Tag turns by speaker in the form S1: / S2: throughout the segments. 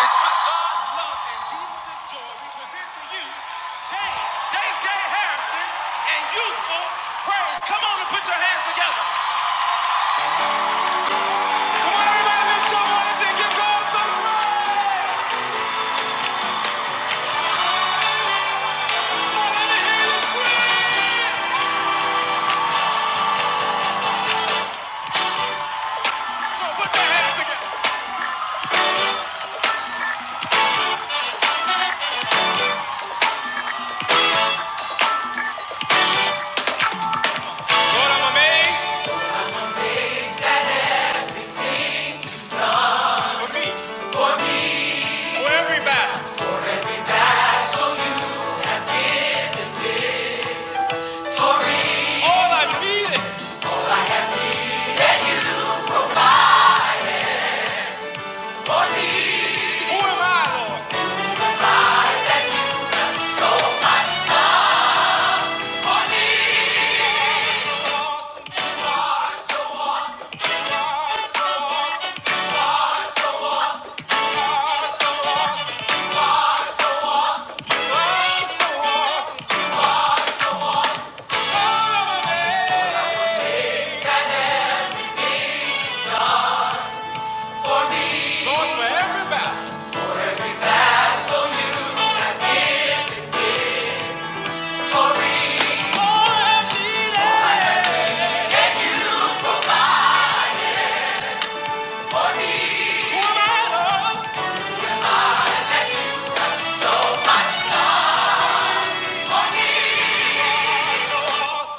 S1: It's with God's love and Jesus' joy we present to you J J Harrison and Youthful Praise. Come on and put your hands together. Come on, everybody, lift your voice and give God some praise. Come on, let me hear you scream. Come on, put your hands together. Lord, I'm amazed for me, for everybody. All I needed, who am I, Lord? I'm so lost. All I'm amazed, Lord, for everybody. All I needed, who am I, Lord? Lost.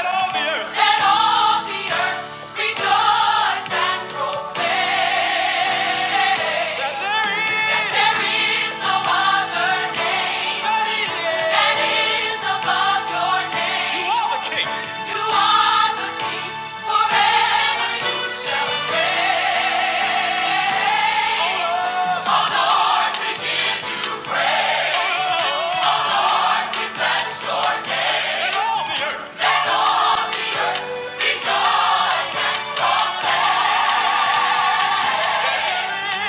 S1: Let all the earth rejoice and proclaim. That there is no other name that is above your name. You are the King. You are the King forever. You shall reign. Oh, Rejoice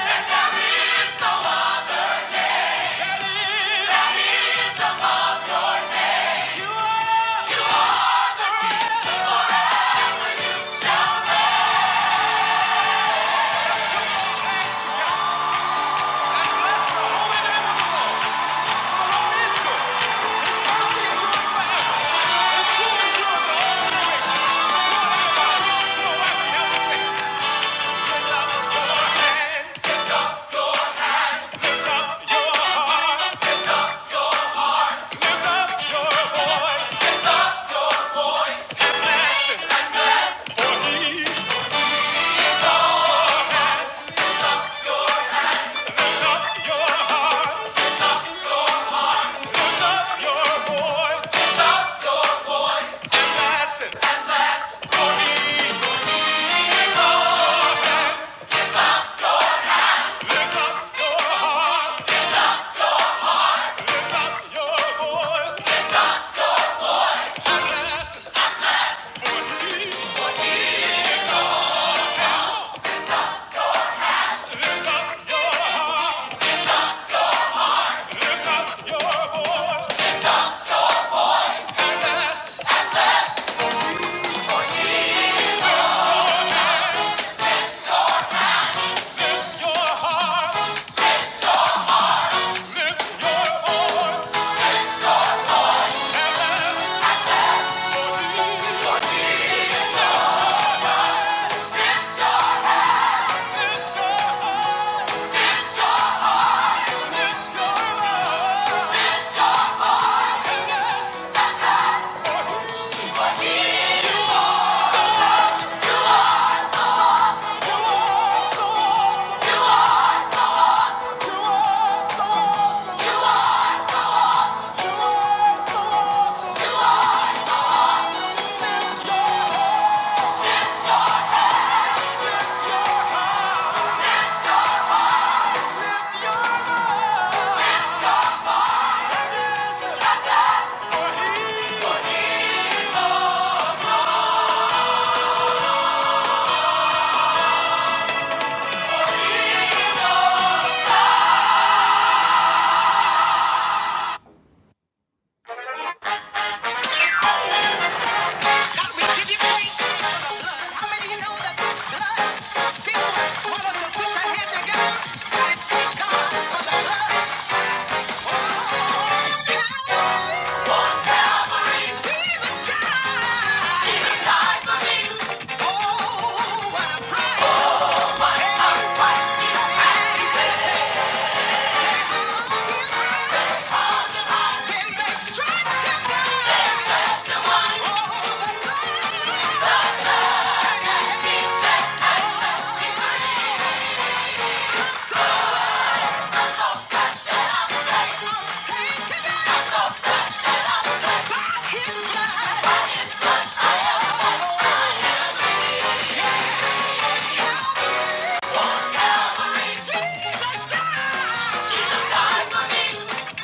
S1: and shall rejoice. Bless the holy name of the is good. Mercy endureth forever. His truth endureth to all generations. Come on, Rafi, help us sing. Lift up your hands. Lift up your heart. Lift up your voice, bless him, for he lift up your heart. Lift up your voice and bless him, for he Lift up your heart, lift up your voice and bless him, for he lift up your heart, lift up your voice, your heart, lift your voice and bless. Awesome, you are so awesome, you are so awesome. I'm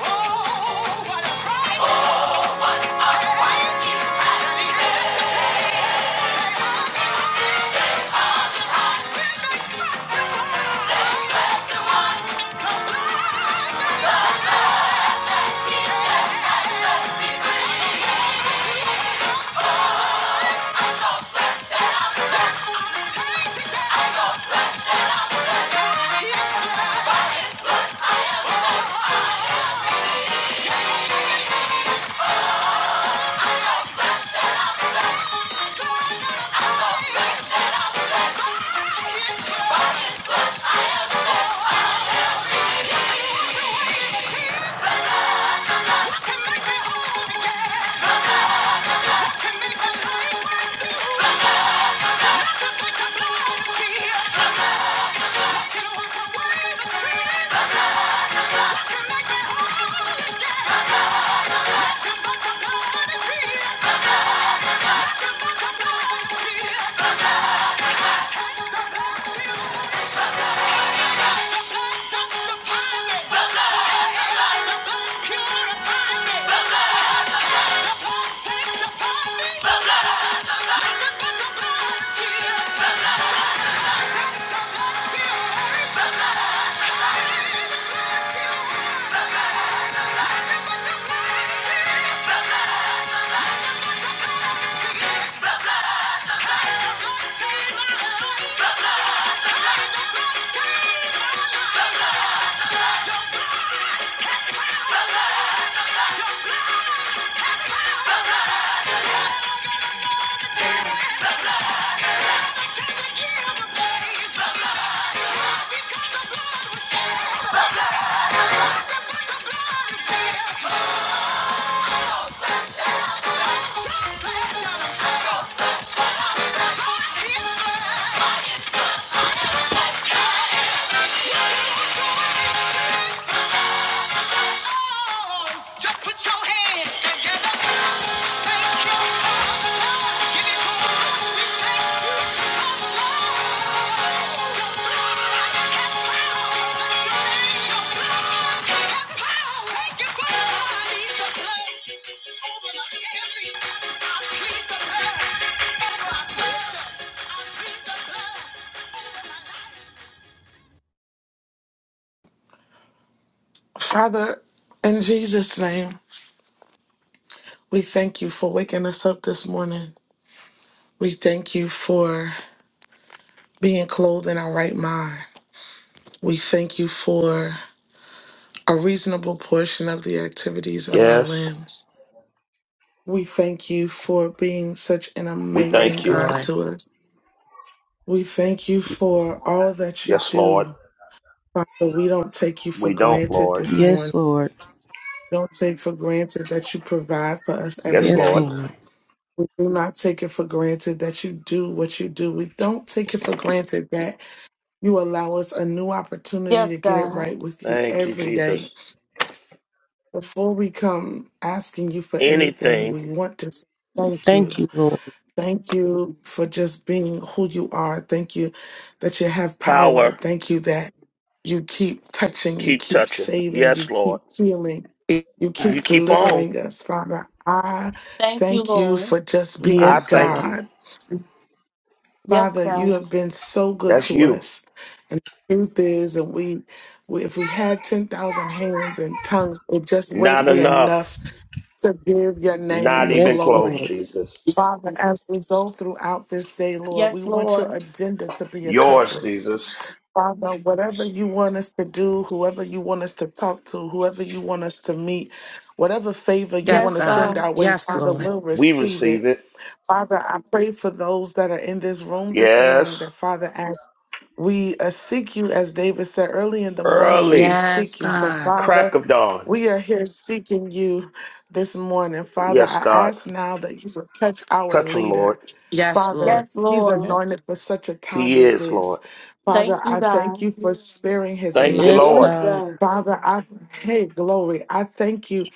S1: Oh, what a
S2: Father, in Jesus' name, we thank you for waking us up this morning. We thank you for being clothed in our right mind. We thank you for a reasonable portion of the activities of our
S3: Yes,
S2: limbs. We thank you for being such an
S3: we
S4: Thank
S2: amazing
S3: thank
S4: you,
S3: you.
S2: God
S4: Lord.
S2: to us. We thank you for all that you
S3: Yes, Lord.
S2: do. Father, we don't take you for
S3: We don't,
S2: granted
S3: Lord.
S2: this
S5: Yes,
S2: morning.
S5: Lord.
S2: We don't take for granted that you provide for us every
S3: Yes,
S5: Yes,
S3: Lord.
S2: day.
S5: Lord.
S2: do not take it for granted that you do what you do. We don't take it for granted that you allow us a new opportunity to get it right with you
S3: Thank you,
S2: every day.
S3: Jesus.
S2: Before we come asking you for anything,
S3: Anything,
S2: we want to say thank
S5: Thank
S2: you.
S5: you, Lord.
S2: Thank you for just being who you are. Thank you that you have
S3: power,
S2: power. Thank you that you keep touching, you
S3: keep
S2: keep
S3: touching.
S2: saving,
S3: Yes,
S2: you keep
S3: Lord.
S2: healing, you
S3: You
S2: keep
S3: keep on.
S2: delivering us, Father. I thank you for just
S3: I
S2: being
S5: Yes,
S3: thank
S5: God.
S2: God.
S3: you.
S2: Father, you have been so good
S3: That's
S2: to
S3: you.
S2: us. And the truth is, and we, we if we had 10,000 hands and tongues, it just wouldn't
S3: Not
S2: be
S3: enough.
S2: enough to give your name
S3: Not
S2: the
S3: even
S5: Yes,
S3: close,
S2: glory.
S5: Lord.
S3: Jesus.
S2: Father, as we go throughout this day, Lord, we want your agenda to be
S3: Yours,
S2: accomplished.
S3: Jesus.
S2: Father, whatever you want us to do, whoever you want us to talk to, whoever you want us to meet, whatever favor you
S4: Yes,
S2: want to send
S4: God.
S2: our way,
S4: Yes,
S2: Father,
S4: Lord.
S2: we'll
S3: We
S2: receive
S3: receive
S2: it.
S3: it.
S2: Father, I pray for those that are in this room this morning
S3: Yes.
S2: that, Father, as we uh, seek you, as David said early in the morning, will we
S3: Early.
S4: Yes,
S2: seek you? So,
S4: God.
S3: Crack
S2: Father,
S3: of dawn.
S2: we are here seeking you this morning. Father,
S3: Yes,
S2: I
S3: God.
S2: ask now that you would touch our
S3: Touch him, Lord.
S2: leader.
S4: Yes,
S2: Father,
S4: Lord.
S2: he's anointed for such a time
S3: He
S2: as
S3: is,
S2: this.
S3: Lord.
S2: Father, I thank you for sparing his
S3: Thank you,
S5: Yes,
S2: life.
S6: Yes,
S3: Lord.
S5: God.
S6: God.
S2: Father, I hey glory. I thank you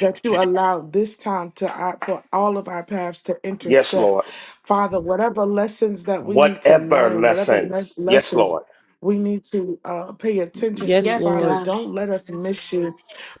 S2: that you allowed this time to uh, for all of our paths to
S3: Yes,
S2: intersect.
S3: Lord.
S2: Father, whatever lessons that we need to
S3: whatever
S2: learn, whatever ne-
S3: lessons. Yes,
S2: lessons
S3: Lord.
S2: we need to uh, pay attention to,
S5: Yes,
S2: Father,
S5: Lord.
S2: don't let us miss you.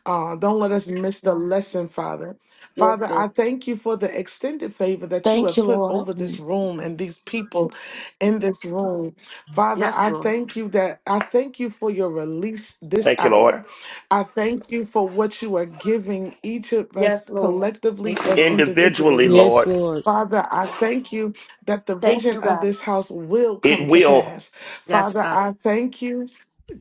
S2: Uh, don't let us miss the lesson, Father.
S6: Yes,
S2: Father,
S6: God.
S2: I thank you for the extended favor that you have put over this room and these people in this room. Father,
S4: Yes,
S2: I
S4: Lord.
S2: thank you that I thank you for your release this
S3: Thank you, Lord.
S2: hour. I thank you for what you are giving each of us collectively
S4: Thank you,
S2: and
S4: Lord.
S3: Individually,
S2: individually.
S5: Yes,
S3: Lord,
S5: Lord.
S2: Father, I thank you that the vision of this house will come
S3: it
S2: to
S3: will.
S2: pass.
S4: Yes,
S2: Father,
S4: God.
S2: I thank you.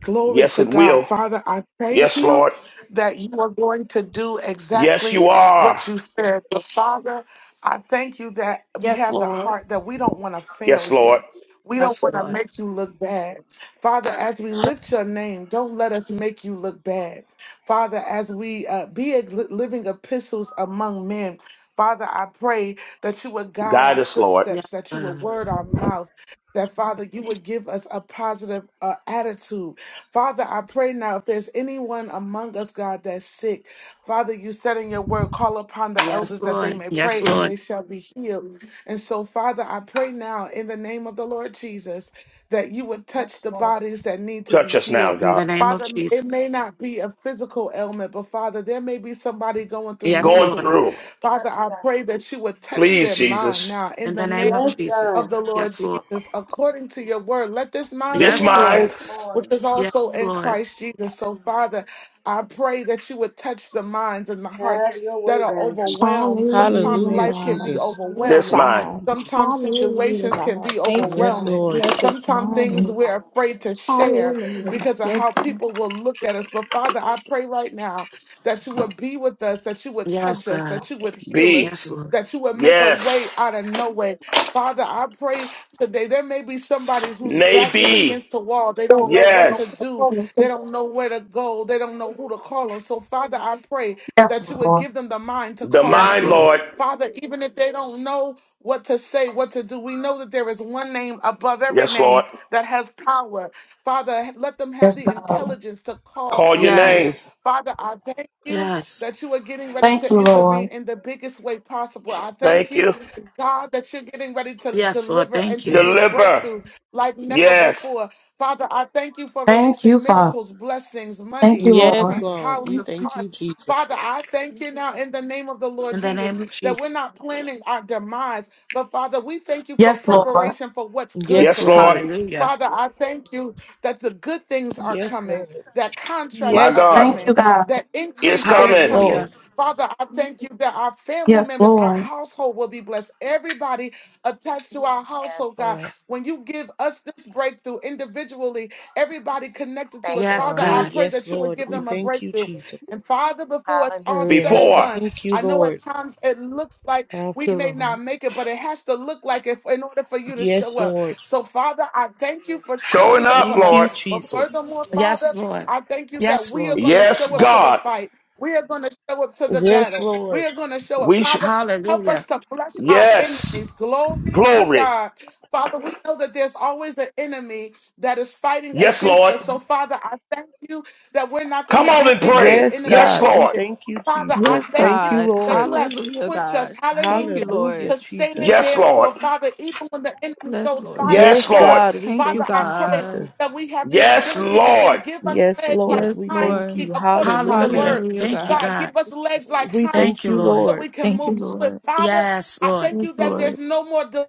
S2: Glory
S3: Yes,
S2: to
S3: it
S2: God.
S3: will.
S2: Father, I thank
S3: Yes,
S2: you
S3: Lord.
S2: that you are going to do
S3: Yes,
S2: exactly
S3: you are.
S2: what you said. But Father, I thank you that we have the heart that we don't want to fail
S3: Yes, Lord.
S2: you. We don't
S4: Yes,
S2: want to
S4: Lord.
S2: make you look bad. Father, as we lift your name, don't let us make you look bad. Father, as we uh, be ex- living epistles among men, Father, I pray that you would guide our
S3: Guide us, Lord.
S4: Yes,
S2: footsteps, that you would
S4: God.
S2: word our mouth, that Father, you would give us a positive uh, attitude. Father, I pray now if there's anyone among us, God, that's sick, Father, you said in your word, call upon the elders
S4: Yes,
S2: that they
S4: Lord.
S2: may
S4: Yes,
S2: pray and
S4: Lord.
S2: they shall be healed. And so, Father, I pray now in the name of the Lord Jesus that you would touch the bodies that need to be
S3: Touch us now,
S2: healed.
S4: In
S3: God.
S4: the name of
S2: Father, it may
S4: Jesus.
S2: not be a physical ailment, but Father, there may be somebody going through
S4: Yes,
S3: Going
S4: Lord.
S2: mentally.
S3: through.
S2: Father, I pray that you would touch
S3: Please,
S2: their mind
S3: Jesus.
S2: now in
S4: In the
S2: the name
S4: name of
S6: Yes,
S2: of
S6: God.
S4: Jesus.
S2: the Lord
S4: Yes, Lord.
S2: Jesus according to your word. Let this mind
S3: This
S2: be
S4: Yes,
S2: in
S4: Lord.
S2: us,
S3: mind,
S2: which is
S4: Yes,
S2: also in
S4: Lord.
S2: Christ Jesus. So, Father, I pray that you would touch the minds and the hearts
S6: Have your
S2: that
S6: way,
S2: are
S6: God.
S2: overwhelmed. Sometimes
S7: Hallelujah,
S5: Hallelujah,
S2: life can be
S7: God.
S5: Jesus.
S7: Yes,
S3: this
S2: overwhelming.
S3: mind.
S7: God.
S2: Sometimes
S7: Hallelujah,
S2: situations can
S7: God.
S2: be
S7: Thank you,
S5: Yes,
S2: overwhelming.
S7: God.
S5: Lord.
S7: Let this
S2: Sometimes
S7: mind be
S2: things we're afraid
S7: God.
S2: to share
S7: Hallelujah.
S2: because of
S7: Yes,
S2: how
S7: God.
S2: people will look at us. But Father, I pray right now that you would be with us, that you would
S4: Yes,
S2: touch us,
S4: God.
S2: that you would heal us,
S3: Be.
S4: Yes, Lord.
S2: that you would make a
S3: Yes.
S2: way out of no way, Father, I pray today. There may be somebody whose back is against
S3: Maybe.
S2: the wall. They don't know what to
S3: Yes.
S2: do. They don't know where to go. They don't know who to call on. So, Father, I pray that you would give them the mind to
S3: The
S2: call on
S4: Yes,
S3: mind,
S2: you.
S4: Lord.
S3: Lord.
S2: Father, even if they don't know what to say, what to do, we know that there is one name above every
S3: Yes,
S2: name
S3: Lord.
S2: that has power. Father, let them have the intelligence to call
S3: Call your
S2: on you.
S3: name.
S4: Yes.
S2: Father, I thank you
S4: Yes.
S2: that you are getting ready to intervene in the biggest way possible. I thank
S3: Thank
S2: you
S3: you.
S2: God, that you're getting ready to
S4: Yes, Lord.
S2: deliver and
S4: Thank
S2: to
S4: you.
S2: give
S3: Deliver.
S2: breakthrough like never
S3: Yes.
S2: before. Father, I thank you for releasing miracles, blessings, money,
S5: Yes,
S2: increase,
S5: Lord. We
S2: houses,
S5: thank
S2: cars.
S5: you, Jesus.
S2: Father, I thank you now in the name of the Lord
S4: In the
S2: Jesus
S4: name of
S2: that we're
S4: Jesus.
S2: not planning our demise, but Father, we thank you for preparation for what's good
S5: Yes,
S2: to
S3: Yes, Lord.
S5: Lord.
S2: come.
S4: Hallelujah.
S2: Father, I thank you that the good things are
S5: Yes,
S2: coming,
S5: Lord.
S2: that contracts
S3: My
S2: are
S5: Yes,
S3: God.
S2: coming,
S5: Lord.
S2: that
S3: It's
S2: increase is
S5: Yes,
S3: coming
S5: Lord.
S2: coming.
S4: Hallelujah.
S2: Father, I thank you that our family members, our household will be blessed. Everybody attached to our
S8: Yes,
S2: household, God,
S8: Lord.
S2: when you give us this breakthrough individually, everybody connected to
S8: Thank
S2: us,
S8: you,
S4: Yes,
S2: Father,
S8: Lord.
S2: I
S5: Hey,
S4: God.
S2: pray
S5: yes,
S2: that you would
S5: Lord.
S2: give
S5: We
S2: them a
S5: thank you,
S2: breakthrough.
S5: Jesus.
S2: And Father, before it's all said
S8: Hallelujah.
S2: and
S3: before.
S2: done,
S5: Thank you,
S2: I know at
S5: Lord.
S2: times it looks like
S8: Thank
S2: we
S8: you,
S2: may not
S8: Lord.
S2: make it, but it has to look like it in order for you to
S5: Yes,
S2: show up.
S5: Lord.
S2: So, Father, I thank you for
S3: Showing
S2: showing up
S3: up,
S2: for
S5: Thank
S2: us.
S3: Lord.
S5: you,
S2: But
S5: Jesus.
S2: furthermore,
S4: Yes,
S2: Father,
S4: Lord.
S2: I thank you that
S4: Yes,
S2: we are
S4: Lord.
S2: going to
S3: Yes,
S2: show up to the
S3: God.
S2: fight. We are going to show up to the
S5: Yes,
S2: battle.
S5: Lord.
S2: We are going to show up.
S3: We sh-
S2: Father, help us
S4: Hallelujah.
S2: to flush our
S3: Yes.
S2: enemies. Glory to
S3: Glory.
S2: God. Father, we know that there's always an enemy that is fighting
S3: Yes,
S2: against
S3: Lord.
S2: us. So, Father, I thank you that we're not going
S3: Come
S2: to
S3: on
S2: give
S3: and
S2: in to
S3: pray.
S2: the
S5: Yes,
S2: enemy
S3: Yes,
S5: God, we
S3: Lord.
S2: tactic.
S5: thank you,
S2: Father, I
S7: Yes,
S5: Jesus.
S2: thank you
S5: Thank you,
S7: God.
S2: that
S5: Lord.
S2: you have
S7: Hallelujah,
S2: equipped us.
S7: God. Thank
S2: Hallelujah.
S7: you, Lord.
S5: Hallelujah,
S2: To stand
S5: Jesus.
S3: Yes,
S2: there
S3: Lord.
S2: for Father, even when the enemy
S7: Yes,
S2: throws
S7: Lord.
S2: fiery
S3: Yes,
S5: Yes,
S3: Lord.
S2: darts.
S5: God, we
S7: Thank you,
S2: Father,
S5: thank
S2: I
S5: you,
S2: pray
S7: God.
S5: Jesus.
S2: that we have the
S3: Yes,
S2: ability to stand.
S3: Lord.
S2: Give us
S5: Yes,
S2: legs like
S5: Lord,
S7: Yes,
S5: we
S2: hinds
S5: thank
S2: feet
S7: Lord.
S5: you.
S2: according to your
S5: Hallelujah.
S4: Hallelujah.
S2: word.
S7: Hallelujah,
S4: Thank you,
S7: God.
S2: God, give
S4: God.
S2: us legs like
S5: We
S2: hinds
S4: Thank
S2: feet
S5: thank
S4: you,
S5: you,
S4: Lord.
S2: so we
S5: Lord.
S2: can
S7: Thank
S2: move
S7: you,
S2: swift.
S7: Lord.
S2: Father,
S4: Yes,
S2: I
S4: Lord.
S2: thank you
S7: Yes,
S2: that
S7: Lord.
S2: there's no more delay.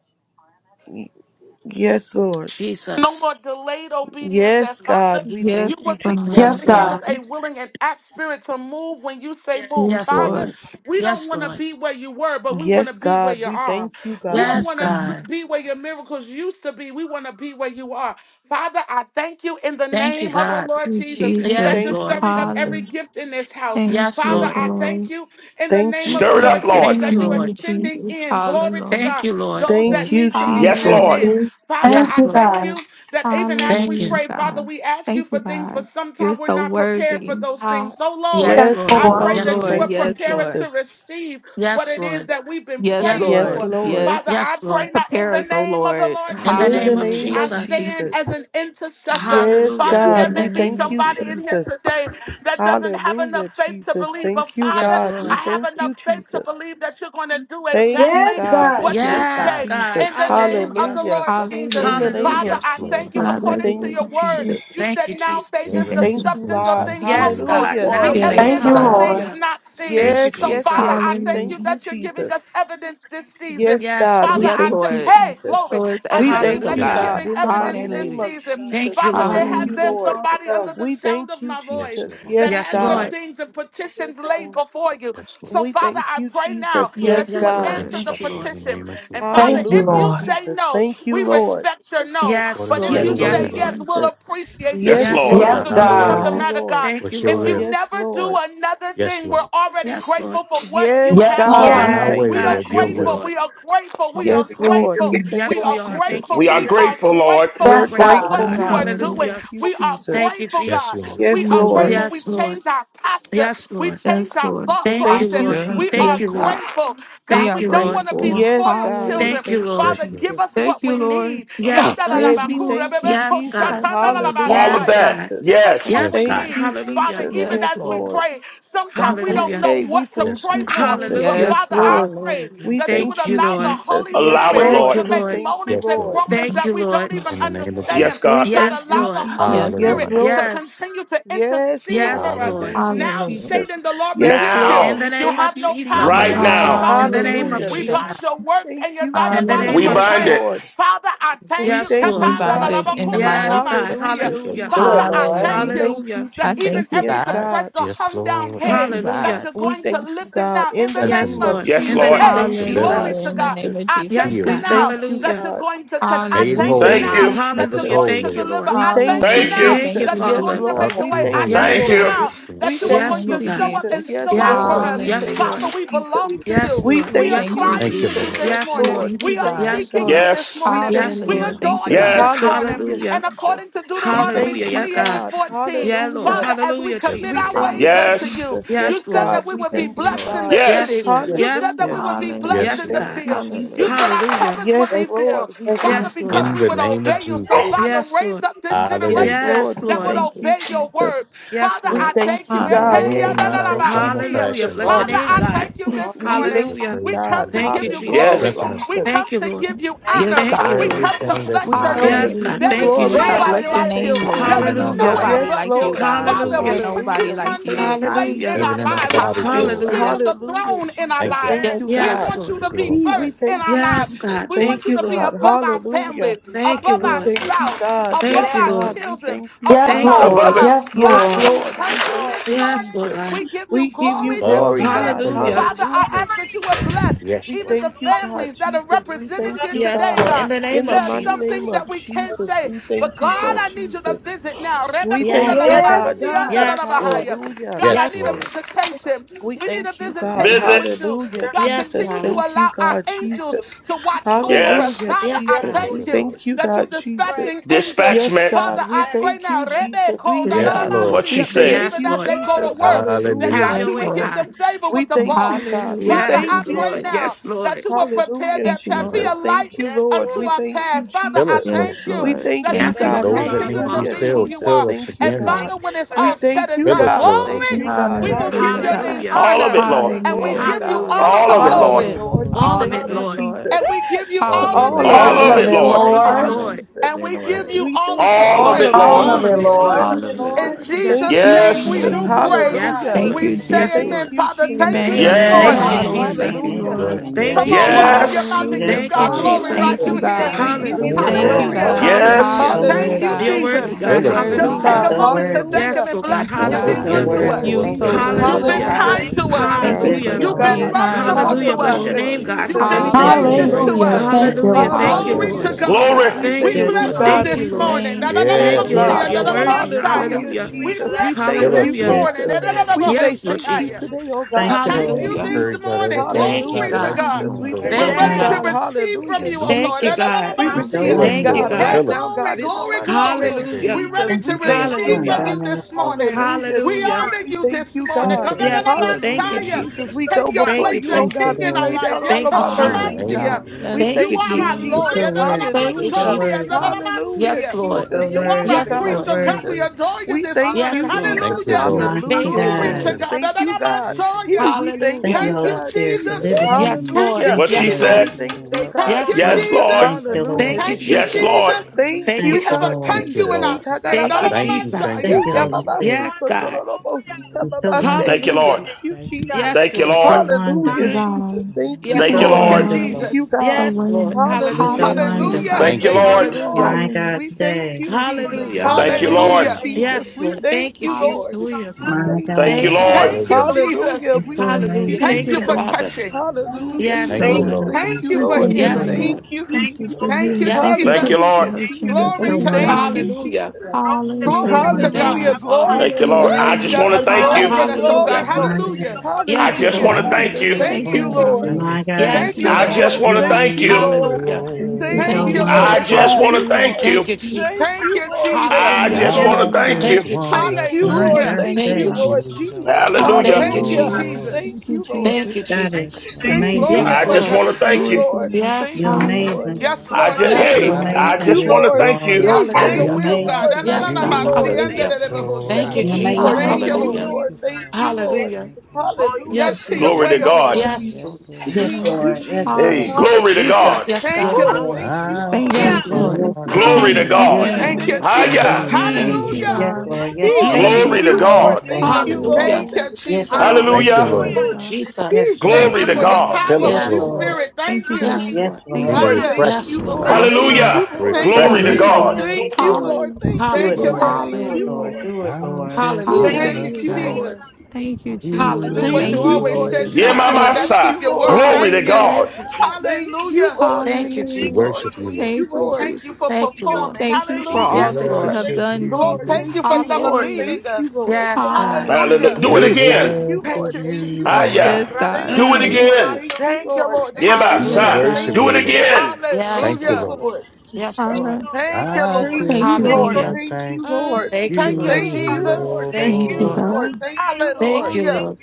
S5: Yes, Lord.
S2: No more
S4: Jesus.
S2: delayed obedience. That
S5: Yes,
S2: Father,
S5: God, we
S7: Yes,
S2: you
S5: thank you,
S2: will continue
S5: Jesus.
S4: Yes,
S7: God.
S2: to give
S4: Lord.
S2: us a willing and apt spirit to move when you say move.
S7: Yes,
S4: Yes,
S2: Father,
S7: Lord.
S4: Lord.
S2: we don't
S4: Yes,
S2: want to
S4: Lord.
S2: be where you were, but we want to
S5: Yes,
S2: be where
S5: God,
S2: you
S5: we
S2: are.
S5: thank you,
S2: We don't
S5: God.
S4: Yes,
S7: Yes,
S2: want to
S7: God.
S4: God.
S2: be where your miracles used to be. We want to be where you are. Father, I thank you in the
S4: Thank you,
S2: name of the
S4: God.
S2: Lord Jesus
S5: We
S2: that
S4: Yes,
S2: you're
S7: Jesus.
S5: thank
S4: Lord.
S5: you,
S2: stirring up every
S7: Hallelujah.
S5: Jesus.
S2: gift in this house.
S7: Thank
S4: Yes,
S2: Father,
S7: you,
S4: Lord.
S2: I thank
S7: Lord.
S2: you in the
S5: Thank
S2: name
S5: you,
S2: of the
S3: Stir it
S2: Lord
S3: up,
S2: Jesus
S3: Lord.
S7: In
S4: Thank
S5: Jesus.
S7: the
S4: you,
S2: that you are
S7: name
S4: Lord.
S7: of
S2: sending
S7: Jesus.
S2: in, glory to
S7: Hallelujah.
S4: Thank
S2: God,
S4: you, Lord.
S2: those that
S5: Thank you,
S2: need to be
S3: Yes,
S2: sent
S5: Jesus.
S3: Lord.
S2: in.
S7: Hallelujah.
S2: Father, I
S4: Yes, Lord.
S2: thank you that even as we
S4: Thank
S7: Hallelujah,
S4: you.
S2: pray, Father,
S7: God.
S2: we ask you
S7: Thank
S2: for
S7: you,
S2: things, but
S7: God. You're
S2: sometimes we're
S7: so
S2: not prepared
S7: worthy.
S2: for those
S7: Ha-
S2: things. So, Lord,
S4: Yes,
S5: Yes,
S4: Lord.
S2: I
S7: Oh,
S5: Lord,
S2: pray
S5: we
S4: Yes,
S2: that you
S4: Lord.
S7: Lord.
S2: would
S5: thank you,
S7: Yes,
S2: prepare us
S7: Lord.
S2: to
S5: Jesus.
S2: receive what
S4: Yes,
S2: it is
S4: Lord.
S2: that we've been
S7: Yes,
S4: Yes,
S2: praying
S5: Yes,
S7: Lord.
S4: Lord.
S2: for.
S5: Lord.
S2: Father,
S7: Yes.
S2: I
S4: Yes,
S2: pray
S4: Lord.
S2: now in
S7: Prepare
S2: the
S7: us, oh,
S2: name of the
S7: Lord.
S2: Lord
S4: In the
S5: In
S2: Jesus.
S5: the
S4: name of
S5: name
S7: Hallelujah.
S2: I
S5: of
S7: In
S4: Jesus.
S2: stand
S7: Jesus.
S5: Jesus.
S2: as an intercessor.
S5: Yes,
S4: Hallelujah.
S2: Father,
S9: Yes,
S5: God.
S2: there
S7: In the
S5: We
S2: may be
S7: name
S5: thank
S7: of
S5: you,
S2: somebody
S7: Jesus.
S2: in here
S5: Jesus.
S2: today that doesn't have enough
S5: Hallelujah,
S2: faith to
S5: Jesus.
S2: believe, but
S5: Thank you,
S2: Father,
S4: Yes,
S5: God.
S4: Lord.
S5: We
S2: I
S5: thank
S2: have
S5: you,
S2: enough faith to
S5: Jesus.
S2: believe that you're going to do
S5: Thank you,
S6: Yes,
S2: exactly
S5: God. We
S6: God.
S2: what you
S7: Yes,
S5: thank you,
S4: Yes,
S2: say
S7: God.
S4: God.
S2: in
S5: Jesus.
S2: the name of
S4: Hallelujah.
S2: the
S5: Hallelujah.
S2: Lord Jesus.
S5: In
S7: Hallelujah.
S5: the name
S2: Father,
S5: of
S4: Hallelujah.
S10: Yes,
S2: I
S10: Lord.
S2: thank you
S5: Jesus, we
S2: according to
S5: thank
S2: your
S5: you,
S7: Hallelujah.
S2: word.
S5: Jesus.
S2: You
S4: Thank
S2: said
S7: Jesus.
S4: you,
S2: now faith
S10: The
S7: We
S4: Jesus.
S2: is is
S7: thank
S2: the
S10: evidence
S5: Thank
S10: of
S7: you.
S5: you,
S2: substance
S10: things
S2: of
S5: Lord.
S10: not
S2: things
S6: Thank
S4: Yes,
S2: hoped
S10: seen.
S2: for,
S6: hope
S4: God.
S5: Hallelujah.
S6: for
S4: Now
S2: the
S6: it.
S5: We
S10: Thank you,
S4: faith.
S7: Yes,
S5: thank
S2: evidence
S6: Yes,
S10: Lord.
S5: you,
S2: of
S7: God.
S5: God.
S2: things
S4: Hallelujah.
S2: not seen.
S4: Thank
S10: Yes,
S4: you,
S5: Yes,
S2: So,
S10: Lord.
S5: yes,
S2: Father,
S5: yes.
S2: I
S4: Jesus.
S5: We
S2: thank you
S7: Hallelujah.
S5: thank you,
S2: that you're giving us
S5: Jesus.
S2: evidence this season.
S5: Yes,
S4: Yes,
S5: God,
S2: Father,
S5: we
S4: Lord.
S7: Yes,
S2: I
S5: thank you,
S2: th-
S7: Lord.
S2: hey,
S5: Jesus.
S2: glory.
S7: Show us
S2: I
S5: We
S2: thank you
S7: evidence,
S5: thank
S7: oh
S2: that
S5: you,
S2: you're
S10: Yes,
S4: Hallelujah.
S7: God.
S5: God,
S10: Lord.
S2: giving
S5: in the mighty
S2: evidence this
S5: name
S7: Hallelujah.
S5: of
S2: season.
S5: Jesus.
S4: Thank you,
S2: Father,
S5: We
S2: there
S4: Lord.
S5: thank
S2: has
S6: thank
S5: you,
S7: Hallelujah.
S2: there's
S6: you,
S5: Lord.
S6: Father
S2: somebody under
S6: God.
S2: the
S5: We
S2: sound of
S5: thank you,
S2: my
S10: Yes,
S2: voice
S5: Jesus.
S10: Lord.
S2: that
S5: Yes,
S4: Yes,
S2: has some
S4: Lord.
S5: God.
S2: things and petitions laid before you.
S10: Yes, Lord.
S2: So,
S5: We
S2: Father,
S5: thank
S2: I
S5: you,
S2: pray now
S5: Jesus.
S2: that
S5: Yes,
S7: Yes,
S2: you
S4: Yes,
S2: would
S5: God.
S4: God.
S2: answer
S7: Lord.
S10: Yes,
S2: the
S4: Thank
S10: Father,
S4: you,
S10: in
S4: Lord.
S10: the
S2: petition.
S10: name of
S2: And Father,
S10: Jesus.
S7: Yes,
S2: if
S5: Hallelujah,
S7: God.
S2: you say
S5: Jesus.
S2: no,
S5: Thank
S2: we
S5: you, Lord.
S2: respect your no.
S4: Yes,
S10: According
S2: But if
S10: to
S2: if
S4: Lord.
S10: your
S2: you
S7: Yes,
S5: Thank
S10: will,
S5: you,
S4: Yes,
S7: Lord.
S2: say
S10: Lord.
S2: yes,
S4: Lord.
S2: we'll
S5: Jesus.
S2: appreciate you.
S3: Yes,
S5: Yes,
S4: Yes,
S2: And
S3: Lord.
S2: here's
S4: Lord.
S10: Not
S5: Lord.
S2: the
S5: We
S10: our
S7: Yes,
S2: truth of
S5: thank
S10: way,
S2: the
S7: Lord.
S5: you,
S2: matter,
S5: Lord.
S2: God.
S4: Thank you,
S10: but your
S2: If
S4: Lord.
S2: you
S10: will.
S5: Yes,
S2: never do
S5: Lord.
S2: another
S10: Yes,
S2: thing, we're
S10: Lord.
S2: already
S4: Yes, Lord.
S2: grateful for what you
S5: Yes,
S2: have
S5: God.
S2: done.
S10: Not
S5: We
S10: our
S4: Yes,
S10: way,
S5: thank
S2: We
S5: you,
S2: are
S4: God.
S10: Lord.
S7: Yes,
S10: Your
S4: Thank you,
S7: Lord.
S2: grateful.
S10: will.
S5: Jesus.
S4: Lord.
S2: We are grateful. We are
S10: Yes,
S5: Yes,
S10: Lord.
S7: Thank
S5: Lord.
S2: grateful.
S5: We
S7: you.
S2: We
S5: thank
S4: Yes,
S5: you,
S4: we
S2: are
S4: are. Thank
S5: Jesus.
S4: you,
S2: grateful.
S3: We are
S2: We are
S3: grateful,
S4: Jesus.
S3: Lord.
S2: grateful
S4: I'm
S5: We're
S10: Thank you.
S2: for
S4: grateful,
S10: for
S5: grateful,
S2: what
S10: your
S4: God.
S10: will.
S2: you
S7: We
S2: are
S5: God.
S7: are
S5: We
S7: grateful.
S2: doing.
S5: thank
S4: Hallelujah.
S5: you,
S2: We are
S5: Jesus.
S4: Thank you,
S2: grateful,
S10: Yes,
S2: God.
S4: Jesus.
S10: Lord.
S2: We
S5: Yes,
S7: We
S2: are
S7: are
S5: Lord.
S2: grateful. We
S4: Yes,
S7: grateful.
S4: Lord.
S2: change our posture.
S4: Yes,
S2: We
S4: Lord.
S2: change
S7: Yes,
S2: our
S7: Lord.
S2: thought
S5: Well,
S4: Thank you,
S5: thank
S2: process.
S5: you,
S4: Lord.
S7: Asha.
S2: We
S4: Thank
S2: are
S5: Jesus.
S4: you,
S7: Yes, God.
S4: Lord.
S2: grateful.
S7: We
S2: God,
S4: Thank
S7: are
S2: we
S4: you,
S2: don't
S4: Lord.
S2: want to be
S7: grateful.
S5: Yes,
S2: spoiled
S5: God,
S7: Hallelujah.
S5: we
S2: children.
S4: Thank you,
S5: thank you,
S2: Father.
S4: Lord.
S10: Yes,
S2: Father, give
S10: Lord.
S5: Jesus.
S2: us what
S7: Thank you,
S2: we
S7: Lord.
S2: need.
S4: Yes,
S5: Hey,
S7: Thank
S4: God.
S5: we
S7: you.
S5: thank you,
S4: Yes, God.
S5: Jesus.
S7: Yes, Lord.
S3: All of
S5: Hallelujah,
S4: Yes,
S2: Yandalabakurebebekoshatandalabasaya.
S3: that.
S4: God.
S5: Jesus.
S2: Give us
S3: Yes.
S2: what
S7: Yes,
S4: Yes,
S2: we
S10: Yes,
S7: Lord.
S4: God.
S10: Lord.
S5: Thank
S2: need.
S5: you,
S2: Father,
S4: Hallelujah.
S5: Jesus.
S2: even
S7: Yes,
S2: as
S5: Yes,
S2: we
S7: Lord.
S5: Lord.
S2: pray, sometimes
S7: Thank
S2: we don't
S7: you.
S4: Hallelujah.
S2: know
S5: Hey, we
S2: what to
S10: Yes,
S5: thank
S2: pray
S5: you,
S10: Lord.
S2: for.
S5: Jesus.
S2: But
S4: Hallelujah.
S5: Yes,
S7: Yes,
S2: Father, I
S5: Lord.
S2: pray
S7: hallelujah.
S5: We
S2: that you would
S4: Thank
S5: thank
S4: you,
S5: you,
S2: allow the
S4: Lord.
S5: Jesus.
S2: Holy
S5: Yes,
S3: Allow it,
S2: Spirit
S4: Thank you,
S2: to
S5: Lord.
S3: Lord.
S5: We
S2: make
S4: Lord.
S5: thank you,
S2: moanings
S10: Yes,
S2: and
S5: Lord.
S10: Lord.
S2: groanings
S4: Thank
S2: that
S4: you,
S2: we don't
S4: Lord.
S2: even
S10: In the name of
S3: Yes,
S2: understand.
S10: Jesus.
S5: We
S3: God.
S2: God,
S5: thank
S4: Yes,
S2: allow
S5: you,
S2: the
S4: Lord.
S2: Holy
S5: Jesus.
S7: Yes,
S5: Yes,
S2: Spirit
S7: Lord.
S10: Hallelujah.
S2: to
S5: Lord.
S4: Yes.
S2: continue to
S5: Yes,
S2: intercede
S5: Lord.
S2: for
S4: Yes,
S5: We
S2: us.
S4: Lord.
S10: Hallelujah.
S5: thank you,
S2: Now,
S7: Hallelujah.
S2: Satan,
S5: Jesus.
S2: the Lord
S5: Yes,
S2: rebuke
S5: Lord.
S2: you.
S4: In
S3: Now.
S4: the
S5: We
S2: You
S4: name
S5: thank
S4: of
S2: have
S5: you,
S2: no
S10: In the
S2: power
S5: Jesus.
S4: Jesus.
S3: Right
S2: and
S10: name of
S2: no
S3: now.
S2: authority
S4: In the
S10: Jesus.
S2: authority.
S4: name of
S5: Hallelujah.
S7: Hallelujah,
S2: We
S5: Thank
S7: God.
S2: bind
S4: Jesus.
S2: your works and
S5: Thank
S2: your
S5: you,
S4: In the
S5: Jesus.
S3: We
S4: name
S2: diabolical
S4: of
S7: Hallelujah,
S5: Yes,
S3: bind
S7: God.
S2: plan.
S3: it.
S5: Lord.
S4: Jesus.
S2: Father, I thank
S5: We
S2: you.
S4: Yes,
S5: thank
S7: We
S4: Lord.
S5: you,
S2: Katanda la
S7: bind
S5: God,
S2: la
S7: it
S2: ba
S7: in the
S5: Jesus.
S7: mighty name
S2: ana
S4: Yes, God.
S7: of
S2: masia.
S5: Hallelujah,
S7: Jesus.
S4: Hallelujah.
S11: Do
S2: Father,
S11: it,
S5: Jesus.
S2: I
S11: Lord.
S5: We
S2: thank
S7: Hallelujah.
S2: you
S5: thank you,
S4: Hallelujah.
S2: that
S7: I
S2: even
S7: thank
S5: Jesus.
S7: you,
S2: every
S5: Yes,
S7: God.
S5: God.
S2: depressed or
S10: Yes,
S2: hung down
S10: Lord.
S7: Thank
S2: head,
S7: you,
S4: Hallelujah.
S2: that
S7: God.
S2: you're
S5: We
S2: going to
S5: thank you,
S2: lift it
S5: God.
S2: now in
S5: In
S2: the
S5: the
S2: name
S10: Strengthen,
S4: Yes,
S5: name
S2: of
S5: of
S4: Lord.
S10: Lord.
S3: Yes,
S4: In the
S2: Jesus.
S3: Lord.
S5: Jesus.
S4: name
S2: Hey,
S4: of
S5: Thank you,
S10: Deliver,
S2: glory
S7: Hallelujah.
S5: God,
S4: Jesus.
S2: to
S7: In the
S2: God.
S7: name
S5: Jesus.
S7: of
S2: I
S7: Jesus.
S4: Yes,
S2: thank you
S10: heal,
S5: We
S4: God.
S2: now
S5: thank you,
S2: that
S4: Hallelujah.
S2: you're
S5: God.
S2: going to touch. I
S10: made
S5: We
S2: thank
S10: whole,
S7: Hallelujah.
S2: you
S3: Thank
S5: thank
S2: now
S3: you.
S10: Lord.
S5: you,
S10: Make
S2: that you're
S10: us
S4: Hallelujah.
S10: whole,
S5: Jesus.
S2: going to
S4: Thank you,
S10: Lord.
S2: deliver.
S4: Lord.
S5: We
S2: I thank
S5: thank
S2: you
S5: you,
S3: Thank
S7: Hallelujah.
S3: you.
S2: now
S4: Thank
S7: Thank
S4: you,
S5: Jesus.
S7: you,
S2: that you're
S5: Yes,
S4: Father.
S2: going to
S10: Out
S5: Lord.
S2: make
S7: Jesus.
S2: the
S9: thank
S5: We
S2: way.
S10: through
S2: I
S5: thank you,
S4: Yes,
S2: thank
S9: thank
S10: holiness,
S3: Thank
S2: you
S4: Lord.
S3: you.
S5: Lord.
S10: Lord.
S9: you.
S2: now
S10: We can
S5: We
S2: that
S10: see
S2: you
S9: Thank
S2: are
S10: you.
S2: going
S4: Yes,
S5: thank
S7: Thank
S2: to
S4: Lord
S5: you,
S7: you,
S2: show
S4: God.
S2: up
S5: Jesus.
S2: and
S7: Jesus.
S2: and
S5: Yes,
S2: show
S10: Make
S9: you.
S10: us
S2: out
S4: Yes,
S2: for
S10: more
S5: Lord.
S4: Lord.
S2: us.
S5: We
S10: whole.
S4: Yes,
S5: thank
S7: Hallelujah.
S4: Lord.
S2: Father,
S5: you,
S2: we
S9: Thank
S2: belong
S5: Jesus.
S9: you.
S2: to
S4: Yes,
S2: you.
S5: We
S4: Lord.
S7: We
S2: We are
S9: thank
S5: thank
S4: Yes,
S7: thank
S5: you,
S7: you,
S9: you.
S4: Lord.
S2: crying
S10: Thank you,
S2: to you
S5: Jesus.
S10: Lord.
S2: this
S7: Jesus.
S5: Yes,
S4: Yes,
S7: We
S2: morning.
S4: Lord.
S5: Lord.
S7: thank
S5: We
S7: you,
S2: We are
S5: thank
S7: God.
S5: you,
S4: Yes,
S2: seeking
S4: Lord.
S5: God.
S2: you this
S3: Yes.
S5: We
S2: morning.
S4: Yes,
S5: thank
S2: We
S5: you,
S7: Hallelujah.
S4: Lord.
S7: Thank
S2: adore
S7: you,
S2: you
S5: Jesus.
S3: Yes.
S2: this
S7: God.
S2: morning.
S5: Hallelujah,
S2: And
S4: Hallelujah.
S5: Jesus.
S2: according to
S5: We
S7: Thank you,
S2: Deuteronomy
S5: thank
S4: Hallelujah.
S5: you,
S4: Yeah,
S2: 28
S4: God.
S2: and
S5: God.
S2: 14,
S4: Yeah, Lord.
S5: Hallelujah.
S7: God.
S2: Father, as we
S4: Hallelujah,
S10: Yes,
S2: commit
S5: We
S2: our
S10: Lord.
S4: Jesus.
S5: thank
S2: ways
S5: you,
S2: unto
S7: Hallelujah.
S3: Yes.
S2: you,
S5: Jesus.
S2: you
S4: Yes,
S5: Yes,
S2: said
S4: Lord.
S2: that
S5: God.
S2: we
S5: We
S7: We
S2: would be
S7: Thank
S5: thank
S7: you,
S5: you,
S2: blessed
S7: Lord.
S2: in the
S5: God.
S4: Yes,
S2: city.
S3: Yes.
S4: Lord.
S9: Yes,
S2: You said
S4: Yes,
S2: that
S5: Hallelujah,
S2: we
S4: Lord.
S2: would be
S5: Jesus.
S7: Hallelujah.
S2: blessed
S5: We
S10: Yes,
S4: Yes,
S2: in the
S5: thank
S10: Lord.
S4: God.
S5: you,
S2: field. You
S7: Hallelujah.
S5: Jesus.
S2: said our
S4: Hallelujah.
S2: cupboards would
S5: Yes,
S2: be
S9: thank you.
S2: filled.
S5: Lord. We
S9: Thank you.
S5: thank
S2: Father,
S4: Yes,
S7: Yes,
S5: you,
S9: Lord.
S4: Lord.
S2: because
S7: God.
S10: In
S2: we
S10: the
S2: would
S5: Jesus.
S10: name of
S2: obey you. So,
S9: Thank
S10: Jesus.
S2: Father,
S4: Yes,
S2: raise
S4: Lord.
S2: up this
S5: Yes,
S10: Hallelujah.
S2: generation
S4: Yes,
S5: Lord. We
S2: that
S9: you.
S2: would
S4: Lord.
S7: Oh,
S5: thank you,
S7: Jesus.
S2: obey your word word.
S5: Jesus.
S4: Yes,
S2: Father,
S5: We
S4: Lord.
S2: I
S5: thank
S2: thank you.
S5: you,
S7: Hallelujah.
S5: God.
S10: Oh,
S5: Hey,
S10: not
S5: we
S10: out of
S5: thank
S9: Yes,
S5: you,
S10: formal
S2: Ekeyadanalabasiya.
S4: Hallelujah.
S10: fashion,
S5: Jesus.
S4: Bless
S9: God.
S10: Lord.
S4: your
S2: Father,
S10: We
S4: name,
S2: I
S10: thank you.
S4: God.
S2: thank you this
S9: Lord.
S5: We
S2: morning.
S9: Hallelujah.
S10: We
S5: thank
S4: Hallelujah.
S5: you,
S2: We
S10: praise you
S2: come
S5: God.
S10: and
S2: to
S10: we
S4: Thank
S2: give
S4: you,
S10: thank
S9: Thank
S10: you.
S2: you
S9: you, Lord.
S5: Hallelujah,
S3: Yes,
S4: Jesus.
S2: glory.
S10: Strengthen
S3: Lord.
S10: us,
S2: We
S10: Lord.
S5: Jesus.
S2: come
S4: Thank you,
S2: to
S4: Lord.
S2: give you
S7: Yes,
S2: honor.
S4: Thank you,
S7: God.
S2: We
S9: Yes,
S4: Lord.
S2: come to
S10: Everything that's
S2: bless
S5: We
S2: your
S10: not
S5: come
S10: like
S5: to
S2: name.
S4: Yes,
S10: you,
S7: Hallelujah.
S5: give
S4: God.
S5: you
S2: There
S10: Lord.
S2: is
S9: yes,
S4: Thank you,
S7: Yes,
S9: Lord.
S5: glory,
S7: I
S2: nobody
S4: Jesus.
S5: God.
S7: bless
S5: We
S7: your
S2: like you.
S5: thank
S7: name,
S5: you,
S10: Even
S2: There
S7: Lord.
S2: is
S10: in our
S2: no
S5: Jesus.
S4: Hallelujah.
S2: one
S7: Nobody
S5: Yes,
S2: above
S10: finances,
S7: like
S2: you.
S7: you,
S10: Lord.
S5: Lord.
S10: Make
S7: God.
S10: a
S2: Father,
S10: way.
S2: we
S4: Hallelujah.
S2: put you
S7: Nobody
S5: Hallelujah. We
S2: on
S7: like
S2: in
S7: you,
S5: thank you,
S7: God.
S2: place
S4: Hallelujah.
S2: in
S5: Jesus.
S2: our
S10: Even in our
S2: lives.
S10: bodies,
S2: You
S10: Lord.
S2: sit
S7: Hallelujah.
S4: Hallelujah.
S2: on the
S5: Hallelujah,
S2: throne in our
S5: Jesus.
S10: Thank you.
S2: lives.
S5: Thank you,
S7: Yes,
S2: We
S7: God.
S4: Yes,
S5: God.
S2: want you
S4: Lord.
S10: We
S2: to be
S5: We,
S9: Yes,
S10: glorify
S5: we
S2: first in
S5: thank
S2: our
S5: you,
S4: Yes,
S2: lives.
S5: Jesus.
S4: God.
S2: We
S9: yes,
S2: want
S5: Thank
S4: Thank
S2: you
S4: you,
S5: you,
S2: to be
S4: Lord.
S5: God.
S9: Lord.
S2: above
S9: Yes,
S2: our
S9: yes,
S2: family,
S5: Hallelujah.
S10: you.
S4: Thank you,
S2: above
S5: We
S2: our
S4: Lord.
S9: Lord.
S5: thank you,
S2: spouse,
S5: God.
S2: above
S4: Thank
S5: Yes,
S4: you,
S2: our
S4: Lord.
S5: God. We
S2: children,
S5: thank you,
S2: above
S4: Thank you,
S2: our
S5: Jesus.
S3: Above
S4: Lord.
S3: it.
S2: job.
S5: Yes,
S2: Father, we
S5: Lord. We
S2: thank you
S5: thank
S2: this
S5: you,
S4: Yes,
S2: morning.
S4: Lord
S5: Jesus.
S4: God.
S2: We give
S5: We
S2: you
S5: give you
S2: glory this
S10: Above
S5: glory,
S10: and
S2: morning.
S10: not
S5: God.
S10: below.
S4: Hallelujah.
S2: Father, I
S5: Hallelujah,
S2: ask that you will
S5: Jesus.
S2: bless
S10: Yes,
S5: We
S2: even
S10: Lord.
S2: the
S5: thank you, God,
S2: families that are
S5: Jesus. We
S2: represented
S5: thank
S2: here
S5: you,
S4: Yes,
S2: today,
S5: God.
S4: Lord.
S2: God.
S4: In the name
S5: In
S2: There
S5: the
S4: of
S2: are
S5: mighty
S2: some things
S5: name
S4: Jesus.
S5: of
S2: that we can't
S5: Jesus,
S2: say,
S5: we thank
S2: but
S5: you,
S2: God,
S5: God,
S2: I need you to
S5: Jesus.
S2: visit now.
S5: We thank
S4: Yes.
S5: you,
S6: Yes,
S5: God,
S10: Yeah.
S6: God.
S5: Jesus.
S4: Yes, Lord.
S2: Rebekundalabasiandalabahaya.
S5: Hallelujah.
S2: God, I
S10: Yes,
S2: need
S4: Yes,
S2: a
S10: Lord.
S4: Lord.
S2: visitation.
S5: We
S2: We need a
S5: thank you, God.
S2: visitation
S3: Visit.
S2: with you.
S5: Hallelujah,
S2: God,
S4: Yes,
S5: Jesus.
S2: continue to
S4: God.
S5: Thank you,
S2: allow
S5: God,
S2: our angels
S5: Jesus.
S2: to watch over us.
S3: Yes.
S5: Hallelujah,
S2: Father,
S4: Yes,
S2: I
S4: God.
S5: Jesus.
S10: Thank you,
S5: We
S2: thank you
S10: Lord.
S5: thank you,
S2: that you
S5: God,
S2: dispatching
S5: Jesus.
S2: angels.
S5: Yes,
S3: Dispatchment.
S5: God.
S2: Father,
S5: We
S2: I pray
S5: thank
S2: now,
S5: you,
S2: Rebe
S5: Jesus. We,
S2: Konda
S7: Yes,
S4: Thank
S10: Yes,
S4: you,
S7: God.
S5: God.
S4: Lord.
S3: What
S10: Lord.
S5: We
S3: she
S2: Lalamasia,
S3: said.
S5: thank
S2: even
S4: Yes,
S5: you,
S2: as
S4: Lord.
S2: they go to
S5: Jesus.
S2: work, that
S5: Hallelujah,
S4: Have
S2: God,
S10: Hallelujah.
S4: your
S2: you
S7: Yes,
S4: way,
S2: would give
S7: Lord.
S2: them
S4: God.
S5: Jesus.
S2: favor
S5: We
S2: with the
S5: thank you,
S2: boss.
S5: God. We
S7: Hallelujah.
S2: Father,
S7: Thank
S5: thank
S7: you,
S2: I
S4: Yes,
S5: you,
S2: pray
S4: Lord.
S2: now
S7: Jesus.
S4: Yes,
S5: Jesus.
S2: that
S4: Lord.
S2: you will prepare
S5: Hallelujah,
S2: their
S7: Thank you,
S10: Yeah.
S2: path, be
S7: Lord.
S2: a
S10: Lord.
S5: Jesus.
S2: light
S5: Thank you, Lord.
S2: unto
S5: We
S2: our
S5: thank you,
S2: path. Father,
S10: Fill
S2: I
S10: us,
S5: Jesus.
S10: Lord.
S7: Yes,
S2: thank you
S5: We
S7: Lord.
S5: thank
S2: that
S5: you,
S2: you're
S7: Thank
S4: Yes,
S7: you,
S2: going
S10: For
S2: to
S5: God.
S4: Lord.
S7: Jesus.
S10: those that
S4: Thank you,
S10: need
S2: continue
S10: to
S2: to
S10: be
S5: Hallelujah,
S2: be
S4: Father.
S2: who
S10: filled,
S2: you
S5: Jesus.
S2: are.
S10: fill us
S5: Thank you,
S2: And
S10: again,
S5: God.
S2: Father,
S10: Lord.
S2: when it's
S5: We
S2: all said
S5: thank
S2: and
S5: you,
S10: Fill
S2: done,
S10: us,
S5: God.
S10: Lord, with
S2: glory,
S5: Thank
S10: your
S5: you,
S10: Lord.
S5: God.
S2: we will give
S7: Hallelujah,
S2: your
S5: Hallelujah,
S2: name
S7: God.
S4: Hallelujah.
S3: All of
S5: Jesus.
S2: honor
S3: it,
S5: We
S3: Lord.
S5: say
S2: and we
S5: glory,
S7: Hallelujah.
S2: give you
S5: God.
S2: all
S4: Hallelujah.
S2: of
S3: All
S2: the
S3: of it,
S7: All
S12: All
S7: of
S3: Lord.
S2: glory.
S12: of
S5: Hallelujah,
S7: it.
S5: Lord.
S12: Lord.
S5: We
S4: All
S7: All
S4: of
S5: thank
S7: of
S10: Fill
S4: it,
S5: you,
S10: us.
S7: it,
S4: Lord.
S7: Lord.
S2: And
S5: Jesus.
S2: we give you
S10: All of
S2: all
S10: the
S2: of
S5: All
S2: the
S10: Lord.
S5: of
S12: All
S5: it,
S3: All
S7: Hallelujah.
S3: of
S12: the
S2: honor.
S3: it,
S5: Lord. We
S3: Lord.
S9: All
S12: honor,
S4: All of
S5: thank
S4: it,
S12: Lord
S5: you,
S4: Lord.
S12: Jesus.
S2: And
S7: Hallelujah,
S5: Jesus.
S2: we
S10: All of
S2: give
S7: Lord.
S10: the
S2: you
S5: We
S2: all
S10: Lord.
S5: thank
S2: of
S5: you,
S2: the
S12: All
S3: All
S7: All
S12: of
S7: of
S3: of
S7: the
S5: all
S12: the
S3: it,
S5: of it,
S2: praise.
S3: Lord.
S5: Lord.
S12: praise,
S4: All
S7: praise.
S4: of
S5: We
S4: it,
S12: Lord
S5: thank
S6: All
S4: Lord.
S5: you,
S12: Jesus.
S6: of
S7: All
S6: it,
S7: of it,
S5: Jesus.
S2: In
S6: Lord.
S7: Lord.
S4: Yes,
S12: In
S2: Jesus'
S5: Thank you,
S4: Lord.
S2: name, we
S12: Jesus'
S3: Yes.
S5: Jesus.
S2: do
S6: Thank
S7: Amen.
S12: mighty
S6: you, Lord
S2: pray.
S12: name,
S4: Yes,
S6: God.
S5: Hallelujah.
S9: things
S7: Thank
S4: Lord.
S2: We
S7: you,
S10: Amen.
S12: amen.
S2: say
S4: Yes,
S5: Thank
S2: amen.
S7: Jesus.
S4: Lord.
S5: you,
S2: Father, thank
S12: Thank
S7: Amen.
S5: Jesus.
S2: you
S12: you,
S2: this
S5: Thank
S4: Amen.
S5: you,
S12: Lord.
S4: Thank you,
S2: morning.
S7: Amen.
S3: Yes.
S5: God.
S11: Amen,
S7: Lord, thank
S11: amen,
S7: you,
S4: Jesus.
S5: Hallelujah.
S12: Amen.
S7: Lord.
S10: Yes,
S12: Thank
S11: amen.
S12: you,
S11: Yes,
S10: Lord.
S4: Thank
S2: Come
S4: you,
S5: Thank
S9: are good.
S5: you,
S2: on,
S9: Thank
S11: Lord.
S2: open
S12: Jesus.
S5: God,
S4: Jesus.
S2: your
S3: Yes.
S2: mouth and
S11: Yes,
S7: Hallelujah.
S2: give
S5: Jesus.
S4: Thank you,
S2: God
S11: Lord.
S2: glory
S9: you,
S5: Hallelujah,
S7: Thank
S2: right
S4: Jesus.
S9: Lord.
S7: you,
S2: through
S6: Hallelujah.
S12: Thank you,
S2: here.
S5: Jesus.
S10: Yes,
S5: We
S7: God.
S5: give
S10: Lord.
S12: Lord.
S5: you
S11: Glory
S5: the
S11: to
S4: Hallelujah.
S7: Thank
S12: Thank
S7: you,
S12: you,
S10: Yes,
S5: glory,
S11: God.
S9: All-
S2: Hallelujah.
S10: Lord.
S5: Lord.
S7: God.
S12: Jesus.
S6: Hallelujah.
S11: You're
S3: Yes.
S10: Yes.
S11: so
S4: Hallelujah.
S7: Hallelujah,
S2: Thank you,
S5: Hallelujah,
S11: worthy.
S4: You're
S7: God.
S2: Jesus.
S7: You're
S4: worthy,
S5: Jesus. We
S7: so
S4: God.
S10: Fill us,
S5: thank
S12: Hallelujah.
S5: you,
S2: Just
S10: Lord.
S7: worthy,
S12: Thank
S2: take
S11: You're
S4: Hallelujah.
S12: you,
S2: a
S5: God.
S11: so
S7: God.
S6: Hallelujah.
S2: moment to
S11: worthy.
S2: thank Him
S12: Jesus.
S5: Hallelujah.
S4: Yes,
S2: and
S4: Lord God.
S2: bless
S7: Thank you,
S2: Him.
S12: Yes,
S10: Don't
S2: You've
S11: You're
S10: just
S2: been
S5: Thank
S11: so
S2: good
S7: God.
S12: Lord.
S4: Hallelujah.
S5: you,
S10: visit
S2: to
S10: us,
S2: us.
S5: God
S8: Hallelujah.
S11: worthy.
S7: You
S10: Lord.
S8: Thank you,
S10: Fill
S7: so
S5: Jesus.
S10: us
S12: Hallelujah.
S10: with your
S8: Lord.
S2: You've
S7: good,
S12: Thank
S7: oh
S2: been
S10: spirit.
S4: Hallelujah.
S12: you.
S5: Hallelujah,
S7: God.
S2: kind
S6: Hallelujah.
S2: to
S12: Yes, you
S5: Jesus.
S2: us.
S5: We
S12: have.
S7: Thank you
S8: Thank
S11: Yes,
S5: thank
S8: you,
S7: for
S4: Hallelujah.
S5: you,
S2: You've
S11: Lord.
S7: being
S8: Lord.
S2: been
S5: God.
S11: Yes,
S12: Yes, you
S11: Lord.
S2: merciful
S7: kind
S2: to
S12: have,
S4: Hallelujah.
S7: to
S4: Bless your
S5: Hallelujah,
S12: Lord.
S2: us.
S7: for
S4: name,
S10: Thank
S12: Thank
S7: us.
S10: you,
S4: God.
S12: you,
S2: You've
S10: Lord.
S5: Jesus.
S13: Amen.
S2: been
S5: We
S8: Thank you
S11: Thank
S4: Hallelujah.
S8: for
S11: you,
S5: thank
S8: your
S5: you,
S2: gracious
S12: Jesus.
S13: Amen.
S7: Hallelujah
S2: to
S11: Lord.
S8: grace
S12: Thank
S8: and
S12: you
S13: Amen.
S5: Jesus.
S2: us.
S12: for
S7: to
S8: mercy,
S12: this
S7: us.
S4: Hallelujah.
S8: Lord.
S12: day. Thank
S4: Thank
S8: Thank
S4: you,
S8: you,
S12: you
S2: Glory
S12: for
S10: Yes,
S5: Hallelujah,
S2: to
S12: the
S4: Lord.
S8: Lord.
S7: Hallelujah
S10: Lord.
S12: wake
S7: to
S12: up
S2: God.
S5: Jesus.
S3: Glory.
S5: We
S7: God.
S13: Amen.
S12: call.
S2: We
S4: Thank
S13: Hallelujah.
S4: you,
S11: Yes,
S12: Thank
S5: thank
S12: you
S5: you,
S4: Lord.
S2: bless
S12: for
S2: you
S12: the
S11: Lord.
S5: God.
S7: In
S4: Thank you,
S5: We
S2: this
S7: the
S4: Lord.
S12: covering,
S2: morning.
S5: bless you
S2: na
S12: Lord
S7: name,
S2: na na na
S5: today,
S12: Jesus.
S2: ma
S4: Thank
S5: oh
S4: you,
S12: Thank you
S11: Yes,
S10: Yes.
S13: Hallelujah. Hallelujah.
S4: Lord.
S7: Father.
S5: God.
S12: for
S2: na
S4: You're
S2: na na
S12: protecting
S11: Lord.
S13: Hallelujah.
S12: our
S4: worthy.
S2: ma
S12: families
S5: Hallelujah,
S12: from
S4: Hallelujah.
S7: Hallelujah.
S2: We
S12: danger,
S5: Jesus. We
S2: bless
S12: seen
S2: you
S12: and
S10: Fill
S5: thank
S13: Thank
S5: you,
S10: us,
S2: this
S13: you,
S12: unseen.
S4: Hallelujah.
S11: Yes,
S10: Lord.
S2: morning.
S13: God.
S2: na
S5: Jesus.
S2: na
S13: Thank
S2: na
S11: Lord.
S2: na
S13: you,
S5: We
S12: Lord
S5: say
S4: Yes,
S12: Jesus,
S4: Lord
S5: thank
S2: ma
S12: keep
S5: you
S4: Jesus.
S12: on
S5: today, oh
S2: We
S11: Thank
S5: God.
S11: you,
S12: your
S5: We
S2: thank
S12: hands
S11: Lord.
S2: you
S5: thank
S12: on
S4: Hallelujah.
S2: this
S7: Hallelujah.
S12: us,
S5: you.
S10: Purge
S13: God.
S10: out
S12: Lord
S2: morning.
S10: everything
S12: Jesus.
S10: that's
S4: Thank
S13: Hallelujah.
S4: you,
S2: Glory
S10: not
S12: Keep
S5: Hallelujah,
S2: to
S10: like
S4: God.
S12: on
S2: God.
S12: doing
S5: Jesus.
S10: you,
S12: what
S5: We
S12: you
S11: You're
S12: do,
S10: Lord,
S2: We're
S11: so
S5: thank
S4: Thank you,
S5: you,
S12: Lord
S2: ready to
S4: God.
S5: God.
S13: Hallelujah.
S11: wonderful.
S12: Jesus.
S2: receive
S12: We
S2: from
S5: Hallelujah,
S10: and
S2: you, oh
S10: me.
S4: Thank
S2: Lord.
S12: appreciate
S4: you,
S2: na
S12: you.
S2: na
S5: Jesus.
S2: na na
S4: God.
S5: We
S2: ma
S11: You're
S13: Hallelujah.
S7: Lord.
S11: so
S12: Can't do
S10: Fill
S5: receive it,
S10: us,
S4: Thank you,
S12: nothing
S10: Lord.
S5: God,
S11: wonderful.
S12: without
S2: Hey,
S4: God.
S5: right
S10: Fill
S12: you,
S5: now,
S12: Lord
S10: us
S2: glory,
S5: God,
S13: Thank
S5: in
S13: you,
S5: the
S12: Jesus.
S13: God.
S2: glory,
S12: Thank
S5: mighty
S10: with
S12: you
S5: name
S10: your
S2: glory.
S12: for
S5: of
S12: touching my
S4: Hallelujah.
S10: spirit.
S2: We're ready
S5: Jesus.
S11: Thank
S12: mom,
S2: to
S5: We
S11: you for your
S5: thank
S2: receive
S5: you,
S12: protecting her,
S11: son
S4: Hallelujah.
S2: from
S5: God.
S11: down
S2: you
S12: Lord
S11: on the
S2: this
S12: Jesus,
S11: cross,
S13: Hallelujah.
S12: from
S2: morning.
S11: Lord.
S12: danger,
S5: Hallelujah,
S2: We
S12: seen
S4: Hallelujah.
S12: and
S5: Jesus.
S2: honor
S5: We
S2: you
S12: unseen.
S5: thank
S2: this
S5: you,
S2: morning.
S11: Thank
S5: God.
S2: God,
S11: you,
S13: Hallelujah.
S2: na na na
S4: Yes,
S11: Lord.
S2: ma
S4: Lord.
S10: In
S12: Touch my
S4: Thank you,
S5: Hallelujah,
S10: the name of
S5: Jesus.
S12: family,
S10: Jesus.
S4: Jesus.
S5: We
S12: my
S5: go
S2: Take your
S12: sisters
S4: Thank
S5: before
S4: you,
S2: place
S12: and
S5: you, oh
S2: as
S11: Thank
S4: Jesus.
S13: Hallelujah.
S11: you,
S12: brothers,
S2: king
S5: God. We
S2: in our
S5: lay
S12: Lord
S11: Lord.
S2: life.
S5: down
S12: Jesus.
S5: all
S2: Yes,
S4: Thank
S5: of
S4: you,
S5: our
S2: oh, na
S10: In the
S5: burdens,
S10: name
S4: Jesus.
S2: ma
S7: Hallelujah.
S10: of
S5: God.
S12: Hashem, give
S10: Jesus.
S12: them
S5: We
S7: Yes,
S4: Thank
S2: you
S4: you,
S12: wisdom
S5: thank
S2: are
S5: you,
S12: from
S2: our
S12: you,
S11: You're
S4: Jesus.
S7: Lord.
S10: Thank
S2: Lord.
S12: Lord
S11: so
S5: Jesus.
S2: And
S10: you,
S11: worthy.
S12: Jesus,
S4: Thank
S11: You're
S12: how
S4: you,
S11: so
S5: Hallelujah.
S12: to
S4: Jesus.
S12: deal
S11: worthy.
S12: with
S5: Hallelujah,
S4: Yes,
S12: Take
S11: You're
S12: care
S4: Lord.
S11: so
S5: Jesus.
S12: of my,
S2: you
S5: Thank
S2: are
S11: worthy.
S5: you,
S2: our
S12: take
S11: You're
S4: Yes,
S13: Hallelujah.
S12: care
S11: so
S5: God,
S2: priest.
S12: of
S4: Lord.
S2: So
S12: our
S2: God,
S12: mom,
S2: we
S11: worthy.
S5: Jesus.
S12: Lord
S2: adore you
S12: Jesus.
S5: We
S2: this
S5: thank
S12: Touch
S2: morning.
S5: you,
S4: Yes,
S12: me up,
S4: Lord.
S12: Lord
S5: Jesus.
S10: Thank you,
S12: Jesus,
S2: Hallelujah.
S10: Lord.
S11: Mighty
S12: mentally and
S4: Thank
S5: Hallelujah,
S4: you,
S2: Glory
S10: Thank
S12: physically.
S10: you,
S4: Lord.
S2: to
S11: God.
S5: Jesus.
S10: Lord.
S2: God.
S5: Thank you,
S12: And just
S5: God.
S12: visit, Lord
S5: Hey, We
S12: Jesus,
S5: thank
S11: Thank
S12: with
S4: Hallelujah.
S11: you,
S5: you,
S2: Thank you,
S11: Holy
S5: God,
S11: Spirit, for
S5: Jesus.
S12: Shanae.
S2: Jesus.
S11: living
S12: Let it
S11: in
S12: be
S4: Yes,
S11: me.
S2: Thank
S4: Lord.
S2: you,
S5: Hallelujah.
S11: Thank
S3: What
S11: you,
S3: she
S4: Yes,
S3: said.
S4: Lord.
S5: We
S11: Lord.
S10: Thank
S12: something
S2: Jesus.
S10: you,
S5: thank
S12: that'll
S10: Lord.
S5: you,
S12: work
S5: God,
S2: Thank
S4: Yes,
S2: you,
S3: Yes,
S4: Lord.
S5: Jesus.
S3: Lord.
S11: Thank
S2: Jesus.
S11: you,
S10: Thank you,
S12: your
S11: Lord.
S5: Hallelujah,
S4: Thank
S10: Lord.
S4: you,
S12: way,
S2: Thank you,
S12: not
S3: Yes,
S5: Jesus.
S12: my
S3: Lord.
S4: Jesus.
S12: way,
S2: Jesus.
S12: Lord
S5: Thank
S4: Thank you,
S11: Thank
S2: We
S5: you,
S11: you,
S2: have
S12: Jesus.
S2: a
S5: God,
S4: Jesus.
S11: Lord.
S2: thank
S10: Thank you,
S2: you
S5: Jesus.
S2: in
S12: Not
S2: our
S12: the
S5: He
S10: Lord.
S12: people
S2: spirit.
S12: way,
S4: Thank you,
S12: your way,
S10: Thank you,
S5: kagarabasi.
S12: Lord
S10: thank
S11: Thank
S4: Jesus.
S10: you,
S11: you,
S12: Jesus.
S10: thank
S11: Holy
S10: you.
S11: Spirit.
S4: Yes,
S12: Uh,
S4: God.
S12: should have been
S11: You're so
S12: reported
S10: Thank
S12: to
S10: you,
S5: Yababasikotorobosika-babase.
S3: Thank
S12: Lord
S3: you,
S5: We
S11: wonderful.
S3: Lord.
S4: Hallelujah.
S5: thank
S12: Jesus.
S5: you,
S12: Thank you,
S4: Yes,
S5: Jesus.
S3: Thank you,
S11: You're
S4: Lord.
S3: Lord.
S11: so
S5: Hallelujah,
S11: wonderful.
S5: Jesus.
S7: God,
S5: Thank
S12: God.
S11: You're
S5: you,
S4: Yes,
S3: Thank
S11: so
S3: you,
S7: thank
S5: Lord.
S7: you,
S2: Thank
S4: God.
S2: you,
S3: Lord.
S5: We
S12: My,
S10: Lord.
S5: thank
S7: Lord.
S11: wonderful.
S5: you,
S2: Jesus.
S7: You're
S12: I
S7: So
S5: God.
S12: can
S4: Yes, Lord.
S12: abhor,
S7: worthy.
S12: Lord
S11: You're so
S4: Hallelujah.
S5: Hallelujah,
S12: Jesus. If
S7: Hallelujah,
S12: it's
S2: Hallelujah.
S11: wonderful.
S5: Jesus.
S3: Thank you,
S10: Thank
S7: God.
S10: you,
S12: this,
S5: Thank you,
S3: Lord.
S10: Lord.
S12: Lord, that,
S4: Hallelujah.
S5: Lord.
S11: My
S7: Hallelujah.
S11: God,
S12: Lord
S5: We
S12: Jesus,
S5: thank
S11: today.
S5: you,
S7: Thank you,
S12: then
S5: Jesus.
S7: God.
S12: it's
S10: In
S4: Hallelujah.
S10: the
S3: Thank
S12: mine,
S3: you,
S10: name of
S12: Lord
S3: Lord.
S5: Hallelujah,
S7: Thank
S2: Hallelujah.
S10: Jesus.
S7: you,
S12: Jesus.
S7: God.
S5: Jesus.
S4: Yes,
S5: We
S4: Lord. Thank
S5: thank
S4: you,
S5: you, Lord.
S4: Jesus.
S7: Hallelujah,
S5: We
S12: Thank you,
S11: My
S7: God.
S5: thank
S12: God.
S3: Thank
S5: you,
S3: you,
S4: Thank
S11: God.
S4: you,
S12: Thank you,
S3: Lord.
S5: Jesus.
S2: Thank
S12: God.
S2: you,
S4: Jesus.
S10: Hallelujah.
S5: Hallelujah.
S2: Jesus.
S11: You're
S12: Thank
S5: We
S11: so
S12: you,
S5: thank
S12: God,
S4: Hallelujah.
S5: you,
S12: that
S7: Thank
S2: Thank
S11: amazing.
S7: you,
S4: Thank
S2: you
S12: you
S4: you,
S2: for
S12: can do
S7: God.
S5: Jesus.
S4: Father.
S2: touching.
S12: anything, Lord
S6: Thank
S5: Hallelujah,
S6: you,
S11: So
S4: Yes,
S12: Jesus.
S10: Thank you,
S6: Jesus.
S4: Lord.
S5: Jesus.
S10: Lord.
S5: Thank
S11: amazing.
S2: Thank
S5: you,
S2: you
S7: Thank
S2: for
S7: you,
S12: All
S11: Thank
S5: Lord.
S11: you,
S5: We
S4: Yes,
S6: Thank
S12: things,
S2: healing.
S7: Lord.
S6: you,
S11: Lord.
S4: Lord.
S12: Lord
S5: thank
S12: Jesus.
S5: you,
S7: Thank you
S12: I
S5: Jesus.
S7: for
S2: Thank
S12: believe
S2: you,
S7: healing.
S12: you. I
S7: Thank
S4: Yes,
S7: you
S3: Thank
S4: Lord.
S7: for
S3: you,
S12: trust
S2: Jesus.
S12: you,
S3: Lord.
S5: Hallelujah,
S12: Lord. Thank you
S7: nurturing.
S11: You're
S12: for
S5: Jesus.
S12: the
S2: Glory
S11: so
S7: Thank
S5: We
S7: you
S2: to
S7: for
S12: Avalon
S5: thank
S2: God.
S6: Father.
S11: wonderful.
S5: you,
S12: family.
S7: healing.
S4: Hallelujah.
S5: Jesus.
S12: Thank you,
S11: You're so
S7: Hallelujah.
S2: Glory
S10: Thank
S12: Smells
S2: to
S10: you,
S7: Thank you,
S10: Lord.
S4: Thank
S12: family,
S2: God.
S11: wonderful.
S4: you,
S5: Hallelujah.
S7: God.
S12: Lord
S5: Glory
S7: You're
S4: Father.
S3: Thank
S7: so
S3: you,
S5: to
S12: Jesus.
S2: Woo!
S5: your
S3: Lord.
S12: Thank
S3: I
S6: Hallelujah.
S12: you,
S5: name,
S3: just
S7: worthy.
S3: want to
S10: Thank
S6: Bless
S5: God.
S12: Lord.
S10: you,
S6: your
S3: thank
S10: Lord.
S2: Stop
S3: you.
S5: Glory,
S2: with
S6: name.
S2: us, oh
S7: Hallelujah.
S2: God.
S5: glory,
S4: Hallelujah.
S12: Thank
S11: My
S12: you,
S5: glory.
S11: God.
S2: Hallelujah.
S12: Lord.
S3: I
S6: Yes,
S7: Thank you,
S4: Yes,
S3: just
S5: Hallelujah,
S3: want
S4: Lord.
S3: to
S10: I'm
S7: God.
S6: God.
S10: not
S3: thank
S12: Thank
S5: Jesus.
S3: you.
S12: you,
S10: just
S2: Thank
S5: Thank
S7: Thank
S2: you,
S5: you,
S7: you,
S10: one
S12: Jesus.
S5: Lord.
S7: God.
S10: of
S2: Jesus.
S11: My
S12: Yes,
S11: God.
S7: Thank
S12: Lord.
S5: Thank
S4: Yes,
S2: Thank
S7: you,
S2: you,
S5: you,
S3: I
S4: Lord.
S12: Thank
S2: Lord.
S12: you,
S3: just
S5: Lord.
S7: God.
S3: want to
S12: God.
S5: Thank
S3: thank
S10: you,
S5: you,
S3: you.
S5: Lord.
S4: Hallelujah.
S12: Thank
S7: Thank
S12: you,
S11: You're
S7: you,
S10: Lord.
S5: Thank
S11: so
S12: God.
S2: Thank
S4: Thank
S5: you,
S4: you,
S2: you,
S7: God.
S12: Thank
S6: Yes,
S3: I
S5: Lord.
S2: Lord.
S12: you,
S11: wonderful.
S4: Jesus.
S5: Thank
S3: just
S6: God.
S12: Lord.
S3: want to
S5: you,
S3: thank
S5: Lord.
S7: Hallelujah,
S3: you.
S4: Thank you,
S7: God.
S5: Thank
S4: Jesus.
S2: Thank
S5: you,
S2: you,
S5: Lord.
S7: I
S3: I
S5: Thank
S7: want
S2: Jesus.
S7: to
S4: Hallelujah.
S5: you,
S3: just want
S7: thank
S3: to
S5: Lord.
S7: you,
S10: I
S7: Lord.
S3: thank
S10: just
S12: Thank
S3: you.
S4: Thank
S7: I
S4: you,
S12: you, Jesus.
S10: wanna
S5: Thank
S4: Jesus.
S5: you,
S7: just
S11: My
S10: thank
S5: Lord.
S7: want to
S2: Hallelujah.
S11: God,
S7: thank
S5: Thank
S7: you,
S4: Thank
S11: today.
S5: you,
S4: you,
S7: Lord.
S5: Lord
S10: you,
S4: Jesus.
S12: Cover
S5: Jesus.
S12: and protect
S3: Hallelujah.
S4: Thank
S12: them,
S7: Hallelujah.
S4: you,
S2: Thank you,
S5: Hallelujah.
S12: Lord
S7: Lord.
S12: Jesus.
S4: Jesus.
S10: Lord.
S7: Thank
S5: Thank
S7: you,
S2: Jesus.
S5: you, Lord.
S4: Thank
S7: Jesus.
S4: you,
S11: That is
S12: Yes,
S4: Jesus.
S7: Thank
S12: Lord.
S7: you,
S5: Thank
S12: Thank
S5: you,
S11: amazing.
S2: Glory
S4: Yes,
S3: I
S12: you,
S2: to
S5: Lord.
S7: Jesus.
S3: just
S4: Lord.
S3: want to
S2: God.
S5: Thank
S3: thank
S5: you,
S12: Jesus.
S3: you.
S7: Glory to
S5: Lord.
S7: God.
S4: Yes,
S11: You're
S5: Thank
S4: Lord.
S5: you,
S12: Yes,
S5: Lord.
S11: amazing.
S7: Hallelujah.
S2: Yes,
S12: Lord.
S3: I
S2: Lord
S12: Thank
S3: just,
S7: Lord.
S4: Yes,
S12: you,
S11: You're
S3: hey,
S4: Lord.
S3: I
S2: Jesus.
S10: I
S5: Thank
S12: Jesus.
S11: amazing.
S5: you,
S3: just want to
S10: just
S5: Lord.
S3: thank you.
S10: wanna
S5: He,
S2: Yes to your
S11: You're
S5: thank
S10: thank
S4: Hallelujah.
S5: you,
S2: will,
S11: amazing.
S2: God.
S7: Thank
S12: Thank
S5: Lord.
S2: Na,
S12: you,
S2: na,
S7: you.
S2: na,
S5: Thank
S4: Yes,
S2: na,
S4: God.
S5: you,
S12: Lord.
S2: ma, si,
S5: Lord.
S10: you,
S2: and da,
S4: Hallelujah.
S2: da,
S7: Hallelujah.
S2: da, ba, ho,
S12: Thank you,
S4: Thank
S2: sha.
S4: you,
S5: Thank
S11: You're
S5: you,
S10: Lord.
S12: Jesus.
S5: Lord.
S4: Jesus.
S11: amazing.
S2: Thank you,
S5: Thank you,
S4: Hallelujah.
S2: Lord.
S7: Hallelujah.
S12: Thank
S5: Lord.
S12: you,
S5: Thank
S12: Father.
S5: you, Lord.
S4: Hallelujah.
S12: Thank you.
S10: Thank
S5: Hallelujah.
S2: Yes
S4: Yes,
S2: to
S5: Thank
S2: your
S4: Lord.
S3: Glory
S5: you,
S3: to
S2: way,
S12: Thank
S2: oh
S10: you.
S12: you,
S5: Lord.
S3: God.
S2: Lord.
S12: Lord.
S4: Yes,
S12: Yes,
S4: Lord.
S12: Lord.
S11: Yes,
S5: Thank you,
S7: Hallelujah.
S11: Lord. Yes,
S12: Yes,
S5: Jesus.
S11: Lord.
S3: Hey,
S4: Oh,
S12: Lord.
S7: Hallelujah.
S3: glory to
S5: Hallelujah.
S3: God.
S4: Jesus. Yes,
S2: Thank
S11: Yes,
S2: you,
S4: God.
S5: Oh,
S12: Thank
S11: Lord.
S2: Lord.
S12: you,
S5: thank you,
S10: I
S7: Thank
S5: Lord.
S11: Yes,
S7: you,
S12: Jesus.
S4: Yes,
S10: just
S4: Lord.
S11: Lord. Yes,
S7: Jesus.
S10: wanna
S12: Yes,
S11: Lord.
S3: Glory to
S4: Mm,
S10: thank
S4: mm,
S12: Lord.
S7: Hallelujah,
S11: Yes,
S3: God.
S5: Hey,
S4: mm,
S2: Thank you,
S7: God.
S5: thank you,
S11: Lord.
S2: Jesus.
S3: Hiya.
S5: Lord.
S12: Thank you,
S7: Thank
S4: mm,
S7: you,
S12: Jesus.
S2: Hallelujah.
S10: you,
S11: Yes,
S10: Lord.
S7: God.
S11: Lord.
S5: He,
S7: Thank
S2: Glory.
S7: you,
S5: thank
S4: mm.
S3: Glory to
S5: you,
S11: Yes,
S7: God.
S5: Lord.
S3: God.
S12: Thank
S11: Lord.
S10: Thank
S5: Thank
S12: you,
S10: you,
S5: you,
S10: Lord.
S12: God.
S5: Lord.
S4: Hallelujah.
S2: Thank
S7: Hallelujah.
S2: you,
S5: Thank
S11: Yes,
S5: you,
S11: Lord.
S5: Lord.
S2: Jesus.
S10: Thank
S11: Yes,
S10: you,
S12: Thank
S3: Hallelujah.
S12: you,
S11: Lord.
S10: Lord.
S7: Hallelujah,
S4: Oh,
S12: Lord.
S7: God.
S11: Yes,
S5: He,
S4: Jesus.
S5: thank
S7: Thank
S10: Thank-
S2: Thank
S11: Lord.
S3: Glory
S2: you
S7: you,
S3: to
S2: for
S5: you,
S2: your
S7: God.
S5: Lord.
S3: God.
S12: Thank
S10: Fill
S2: power,
S12: you,
S5: Thank
S11: Yes,
S10: us,
S11: Lord. Yes,
S2: Holy
S5: you,
S4: Yes,
S10: Lord.
S12: Lord.
S11: Lord.
S4: Lord.
S5: Lord.
S2: Spirit.
S7: Thank
S2: Thank
S7: you,
S5: Hey,
S2: you.
S4: Yes,
S7: God.
S11: Yes,
S5: thank
S4: Lord.
S5: you,
S7: Thank
S10: Need
S7: you,
S10: a
S11: Lord.
S5: Lord.
S7: Jesus.
S2: Hiya.
S10: refresh,
S5: Thank you,
S4: Yes, Lord.
S5: Lord.
S11: Yes, Lord. Yes,
S5: Thank
S7: Hallelujah.
S11: Lord.
S3: Hallelujah.
S5: you, Lord.
S4: Oh,
S2: Thank you,
S7: Thank
S3: Glory
S4: God.
S3: to
S10: refreshing
S7: you,
S11: You
S4: Yes,
S10: Lord.
S11: like
S4: Lord.
S7: God.
S3: God.
S11: never
S2: Jesus.
S5: Thank you,
S11: before.
S5: Lord.
S7: Hallelujah.
S5: Thank
S11: Do
S5: you,
S11: it,
S2: Thank you,
S5: Lord.
S4: Hallelujah.
S11: Lord.
S2: Lord.
S5: Thank
S11: Do it,
S5: you,
S11: Lord.
S5: Lord.
S7: Hallelujah.
S11: Do it,
S10: I
S11: Lord.
S10: just
S5: He,
S4: Hallelujah.
S2: Thank
S10: wanna
S2: you,
S5: thank
S7: Hallelujah,
S5: you,
S10: thank
S7: God.
S5: Lord.
S2: Jesus.
S7: Thank you,
S10: you,
S2: Do
S7: Jesus.
S2: what
S4: Hallelujah.
S2: you
S5: Thank
S7: Thank you,
S5: you,
S2: always
S5: Lord.
S2: said
S7: Jesus,
S2: you
S3: Yeah,
S10: Lord.
S2: would
S3: my
S7: God.
S2: do,
S5: Jesus,
S2: and
S4: Thank you,
S2: that's
S5: thank
S3: Masa.
S2: keep
S5: you,
S2: your
S4: Jesus.
S5: Lord.
S2: word.
S3: Glory to
S2: Thank you.
S7: Hallelujah.
S3: God.
S4: Thank you, Jesus.
S5: Thank you,
S2: Hallelujah.
S5: Lord.
S4: Thank you,
S5: Thank
S10: We
S5: you,
S7: Hallelujah.
S5: Lord.
S10: worship
S4: Jesus.
S10: you, Lord.
S5: Thank you,
S7: Thank you,
S5: Lord.
S2: Thank you for
S7: Jesus.
S4: Thank you, Lord.
S2: performing.
S7: Thank you
S10: We
S7: for
S5: Thank you,
S7: all
S2: Hallelujah.
S4: Yes,
S7: that you
S4: Lord.
S5: Lord.
S7: have
S10: worship
S5: Thank you,
S7: done,
S2: Glo-
S5: Lord.
S7: Jesus.
S2: Thank you
S10: you.
S5: Thank
S2: for
S5: you,
S2: never
S5: Lord.
S7: Hallelujah.
S2: leaving
S5: Thank
S2: us.
S5: you, Lord.
S4: Yes, God.
S3: Hallelujah.
S2: Hallelujah.
S7: Hallelujah.
S3: Do it
S10: We
S7: Yes,
S3: again.
S7: God.
S5: Thank you,
S10: worship
S2: Thank
S5: Lord.
S2: you,
S5: Thank you,
S3: Ah,
S2: Jesus.
S5: Lord.
S3: yeah.
S10: you.
S7: Yes, God.
S5: Thank
S3: Do it
S5: you,
S4: Mm.
S7: Thank-
S5: Lord.
S3: again.
S5: Thank you,
S2: Thank you,
S5: Lord.
S2: Lord
S3: Yeah,
S5: Thank
S10: We
S5: you,
S2: Jesus.
S7: Yes,
S5: Lord.
S4: Hallelujah.
S3: Masa.
S10: worship
S3: Do
S5: Thank
S3: it
S7: God.
S10: you,
S5: you,
S10: Lord.
S5: Lord.
S3: again.
S5: Thank
S10: Thank
S4: Yes,
S10: you,
S5: you, Lord. Thank you,
S2: Hallelujah.
S4: Lord.
S10: Lord.
S5: Lord.
S4: Yes, Lord.
S7: Hallelujah.
S2: Thank you,
S10: I
S2: Lord.
S5: Thank
S7: Thank
S10: just
S5: you,
S7: you,
S10: want
S5: Lord.
S4: Hallelujah.
S10: to
S7: God.
S5: Thank
S10: thank
S5: you, Lord.
S2: Mm,
S4: Thank you,
S2: thank you,
S4: Lord.
S10: you,
S2: Jesus.
S4: Thank you,
S7: Thank
S5: Thank
S7: you,
S5: you,
S10: Lord.
S4: Lord.
S5: Lord.
S7: God.
S5: Thank you,
S4: Thank
S5: Lord.
S10: Thank
S4: you,
S10: you,
S2: Hallelujah.
S10: Lord.
S4: Lord.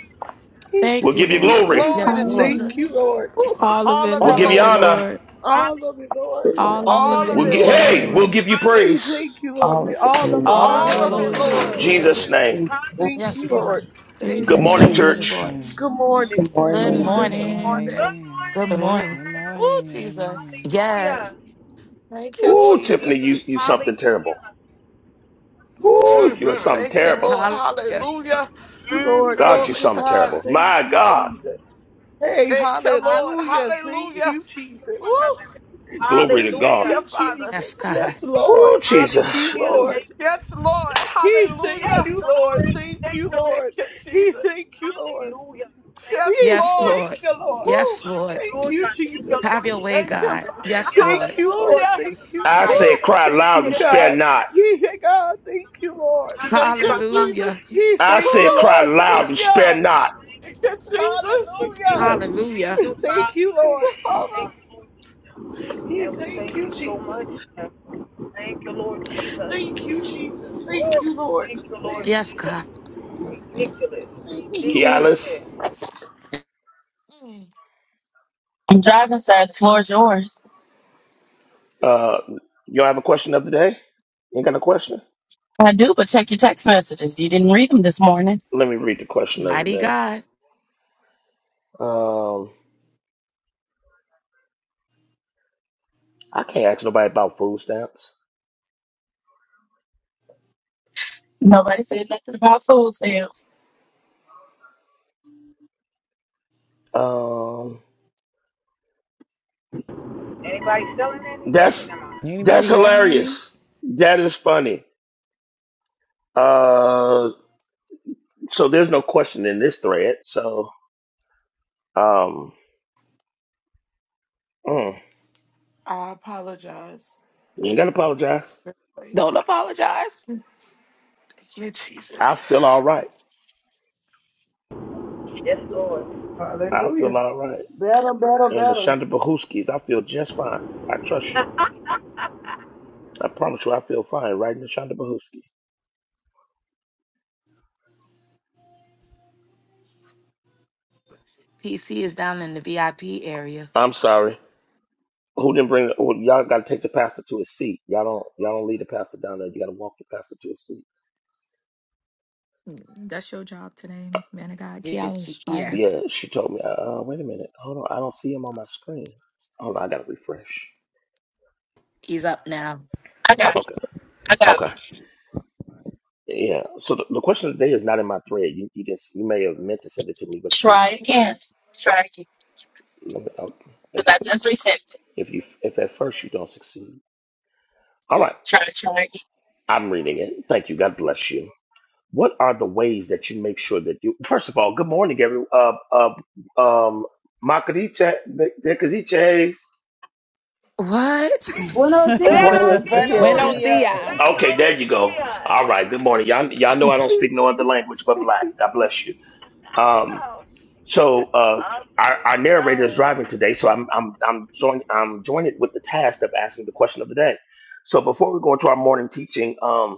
S5: He
S4: Thank
S3: We'll
S4: you,
S5: Thank
S3: give you
S5: you,
S4: Lord.
S3: glory.
S2: Glory
S4: Yes,
S2: to
S5: Jesus.
S4: Lord.
S5: Thank
S7: Hallelujah.
S5: you,
S2: Jesus.
S5: Lord.
S4: Ooh.
S7: All of
S2: All
S7: it,
S2: of
S3: We'll
S2: it,
S4: All
S7: Lord,
S3: give
S4: of
S3: you
S7: of
S4: it,
S7: it,
S2: Lord.
S3: honor.
S4: Lord.
S7: Lord.
S5: All of it, Lord.
S9: all-
S7: All of
S4: All
S7: it,
S4: of
S2: All of
S4: it,
S3: We'll
S2: it,
S3: gi-
S4: Lord.
S7: Lord, good
S2: Lord.
S3: hey, we'll
S12: Lord,
S7: Lord.
S3: give you
S5: He
S3: praise.
S5: Thank you, Lord.
S14: all
S5: We
S14: of
S5: all of it,
S14: it.
S4: All
S9: all
S4: of
S7: All
S2: All
S4: it,
S12: all
S2: of
S7: of
S12: of
S2: it,
S12: you,
S4: Lord.
S7: it,
S12: Lord
S2: Lord.
S7: Lord.
S5: Lord.
S4: Hallelujah.
S3: Jesus'
S10: Yes.
S12: Jesus.
S3: name.
S9: things are
S5: Thank
S4: Yes,
S5: you,
S4: Lord.
S5: Lord.
S9: good.
S2: Thank you,
S3: Good
S14: And
S12: In
S3: morning,
S4: And
S9: Thank
S4: yes,
S7: Amen.
S12: Jesus'
S3: church.
S2: Jesus.
S4: Lord.
S12: name.
S5: Good morning.
S14: good
S9: you,
S7: Good
S4: Good
S9: man.
S5: Thank
S14: morning.
S5: you,
S12: Good
S4: morning.
S12: morning,
S7: morning.
S2: Oh,
S12: amen.
S4: Good
S8: Good
S4: morning.
S8: morning.
S12: Good morning,
S2: Jesus.
S12: amen.
S4: Yes.
S2: Thank you,
S3: Ooh, Tiffany, you
S2: Jesus.
S3: you something terrible.
S2: Oh,
S3: Ooh, you are
S2: Jesus.
S3: something
S2: Thank
S15: Mhm.
S2: you,
S3: terrible.
S2: Lord.
S4: Hallelujah.
S2: Hallelujah.
S5: Lord.
S3: God, you
S15: Mhm.
S5: Thank
S2: Glory
S5: you,
S3: something
S2: to
S5: God.
S2: God.
S3: terrible.
S5: Thank
S3: My
S5: you,
S3: God.
S5: Jesus. Hey,
S2: Thank you, Lord.
S5: hallelujah. Thank
S2: Hallelujah.
S5: you,
S2: Woo.
S5: Jesus.
S3: Glory to
S5: Thank
S2: Thank
S3: God.
S2: you,
S5: you,
S2: Father.
S5: Jesus.
S4: Yes, God.
S5: Yes, Lord.
S3: Oh,
S5: Thank
S3: Jesus.
S5: you, Lord.
S2: Yes, Lord.
S5: He thank
S2: Hallelujah.
S5: you, Lord. Thank you,
S2: Thank
S5: Lord.
S2: you,
S5: He
S2: Jesus.
S5: thank you, Lord.
S2: Yes,
S5: He
S4: Yes,
S2: Lord.
S4: Lord.
S5: thank you, Lord.
S2: Woo.
S4: Yes, Lord.
S5: Thank you, Jesus.
S4: Have your way,
S2: Thank you.
S4: God.
S2: Father.
S4: Yes,
S5: Thank
S4: Lord.
S5: you, Lord.
S2: Hallelujah.
S5: Thank you,
S9: Thank
S3: I
S5: Jesus.
S3: said,
S2: Woo.
S3: cry
S5: Thank
S3: loud
S5: you,
S3: and spare
S5: God.
S3: not.
S5: He, hey, God, thank you, Lord.
S2: Thank you, Jesus.
S4: Hallelujah.
S5: He,
S3: I
S5: thank you,
S3: said,
S2: Woo.
S3: cry
S5: Lord. Thank
S3: loud and spare
S5: you.
S3: not.
S2: Thank you, Jesus.
S5: Hallelujah.
S4: Hallelujah.
S5: Thank you, Lord.
S2: Father.
S5: He thank you, Jesus. Thank you,
S9: you,
S5: Jesus.
S9: Lord.
S5: Thank you, Lord.
S4: Yes, God.
S5: Thank you, Lord.
S2: Yes.
S3: Kialis,
S2: Mm.
S3: uh, y'all have a question of the day? Ain't got a question? Let me read the question of the
S4: Mighty
S3: day.
S4: God.
S3: Um, I can't ask nobody about food stamps. Um, that's
S12: Anybody
S3: that's
S12: got any?
S3: hilarious. That is funny. Uh, so there's no question in this thread. So um, mm,
S2: I apologize.
S3: you
S2: I
S3: ain't gotta
S2: didn't
S3: apologize.
S2: recognize.
S4: Don't apologize.
S2: Thank you,
S3: I
S2: Jesus.
S3: feel all right. I feel all right.
S6: Better, better,
S3: And the
S6: better.
S3: Shonda Bahuskis, I feel just fine. I trust you. I promise you, I feel fine. Right, in the Shonda Bahuski.
S4: PC is down in the VIP area.
S3: I'm sorry. Who didn't bring? Well, y'all got to take the pastor to his seat. Y'all don't. Y'all don't lead the pastor down there. You got to walk the pastor to his seat.
S7: That's your job today, man of God.
S4: Yeah,
S7: Kiala's
S4: he- yeah,
S7: driving.
S3: Yeah, she told me. Uh, uh, wait a minute. Hold on. I don't see him on my screen. Hold on. I got to refresh.
S4: he's up now.
S3: Okay. Okay. Yeah. So the, the question today is not in my thread. You you didn't. You may have meant to send it to me, but you didn't send it to me. Let me- I'll- If you, if you if at first you don't succeed. All right. I'm reading it. Thank you. God bless you. What are the ways that you make sure that you? First of all, good morning, everyone. Uh, uh, um, Makadiche, Dekaziches.
S4: What?
S6: Buenos dias.
S9: Buenos
S4: Buenos
S9: dias.
S7: Buenos dias.
S4: dias.
S3: Okay, there you go. All right. Good morning, y'all. Y'all know I don't speak no other language but black. God bless you. Um, So uh, our, our narrator is driving today, so I'm I'm I'm joined I'm joined with the task of asking the question of the day. So before we go into our morning teaching, um,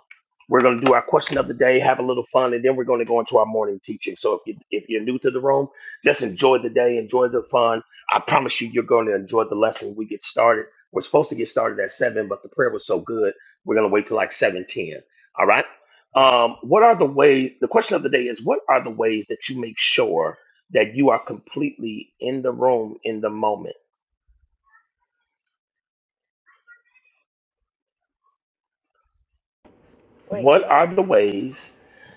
S3: we're going to do our question of the day, have a little fun, and then we're going to go into our morning teaching. So if you if you're new to the room, just enjoy the day, enjoy the fun. I promise you, you're going to enjoy the lesson. We get started. We're supposed to get started at seven, but the prayer was so good, we're going to wait till like seven ten. All right. Um, what are the ways? The question of the day is: What are the ways that you make sure? that you are completely in the room in the moment.
S15: Wait,
S3: What are
S15: what?
S3: the ways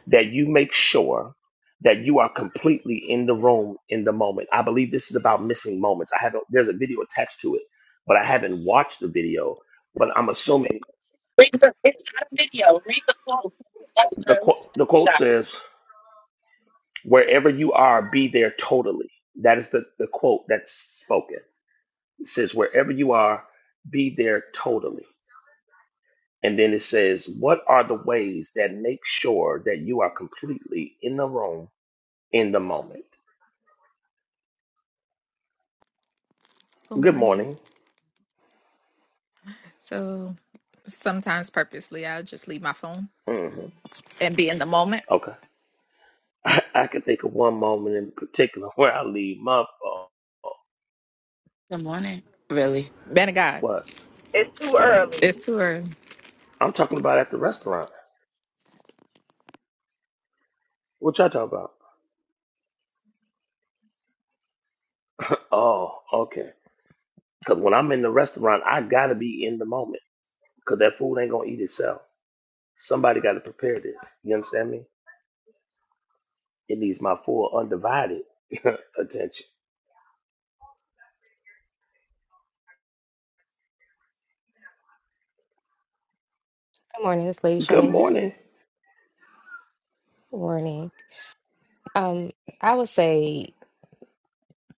S3: that you make sure that you are completely in the room in the moment? I believe this is about missing moments. I haven't, there's a video attached to it, but I haven't watched the video. But I'm assuming the, qu- the quote says, wherever you are, be there totally. That is the, the quote that's spoken. It says, wherever you are, be there totally And then it says, What are the ways that make sure that you are completely in the room in the moment?
S7: Good
S3: Good
S7: morning.
S3: morning.
S7: So sometimes purposely I'll just leave my phone
S3: hmm
S7: and be in the moment.
S3: Okay. I, can think of one moment in particular where I leave my phone.
S4: Good morning. Really?
S7: Man of God,
S3: What? What?
S7: it's too early.
S3: I'm talking about at the restaurant. What y'all talking about? Oh, okay. Because when I'm in the restaurant, I got to be in the moment because that food ain't going to eat itself. Somebody got to prepare this. You understand me? It needs my full, undivided attention.
S8: Good morning. It's Lady
S3: Good
S8: Shanice.
S3: morning.
S8: Good morning. Um, I would say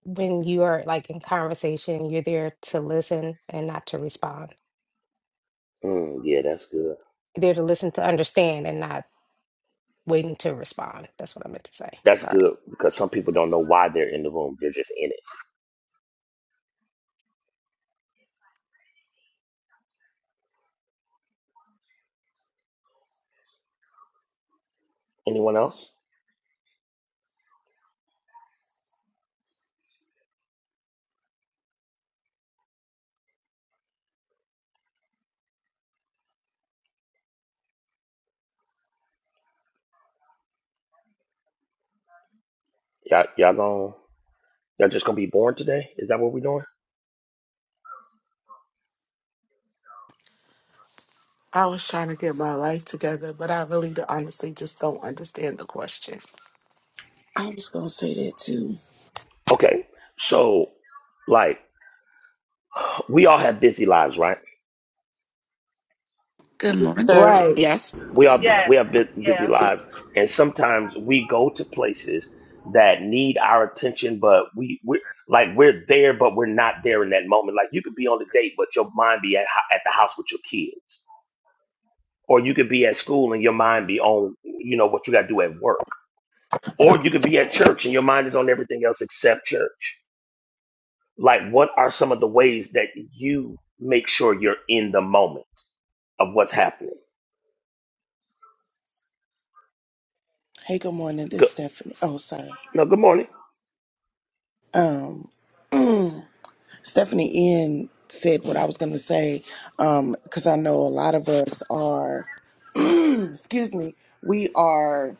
S8: when you are like in conversation, you're there to listen and not to respond.
S3: Mm, yeah, that's good.
S8: You're there to listen to understand and not waiting to respond. That's what I meant to say.
S3: That's
S8: Sorry.
S3: good because some people don't know why they're in the room. They're just in it. Anyone else? Y'all, y'all going y'all just gonna be born today? Is that what we're doing?
S2: I was trying to get my life together, but I really do- honestly just don't understand the question.
S5: I was gonna say that too.
S3: Okay. So, like, we all have busy lives, right?
S4: Good morning.
S5: Sir,
S3: Yeah.
S6: Right.
S4: Yes,
S3: We all we have bu- busy lives, and sometimes we go to places that need our attention, but we we like we're there, but we're not there in that moment. Like you could be on the date, but your mind be at ho- at the house with your kids, or you could be at school and your mind be on you know what you got to do at work Or you could be at church and your mind is on everything else except church. Like, what are some of the ways that you make sure you're in the moment of what's happening?
S14: Hey, good morning. This
S3: Good.
S14: is Stephanie. Oh, sorry.
S3: No, good morning.
S14: Um, mm, Stephanie N said what I was gonna say. Um, because I know a lot of us are. excuse me. We are.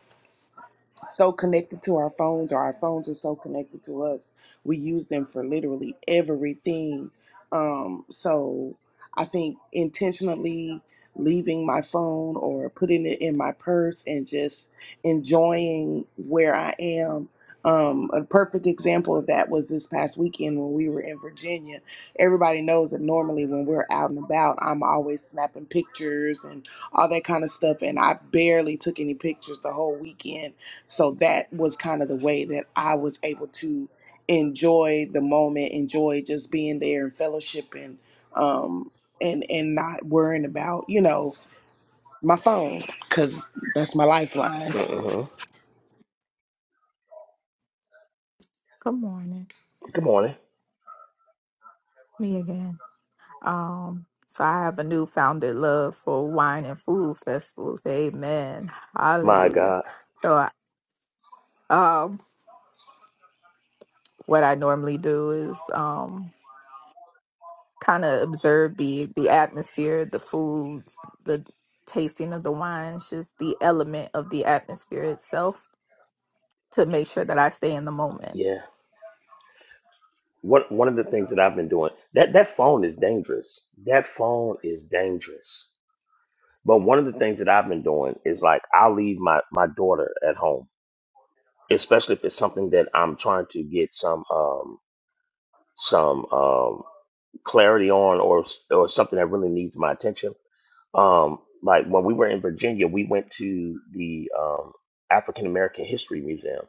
S14: so connected to our phones or our phones are so connected to us we use them for literally everything um so i think intentionally leaving my phone or putting it in my purse and just enjoying where i am um, a perfect example of that was this past weekend when we were in Virginia. Everybody knows that normally when we're out and about, I'm always snapping pictures and all that kind of stuff. And I barely took any pictures the whole weekend so that was kind of the way that I was able to enjoy the moment, enjoy just being there and fellowship and um and and not worrying about you know my phone because that's my lifeline.
S3: hmm
S7: Good morning.
S3: Good morning.
S7: Me again. Um, so I have a new founded love for wine and food festivals. Amen.
S3: My
S7: Hallelujah.
S3: God.
S7: So I, um what I normally do is um, kind of observe the the atmosphere, the foods, the tasting of the wines, just the element of the atmosphere itself to make sure that I stay in the moment.
S3: Yeah. What, one of the things that I've been doing, that, that phone is dangerous. That phone is dangerous. But one of the things that I've been doing is like, I'll leave my, my daughter at home, especially if it's something that I'm trying to get some, um, some, um. clarity on or or something that really needs my attention. Um, like when we were in Virginia, we went to the um, African American History Museum,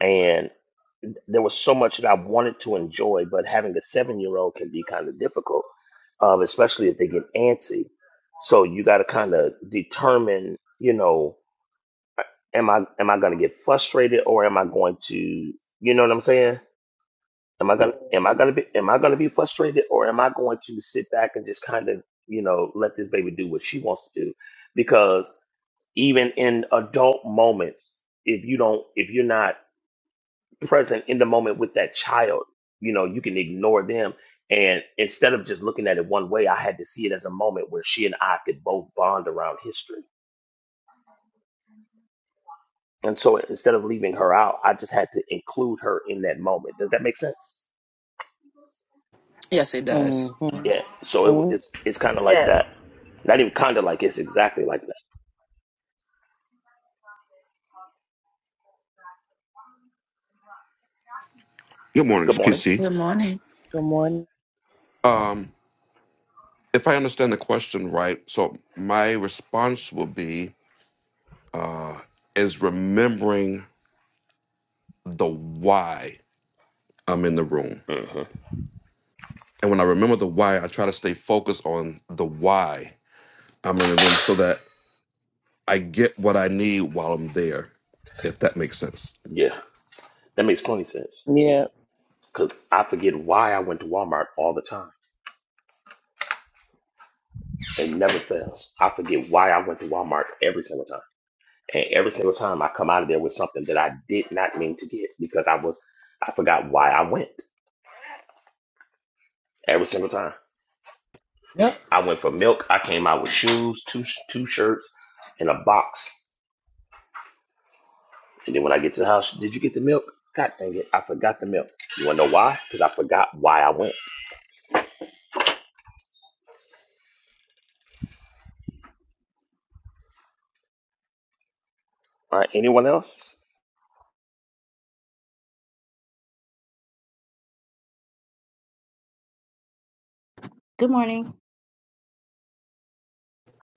S3: and there was so much that I wanted to enjoy, but having a seven year old can be kind of difficult, um, especially if they get antsy. So you got to kind of determine, you know, am I am I going to get frustrated or am I going to, you know what I'm saying? Am I gonna am I gonna be am I gonna be frustrated or am I going to sit back and just kind of you know let this baby do what she wants to do? Because even in adult moments, if you don't if you're not present in the moment with that child, you know you can ignore them. And instead of just looking at it one way, I had to see it as a moment where she and I could both bond around history. And so instead of leaving her out, I just had to include her in that moment. Does that make sense?
S4: yes, it does.
S14: Mm-hmm.
S3: Yeah, so it, w-
S14: Good
S3: it's it's kind of like that. Not even kind of like it's exactly like that.
S16: Good morning,
S3: Good
S16: it's
S3: morning.
S16: PC.
S4: Good morning.
S14: morning.
S16: Um, if I understand the question right, so my response will be uh, is remembering the why I'm in the room.
S3: hmm
S16: And when I remember the why, I try to stay focused on the why I'm in the room so that I get what I need while I'm there, if that makes sense.
S3: Yeah, that makes plenty sense.
S14: Yeah.
S3: Cause I forget why I went to Walmart all the time. It never fails. I forget why I went to Walmart every single time, and every single time I come out of there with something that I did not mean to get because I was I forgot why I went every single time.
S14: Yep.
S3: I went for milk. I came out with shoes, two two shirts, and a box And then when I get to the house, did you get the milk? God dang it, I forgot the milk. You wanna know why? Because I forgot why I went. All right, anyone else?
S11: Good morning.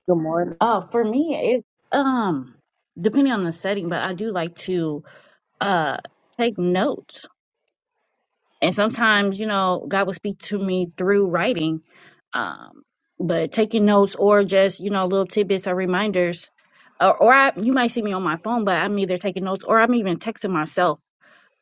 S14: Good morning.
S11: Uh, for me, it um depending on the setting, but I do like to. uh take notes and sometimes you know god will speak to me through writing um but taking notes or just you know little tidbits or reminders or, or I, you might see me on my phone but i'm either taking notes or i'm even texting myself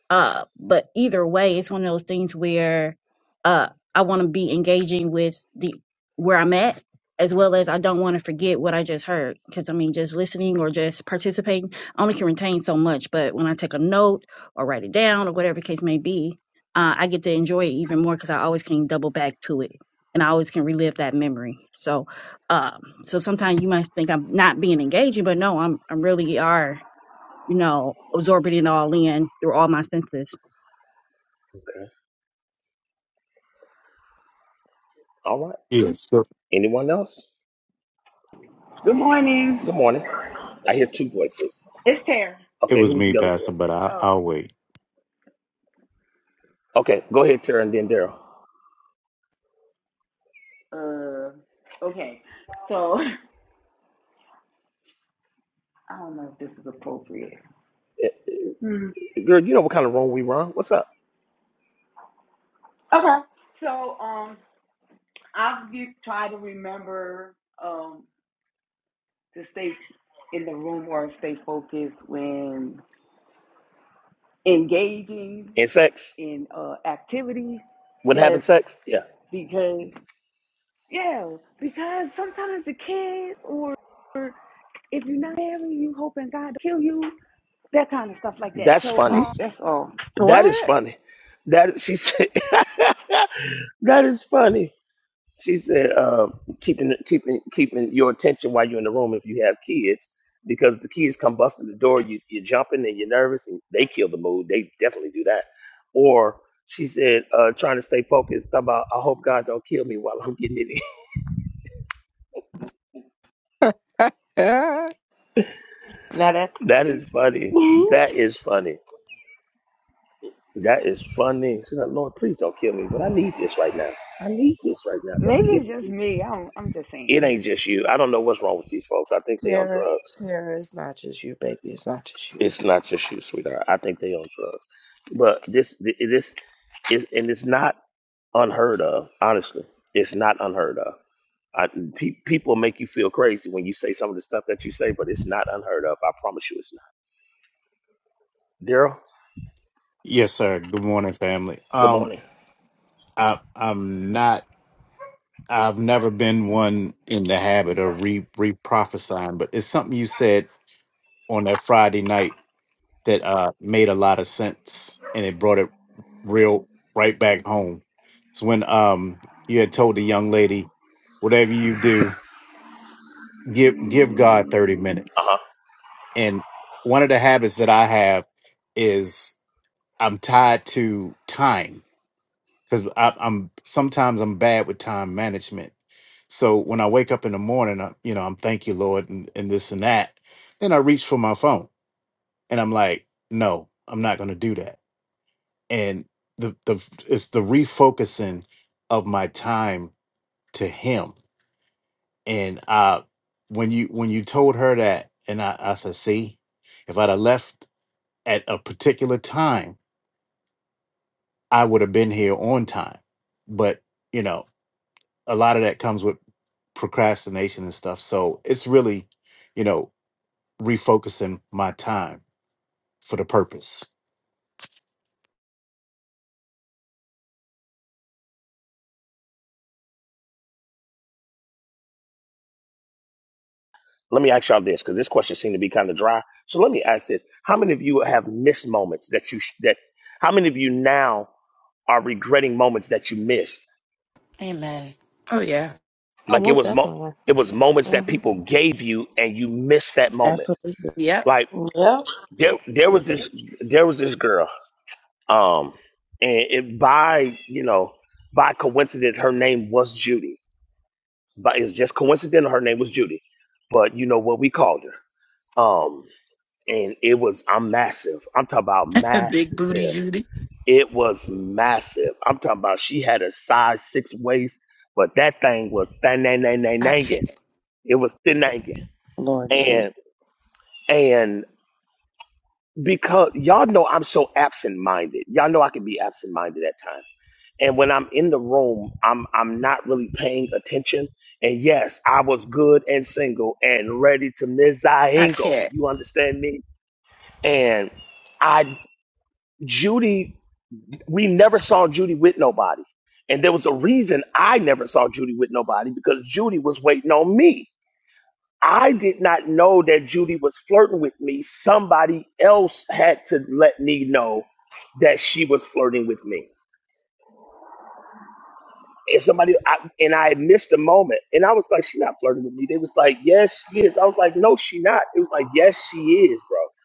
S11: uh, but either way, it's one of those things where uh, I want to be engaging with the where I'm at, as well as I don't want to forget what I just heard. Because I mean, just listening or just participating I only can retain so much. But when I take a note or write it down or whatever the case may be, uh, I get to enjoy it even more because I always can double back to it and I always can relive that memory. So, um, so sometimes you might think I'm not being engaging, but no, I'm I really are you know, absorbing it all in through all my senses.
S3: Okay. All right.
S10: Yes. So
S3: Anyone else? Good morning. I hear two voices.
S15: It's Tara.
S10: it
S3: Okay,
S10: was
S3: who's
S10: me,
S3: the other
S10: Pastor, but
S3: voice?
S10: I,
S15: Oh,
S10: I'll wait.
S3: Okay, go ahead, Tara, and then Daryl.
S15: Uh, okay. So I don't know if this is appropriate.
S3: Eh,
S15: Mhm.
S3: eh, Girl, you know what kind of wrong we run. What's up?
S15: Okay. So um, I've been to remember um to stay in the room or stay focused when engaging
S3: And sex?
S15: in uh activities.
S3: When
S15: Yes,
S3: having sex? Yeah.
S15: because yeah, because sometimes the kids or If you're not married, you hoping God to kill you, that kind of stuff like that.
S3: That's
S15: So
S7: Mm,
S15: um,
S3: funny.
S15: that's all.
S3: That is
S7: What?
S3: funny. That she said. that is funny. She said, uh, keeping keeping keeping your attention while you're in the room if you have kids, because the kids come busting the door, you you're jumping and you're nervous, and they kill the mood. They definitely do that. Or she said, uh, trying to stay focused. talking About I hope God don't kill me while I'm getting it in. that is funny. That is funny. That is funny. She said, Lord, please don't kill me, but I need this right now. I need this right now. Don't
S15: Maybe
S3: kill me.
S15: it's just me. I'm I'm just
S3: It
S15: saying.
S3: ain't just you. I don't know what's wrong with these folks. I think they on
S5: Tara,
S3: drugs.
S5: Tara, it's not just you, baby. It's not just you.
S3: It's not just you, sweetheart. I think they on drugs. But this, th- this is, and it's not unheard of. Honestly, it's not unheard of. I, pe- people make you feel crazy when you say some of the stuff that you say, but it's not unheard of. I promise you, it's not. Daryl,
S10: Yes, sir. Good morning, family.
S3: good
S10: Um,
S3: morning.
S10: I, I'm not. I've never been one in the habit of re re prophesying, but it's something you said on that Friday night that uh, made a lot of sense, and it brought it real right back home. It's when um you had told the young lady, whatever you do, give give God thirty
S3: Uh huh.
S10: minutes. And one of the habits that I have is I'm tied to time because I'm sometimes I'm bad with time management. So when I wake up in the morning, I, you know, I'm thank you Lord and, and this and that. Then I reach for my phone and I'm like, no, I'm not going to do that and the the it's the refocusing of my time to him and uh when you when you told her that and i i said see if i'd have left at a particular time i would have been here on time but you know a lot of that comes with procrastination and stuff so it's really you know refocusing my time for the purpose
S3: Let me ask y'all this, because this question seemed to be kind of dry. So let me ask this: How many of you have missed moments that you sh- that? How many of you now are regretting moments that you missed?
S4: Amen. Oh yeah.
S8: Oh,
S3: Like it
S8: most
S3: was mo-
S8: definitely.
S3: it was moments that
S8: hmm
S3: people gave you and you missed that moment.
S14: Absolutely.
S4: Yep,
S3: Like
S5: Yep.
S3: there there was this there was this girl. Um and it by you know, by coincidence her name was Judy. But it's just coincidental her name was Judy. But you know what we called her. Um and it was I'm massive. I'm talking about
S4: big booty
S3: massive.
S4: Judy.
S3: It was massive. I'm talking about she had a size six waist, but that thing was thang, nang, nang, nang,
S4: I can't.
S3: nangin'. It was thin nangin'.
S14: Lord Jesus.
S3: And And because y'all know I'm so absent minded. Y'all know I can be absent minded at times. And when I'm in the room, I'm I'm not really paying attention. And yes, I was good and single and ready to
S4: I
S3: mizahingle.
S4: can't.
S3: You understand me? And I Judy, we never saw Judy with nobody. And there was a reason I never saw Judy with nobody because Judy was waiting on me. I did not know that Judy was flirting with me. Somebody else had to let me know that she was flirting with me. And somebody I, and I had missed the moment, and I was like, "She not flirting with me." They was like, "Yes, she is." I was like, "No, she not." It was like, "Yes, she is, bro."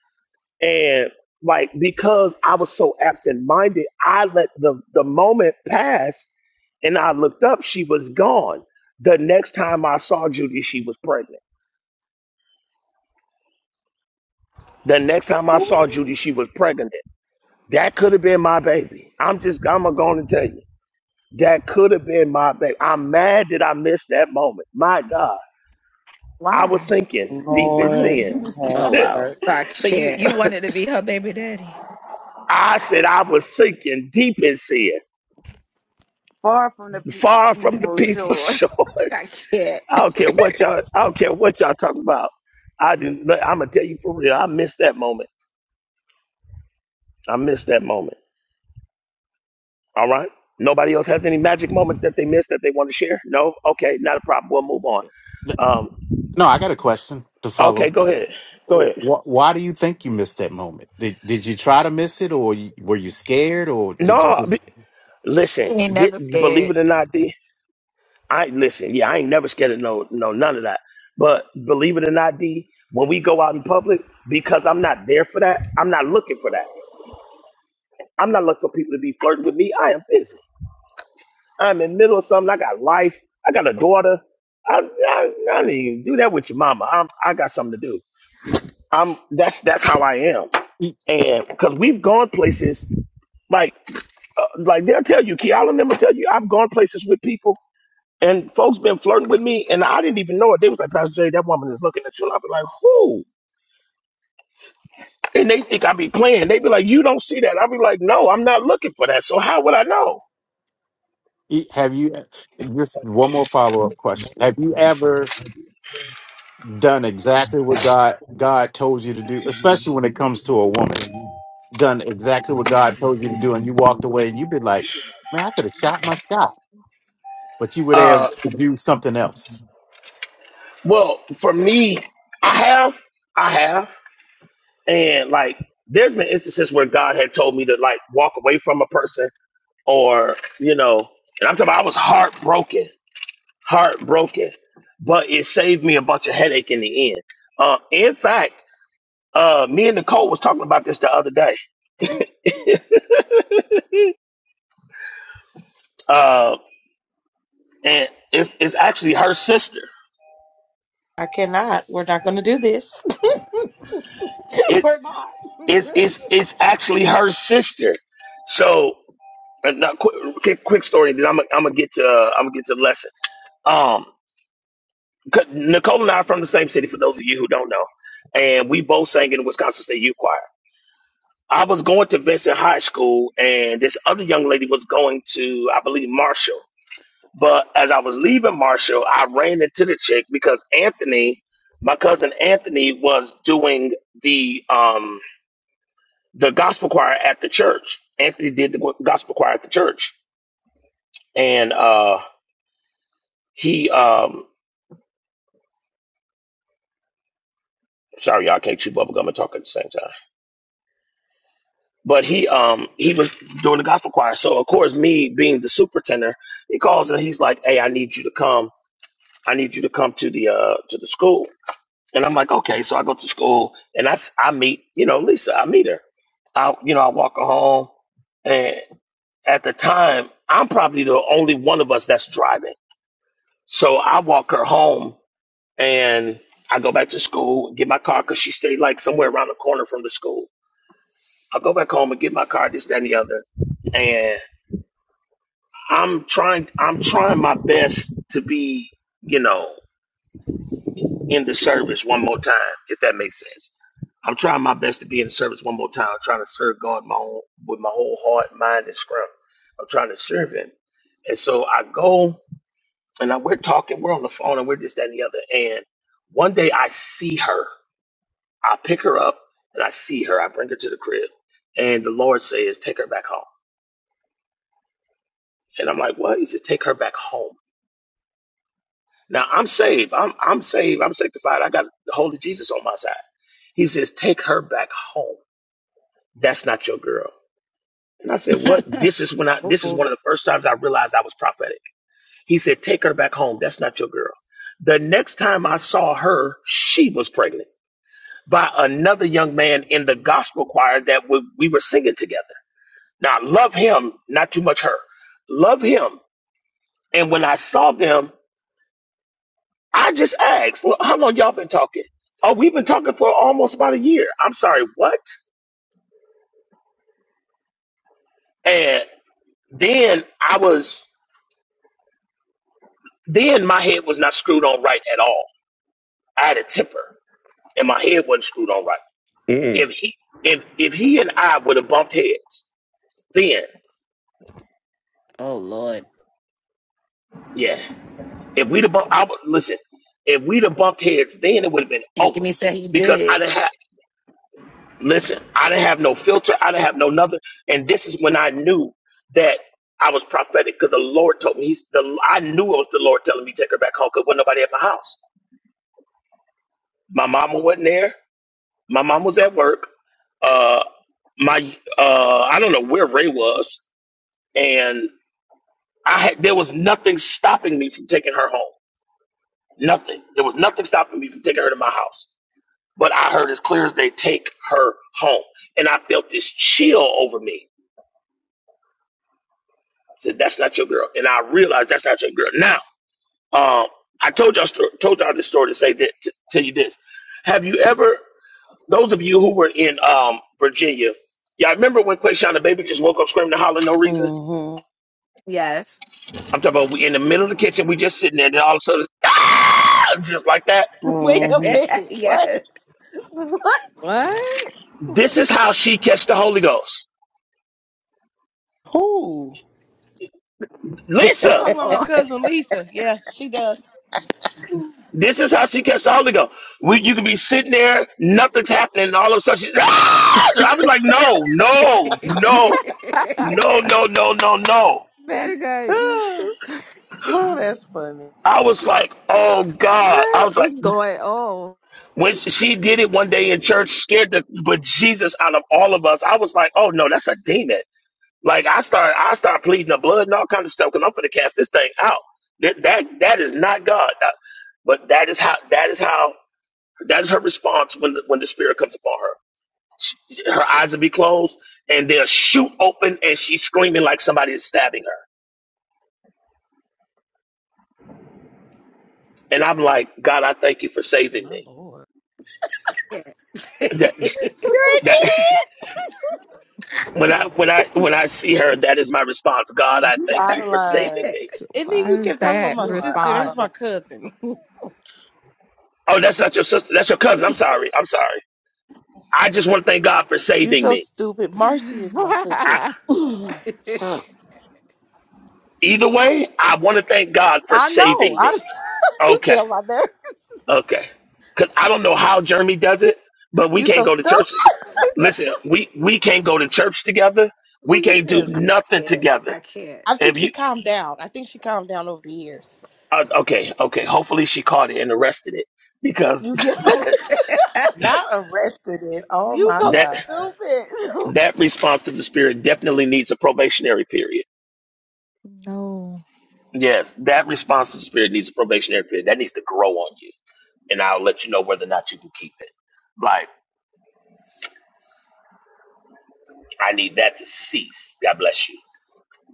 S3: And like because I was so absent-minded, I let the the moment pass, and I looked up. She was gone. The next time I saw Judy, she was pregnant. The next time I saw
S7: Ooh,
S3: Judy, she was pregnant. That could have been my baby. I'm just, I'm going to tell you. That could have been my baby. I'm mad that I missed that moment. My God. I was
S7: Why?
S3: sinking deep in
S14: Lord
S3: sin.
S14: have
S4: Oh wow.
S14: mercy.
S4: I
S7: So you
S4: can't.
S7: you wanted to be her baby daddy?
S3: I said I was sinking deep in sin,
S15: Far from the p-
S3: far
S15: he's
S3: from the
S15: for
S3: peaceful
S15: sure.
S4: I
S3: shores. I don't care
S4: can't.
S3: what y'all, I don't care what y'all talking about. I do, I'm going to tell you for real. I missed that moment. I missed that moment. All right. Nobody else has any magic moments that they missed that they want to share? No? Okay. Not a problem. We'll move on.
S10: Th-
S3: Um,
S10: no i got a question to
S3: Okay,
S10: follow
S3: go ahead. Go ahead.
S10: Wh- Why do you think you missed that moment? Did did you try to miss it, or you, were you scared, or did you
S3: No, be,
S10: just
S3: listen.
S7: You ain't
S3: Di,
S7: never
S3: believe
S7: scared.
S3: it or not, D. I listen. Yeah, I ain't never scared of no, no, none of that. But believe it or not, D. When we go out in public, because I'm not there for that, I'm not looking for that. I'm not looking for people to be flirting with me. I am busy. I'm in the middle of something. I got life. I got a daughter. I, I, I didn't even do that with your mama. I'm, I got something to do. I'm that's that's how I am,
S10: e-
S3: and because we've gone places like uh, like they'll tell you, Key, I'll remember tell you, I've gone places with people and folks been flirting with me, and I didn't even know it. They was like, Pastor Jay, that woman is looking at you. And I'll be like, who? And they think I be playing. They be like, you don't see that. I'll be like, no, I'm not looking for that. So how would I know?
S10: e- have you? Just one more follow up question: Have you ever done exactly what God God told you to do, especially when it comes to a woman? Done exactly what God told you to do, and you walked away, and you have been like, "Man, I could have shot myself." but you would have
S3: Uh,
S10: to do something else.
S3: well, for me, I have, I have, and like, there's been instances where God had told me to like walk away from a person or you know, and I'm talking about I was heartbroken, heartbroken, but it saved me a bunch of headache in the end. Uh, in fact, uh, me and Nicole was talking about this the other day, uh, and it's it's actually her sister.
S5: I cannot. We're not gonna do this.
S3: It
S5: We're not.
S3: is it's, it's it's actually her sister. So, uh, now, quick, quick quick story. Then I'm gonna- I'm gonna get to uh, I'm gonna get to the lesson. Um, 'cause Nicole and I are from the same city. For those of you who don't know, and we both sang in the Wisconsin State Youth Choir. I was going to Vincent High School, and this other young lady was going to, I believe, Marshall. But as I was leaving Marshall, I ran into the chick because Anthony, my cousin Anthony, was doing the um the gospel choir at the church. Anthony did the gospel choir at the church, and uh he um sorry y'all I can't chew bubble gum and talk at the same time. But he um he was doing the gospel choir, so of course me being the superintendent, he calls and he's like, "Hey, I need you to come." I need you to come to the uh to the school. And I'm like, okay. So I go to school and I, s- I meet, you know, Lisa, I meet her. I you know, I walk her home and at the time I'm probably the only one of us that's driving. So I walk her home and I go back to school, get my car because she stayed like somewhere around the corner from the school. I go back home and get my car, this, that, and the other. And I'm trying I'm trying my best to be, you know. in the service one more time, if that makes sense. I'm trying my best to be in the service one more time. I'm trying to serve God my own, with my whole heart, mind, and strength. I'm trying to serve Him. And so I go and I, we're talking, we're on the phone and we're this, that, and the other. And one day I see her. I pick her up and I see her. I bring her to the crib. And the Lord says, take her back home. And I'm like, what? He says, take her back home. Now I'm saved. I'm, I'm saved. I'm sanctified. I got the Holy Jesus on my side. He says, take her back home. that's not your girl. And I said, what? This is when I, this is one
S4: Uh-oh.
S3: of the first times I realized I was prophetic. He said, take her back home. That's not your girl. The next time I saw her, she was pregnant by another young man in the gospel choir that we, we were singing together. Now, I love him, not too much her. Love him. And when I saw them, I just asked, well, how long y'all been talking? Oh, we've been talking for almost about a year. I'm sorry, what? And then I was Then my head was not screwed on right at all. I had a temper, and my head wasn't screwed on right.
S16: Mm.
S3: If he if if he and I would have bumped heads, then
S4: oh Lord.
S3: yeah, if we'd have bumped, I would listen. If we'd have bumped heads, then it would have been over
S4: Anthony said he
S3: because I
S4: did.
S3: didn't have listen. I didn't have no filter. I didn't have no nothing. And this is when I knew that I was prophetic because the Lord told me. He's the I knew it was the Lord telling me to take her back home because wasn't nobody at my house. My mama wasn't there. My mom was at work. Uh, my uh, I don't know where Ray was, and I had there was nothing stopping me from taking her home. Nothing. There was nothing stopping me from taking her to my house. But I heard as clear as day, take her home, and I felt this chill over me. I said, "That's not your girl," and I realized that's not your girl. Now, um, I told y'all sto- told y'all this story to say that to tell you this. Have you ever? Those of you who were in um Virginia, yeah, I remember when Quayshawn the baby just woke up screaming and hollering no reason.
S14: Mm-hmm.
S4: Yes.
S3: I'm talking about we in the middle of the kitchen, we just sitting there, and then all of a sudden, ah! just like that.
S5: Wait a
S14: Mm-hmm.
S5: minute. What?
S4: yes.
S5: What?
S7: What?
S3: This is how she catch the Holy Ghost,
S14: Ooh.
S5: You
S3: Lisa.
S5: talking about my
S4: Oh.
S5: cousin Lisa? Yeah, she does.
S3: This is how she catch the Holy Ghost. We, you could be sitting there, nothing's happening, and all of a sudden, she's, ah! I was like, no, no, no, no, no, no, no, no.
S7: Better guy, you
S14: oh,
S7: stupid.
S14: that's funny.
S3: I was like, oh God. I
S7: what
S3: was like.
S7: is going on?
S3: When she did it one day in church, scared the but Jesus out of all of us. I was like, oh no, that's a demon. Like I start, I start pleading the blood and all kind of stuff because I'm going to cast this thing out. That that that is not God. Uh, But that is how that is how that is her response when the, when the spirit comes upon her. She, her eyes will be closed and they'll shoot open and she's screaming like somebody is stabbing her. And I'm like, God, I thank you for saving
S14: My
S3: me.
S14: Lord.
S4: can't.
S3: That
S4: I
S5: You're an idiot.
S3: that. When I when I when I see her, that is my response. God, I
S14: You
S3: thank
S14: out
S3: you
S14: of
S3: for
S14: line.
S3: saving
S4: can't.
S3: me.
S5: And then
S7: Why
S5: you
S7: is
S5: kept talking about
S7: that
S5: my
S14: You are
S5: sister.
S14: out of
S5: That's
S7: response?
S14: line.
S5: my cousin.
S3: Oh, that's not your sister. That's your cousin. I'm sorry. I'm sorry. I just want to thank God for
S5: You
S3: saving
S5: so
S3: me.
S5: stupid. Marcy is
S7: no.
S5: my
S3: I,
S5: sister. I
S3: either way, I want to thank God for
S5: know.
S3: saving me.
S5: I you get
S3: Okay,
S5: on my nerves.
S3: okay. Cause I don't know how Jeremy does it, but we
S5: You
S3: can't
S5: so
S3: go to
S5: stupid.
S3: church. Listen, we we can't go to church together.
S5: Who
S3: We
S5: you
S3: can't do
S5: telling?
S3: nothing
S4: can't.
S3: together.
S4: I can't.
S5: I
S3: If
S5: think she
S3: you
S5: calmed down. I think she calmed down over the years.
S3: uh, okay, okay. Hopefully she caught it and arrested it because
S5: You get on,
S14: Not arrested it. Oh
S5: you
S14: my
S5: go
S3: that.
S14: God.
S5: stupid.
S3: That response to the Spirit definitely needs a probationary period. Yes, that response to the Spirit needs a probationary period. That needs to grow on you. And I'll let you know whether or not you can keep it. Like, I need that to cease. God bless you.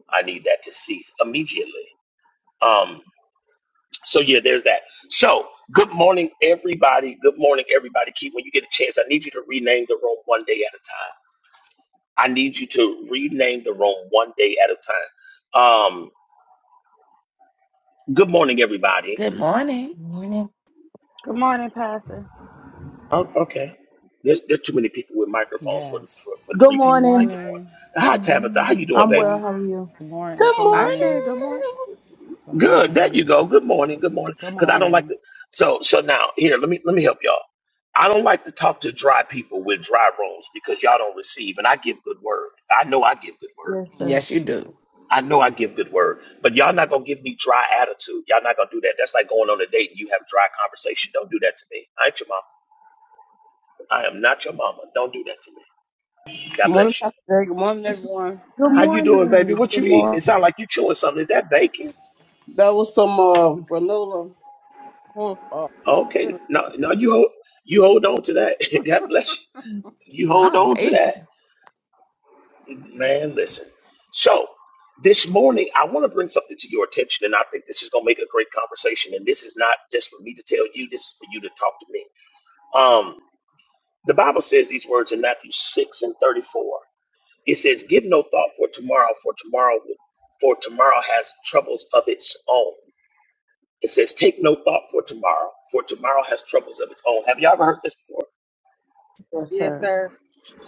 S3: I need that to cease immediately. Um, so yeah, there's that. So good morning, everybody. Good morning, everybody. Keep when you get a chance, I need you to rename the room one day at a time. I need you to rename the room one day at a time. Um, good morning, everybody.
S4: Good morning.
S8: Morning.
S15: Good morning, Pastor.
S3: Oh,
S13: Hallelujah.
S3: okay. There's, there's too many people with microphones for,
S12: Yes.
S3: for for
S6: Good
S3: three
S12: Good
S3: people to say
S6: morning.
S3: good morning.
S12: morning.
S3: Hi
S7: Good
S3: Tabitha, how
S7: morning.
S3: you doing,
S12: Good
S6: I'm
S3: baby?
S6: well.
S12: morning.
S6: How are you?
S12: Good morning.
S5: Good
S12: Good
S7: I said
S12: morning.
S7: good
S5: morning.
S7: morning.
S12: Good
S3: Good. There you
S12: morning.
S3: go. Good morning. Good morning.
S12: Good
S3: Because I don't like
S12: morning.
S3: to. So so now here, let me let me help y'all. I don't like to talk to dry people with dry rooms because y'all don't receive, and I give good word. I know I give good word.
S6: Yes, sir.
S4: Yes, you do.
S3: I know I give good word, but y'all not gonna give me dry attitude. Y'all not gonna do that. That's like going on a date and you have dry conversation. Don't do that to me. I ain't your mama. I am not your mama. Don't do that to me. God
S9: Good morning,
S3: bless you.
S9: Pastor Jay. Good morning, everyone.
S6: Good
S3: How you
S7: Oh, no.
S3: doing, baby?
S6: morning.
S3: What
S14: Good
S3: you eating?
S14: morning,
S3: It sounds like you chewing something. Is that bacon?
S9: That was some uh, granola corn uh,
S3: Okay.
S9: cereal.
S3: No, no, you hold you hold on to that. God bless you. You hold
S7: Not
S3: on to that.
S7: baking.
S3: Man, listen. So this morning I want to bring something to your attention, and I think this is gonna make a great conversation. And this is not just for me to tell you, this is for you to talk to me. Um, the Bible says these words in Matthew 6 and 34. It says, Give no thought for tomorrow, for tomorrow will- for tomorrow has troubles of its own. It says, "Take no thought for tomorrow, for tomorrow has troubles of its own." Have you ever heard this before?
S13: Yes,
S14: sir.
S13: sir.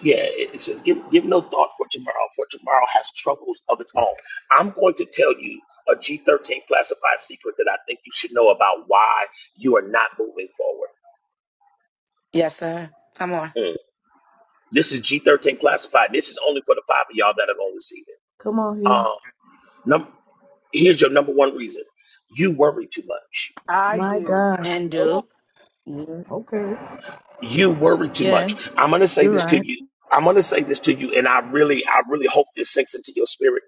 S3: Yeah, it it says, "Give give no thought for tomorrow, for tomorrow has troubles of its own." I'm going to tell you a G13 classified secret that I think you should know about why you are not moving forward.
S4: Yes, sir. Come on.
S3: Mm. This is G13 classified. This is only for the five of y'all that are going to receive it.
S6: Come on here.
S3: Um, num- here's your number one reason: you worry too much.
S15: I
S6: My
S15: do.
S6: God.
S4: And
S9: Oh,
S4: do.
S14: Yes,
S9: okay.
S3: you worry too much.
S7: Yes.
S3: I'm going to say
S7: You're
S3: this to
S7: right.
S3: you. I'm going to say this to you, and I really, I really hope this sinks into your spirit.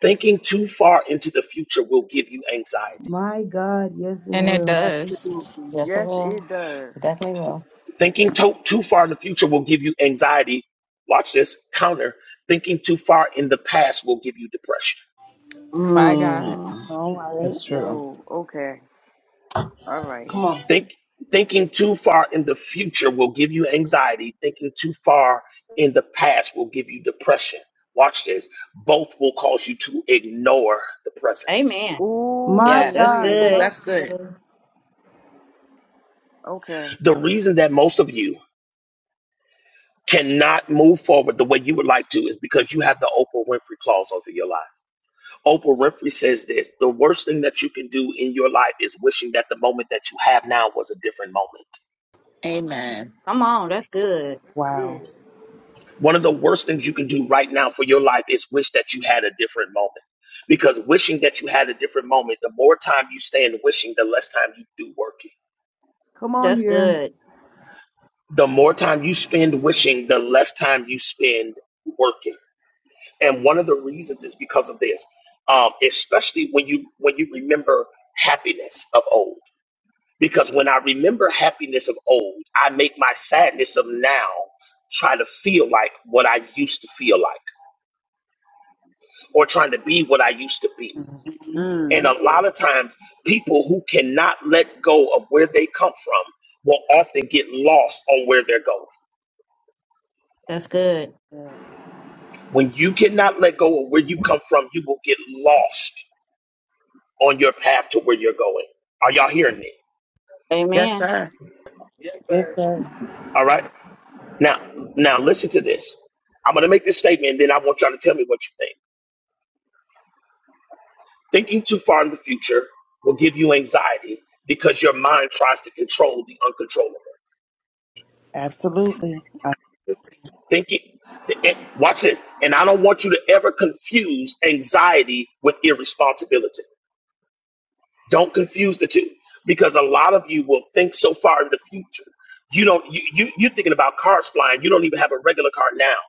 S3: Thinking too far into the future will give you anxiety.
S6: My God. Yes, it
S7: And it
S6: will.
S7: does.
S14: absolutely.
S8: Yes, it
S15: Yes,
S8: will.
S15: it does.
S8: Definitely will.
S3: Thinking to- too far in the future will give you anxiety. Watch this counter. Thinking too far in the past will give you depression.
S7: By God.
S9: Mm,
S14: All right.
S9: that's true.
S15: Yo, okay. All right.
S9: Come on.
S3: Think, thinking too far in the future will give you anxiety. Thinking too far in the past will give you depression. Watch this. Both will cause you to ignore the present.
S11: Amen.
S6: My
S15: Ooh,
S11: That's
S4: Yes.
S6: God.
S4: Oh,
S15: we.
S11: good.
S6: Help
S4: that's good.
S6: today.
S15: Okay.
S3: The reason that most of you cannot move forward the way you would like to is because you have the Oprah Winfrey clause over your life. Oprah Winfrey says this the worst thing that you can do in your life is wishing that the moment that you have now was a different moment.
S4: Amen.
S11: Come on, that's
S13: Ooh,
S11: good.
S13: that's
S14: Wow.
S13: good.
S3: One of the worst things you can do right now for your life is wish that you had a different moment. Because wishing that you had a different moment, the more time you spend wishing, the less time you do working.
S6: Come on
S11: That's
S6: here.
S11: good.
S3: The more time you spend wishing, the less time you spend working and one of the reasons is because of this um, especially when you when you remember happiness of old because when i remember happiness of old i make my sadness of now try to feel like what i used to feel like or trying to be what i used to be
S14: Mhm.
S15: Mm,
S3: and a lot of times people who cannot let go of where they come from will often get lost on where they're going
S11: That's good.
S14: Good.
S3: when you cannot let go of where you come from you will get lost on your path to where you're going are y'all hearing me
S4: Yes,
S11: Amen.
S4: sir.
S13: Yes,
S14: Yes,
S13: sir.
S14: sir.
S3: All right. Now, now listen to this. I'm going to make this statement, and then I want y'all to tell me what you think. Thinking too far in the future will give you anxiety because your mind tries to control the uncontrollable.
S14: Absolutely. I-
S3: Thinking, th- eh, watch this. And I don't want you to ever confuse anxiety with irresponsibility. Don't confuse the two because a lot of you will think so far in the future. You don't, you, you, you're thinking about cars flying. You don't even have a regular car now.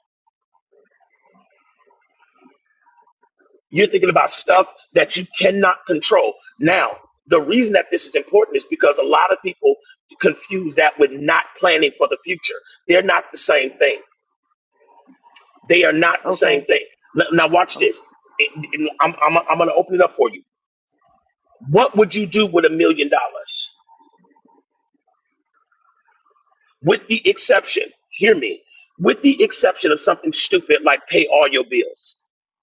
S3: You're thinking about stuff that you cannot control. Now, the reason that this is important is because a lot of people confuse that with not planning for the future. They're not the same thing. They are not the same
S15: okay.
S3: thing. N- Now, watch
S15: Okay.
S3: this. It- it- I'm, I'm, I'm going to open it up for you. What would you do with a million dollars? With the exception, hear me, with the exception of something stupid like pay all your bills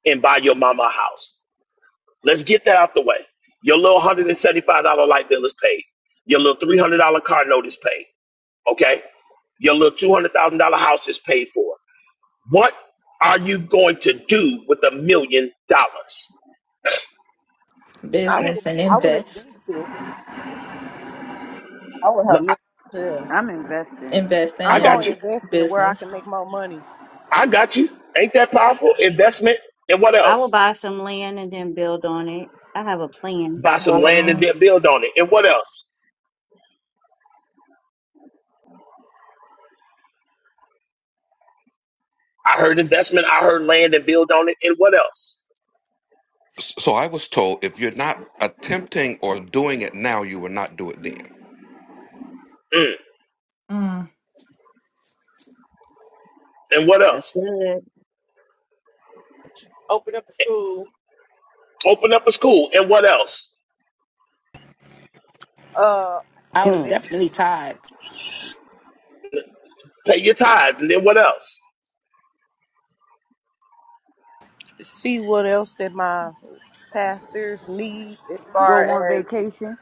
S3: and buy your mama a house. Let's get that out the way. Your little $175 light bill is paid. Your little $300 car note is paid. Okay? Your little $200,000 house is paid for. What are you going to do with a million dollars?
S5: I
S7: Business
S5: would
S7: and
S5: I would
S7: invest,
S5: invest it.
S9: I would
S3: No,
S9: have
S3: I
S9: milk. Yeah.
S15: I'm investing.
S7: invest
S3: I
S7: in
S5: I'm
S3: got
S5: gonna
S7: and
S3: you.
S5: invest it where I
S7: business.
S5: can make more money.
S3: I got you. Ain't that powerful? Investment and what
S11: I will
S3: else?
S11: buy some land and then build on it. I have a plan.
S3: Buy some
S7: Those
S3: land
S7: are
S13: Hallelujah.
S3: and
S7: on it.
S3: then build on it. And what else? I heard investment. I heard land and build on it. And what else?
S16: So I was told if you're not attempting or doing it now, you will not do it then.
S3: Mm. And what
S11: That's
S3: else?
S11: good.
S13: Open up the
S3: Eh,
S13: school.
S3: Open up a school. And what else?
S5: Uh
S4: I would
S14: hmm.
S5: invest
S4: definitely tithe.
S3: Pay your tithe, and then what else?
S5: see what else that my pastors need as far
S15: Go on
S5: as
S15: vacation?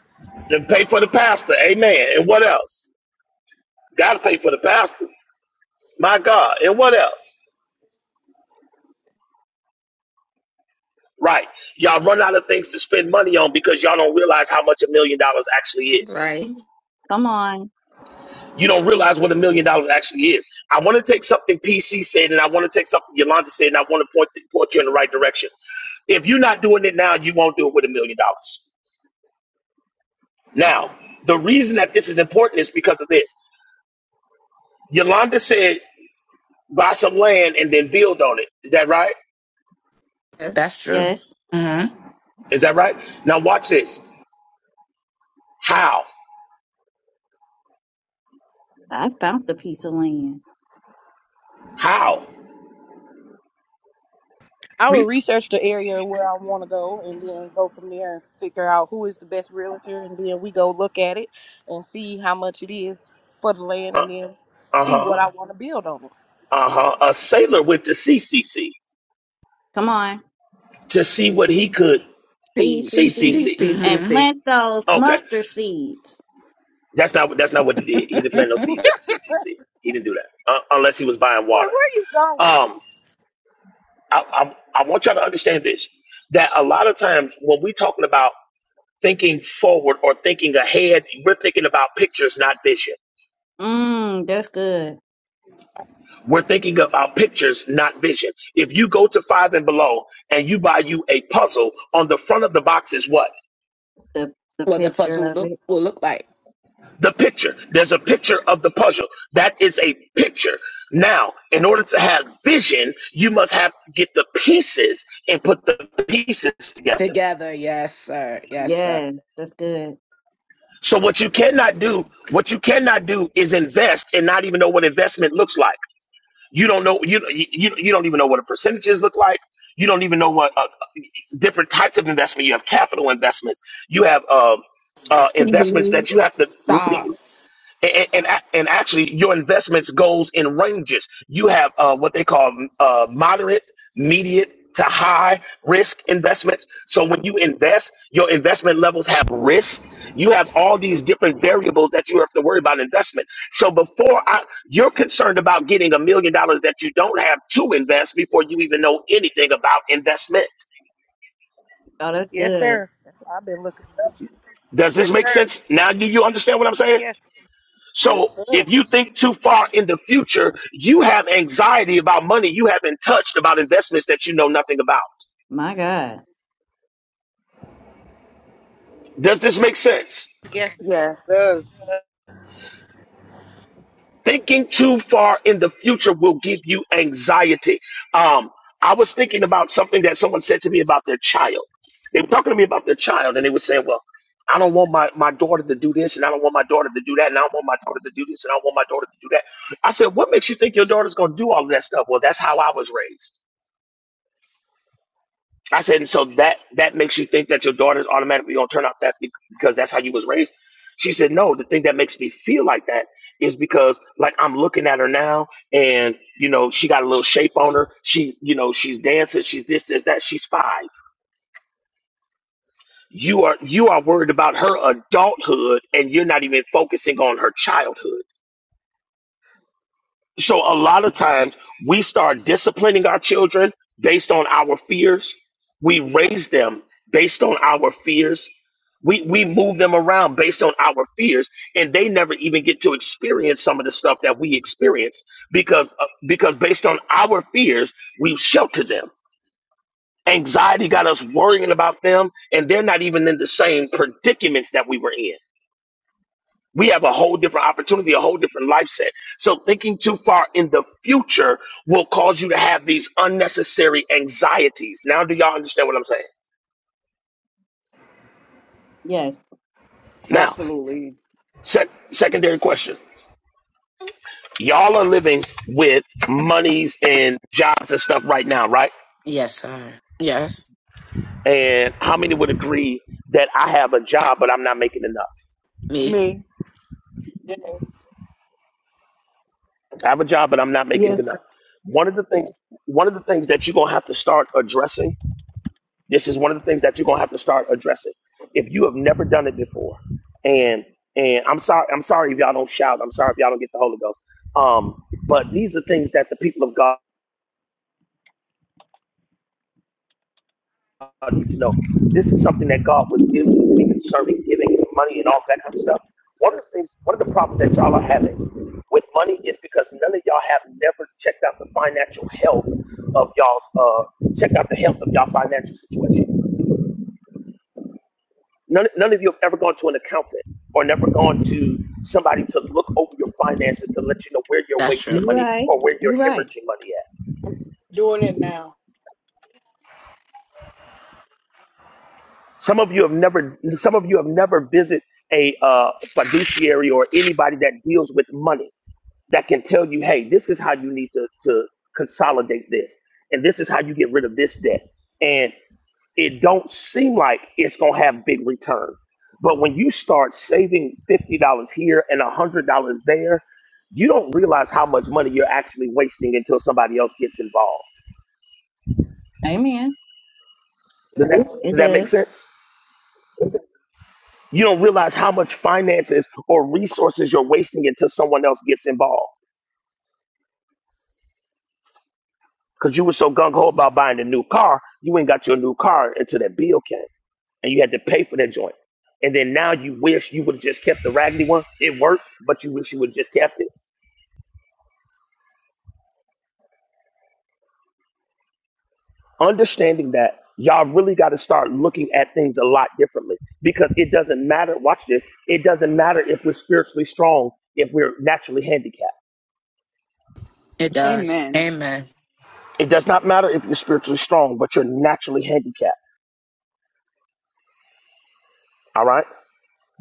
S3: Then pay for the pastor. Amen. And what else? Gotta pay for the pastor. My God. And what else? Right. Y'all run out of things to spend money on because y'all don't realize how much a million dollars actually is.
S7: Right.
S11: Come on.
S3: You don't realize what a million dollars actually is. I want to take something PC said, and I want to take something Yolanda said, and I want to point, point you in the right direction. If you're not doing it now, you won't do it with a million dollars. Now, the reason that this is important is because of this. Yolanda said buy some land and then build on it. Is that right?
S7: Yes.
S4: That's true.
S11: Yes,
S4: Mm-hmm.
S3: Is that right? Now watch this. How?
S11: I found the piece of land.
S3: How?
S5: I would
S4: Receive,
S5: research the area where I want to go and then go from there and figure out who is the best realtor. And then we go look at it and see how much it is for the land and
S3: Uh
S5: then see what
S3: huh.
S5: I want to build on it.
S3: Uh huh. A sailor went to CCC
S11: Come on.
S3: to see what he could.
S11: See,
S4: see.
S11: see,
S4: see,
S11: see.
S4: see.
S7: See,
S3: CCC.
S7: see, see,
S11: And
S4: Mm-hmm.
S7: see.
S11: plant those
S3: Okay,
S11: mustard seeds.
S3: that's not that's not what he did. He didn't plant no seeds at the CCC. He didn't do that uh, unless he was buying
S5: Boy, where
S3: water.
S5: are you going?
S3: Um, I, I I want y'all to understand this. That a lot of times when we're talking about thinking forward or thinking ahead, we're thinking about pictures, not vision
S11: Mmm, that's good.
S3: We're thinking about pictures, not vision. If you go to five and below and you buy you a puzzle, on the front of the box is what?
S11: The the
S4: What the
S11: picture
S4: puzzle
S11: of
S4: look
S11: it.
S4: will look like.
S3: The picture. There's a picture of the puzzle. That is a picture. Now, in order to have vision, you must have to get the pieces and put the pieces together.
S4: Together. Yes, sir. Yes, sir.
S11: Yeah, that's good.
S3: So what you cannot do, what you cannot do is invest and not even know what investment looks like. You don't know you you you don't even know what the percentages look like. You don't even know what uh, different types of investment. You have capital investments. You have um, uh, investments
S7: See,
S3: that you have
S7: Stop.
S3: to and and, a- and actually your investments goes in ranges you have uh, what they call uh, moderate mediate to high risk investments so when you invest your investment levels have risk you have all these different variables that you have to worry about investment so before I, you're concerned about getting a million dollars that you don't have to invest before you even know anything about investment
S11: Oh, that's
S5: Yes,
S11: good.
S5: sir. That's why I've been looking it up.
S3: does
S5: Yes,
S3: this make
S5: sir.
S3: sense now do you understand what i'm saying
S5: Yes.
S3: So
S9: Yes, sir.
S3: if you think too far in the future, you have anxiety about money you haven't touched, about investments that you know nothing about.
S11: My God.
S3: Does this make sense?
S15: Yes,
S9: Yes.
S3: Thinking too far in the future will give you anxiety. Um, I was thinking about something that someone said to me about their child. They were talking to me about their child, and they were saying, "Well, I don't want my, my daughter to do this, and I don't want my daughter to do that, and I don't want my daughter to do this, and I don't want my daughter to do that." I said, "What makes you think your daughter's going to do all of that stuff?" Well, that's how I was raised. I said, and so that that makes you think that your daughter's automatically gonna turn out that be- because that's how you was raised. She said, no, the thing that makes me feel like that is because like I'm looking at her now, and you know she got a little shape on her. She, you know, she's dancing. She's this, this, that. She's five. You are you are worried about her adulthood, and you're not even focusing on her childhood. So a lot of times we start disciplining our children based on our fears. We raise them based on our fears. We we move them around based on our fears, and they never even get to experience some of the stuff that we experience because uh, because based on our fears, we shelter them. Anxiety got us worrying about them, and they're not even in the same predicaments that we were in we have a whole different opportunity, a whole different life set. So thinking too far in the future will cause you to have these unnecessary anxieties. Now, do y'all understand what I'm saying?
S11: Yes.
S3: Now,
S15: absolutely.
S3: sec- secondary question. Y'all are living with monies and jobs and stuff right now, right?
S4: Yes, sir. Yes.
S3: And how many would agree that I have a job, but I'm not making enough?
S4: Me.
S15: Me.
S13: Yes.
S3: I have a job, but I'm not making
S6: Yes,
S3: enough.
S6: sir.
S3: One of the things, one of the things that you're gonna have to start addressing This is one of the things that you're gonna have to start addressing. If you have never done it before, and and I'm sorry, I'm sorry if y'all don't shout. I'm sorry if y'all don't get the Holy Ghost. Um, but these are things that the people of God need to know. This is something that God was dealing with me concerning giving and money and all that kind of stuff. One of the things, one of the problems that y'all are having with money is because none of y'all have never checked out the financial health of y'all's. Uh, checked out the health of y'all financial situation. None, none of you have ever gone to an accountant or never gone to somebody to look over your finances to let you know where you're
S4: That's true.
S3: wasting
S11: You
S3: money
S11: right.
S3: or where you're
S11: You right.
S3: hemorrhaging money at.
S13: I'm doing it now.
S3: Some of you have never, some of you have never visited a uh, fiduciary or anybody that deals with money that can tell you, hey, this is how you need to, to consolidate this, and this is how you get rid of this debt. and it don't seem like it's gonna have big return. But when you start saving fifty dollars here and one hundred dollars there, you don't realize how much money you're actually wasting until somebody else gets involved.
S11: Amen.
S13: Yes,
S3: Does that
S13: sir.
S11: It
S3: does that
S11: does.
S3: make sense? You don't realize how much finances or resources you're wasting until someone else gets involved. Because you were so gung ho about buying a new car, you ain't got your new car until that bill came, and you had to pay for that joint. And then now you wish you would have just kept the raggedy one. It worked, but you wish you would have just kept it understanding that y'all really got to start looking at things a lot differently because it doesn't matter. Watch this. It doesn't matter if we're spiritually strong if we're naturally handicapped.
S4: It does.
S15: Amen.
S4: Amen.
S3: It does not matter if you're spiritually strong, but you're naturally handicapped. All right.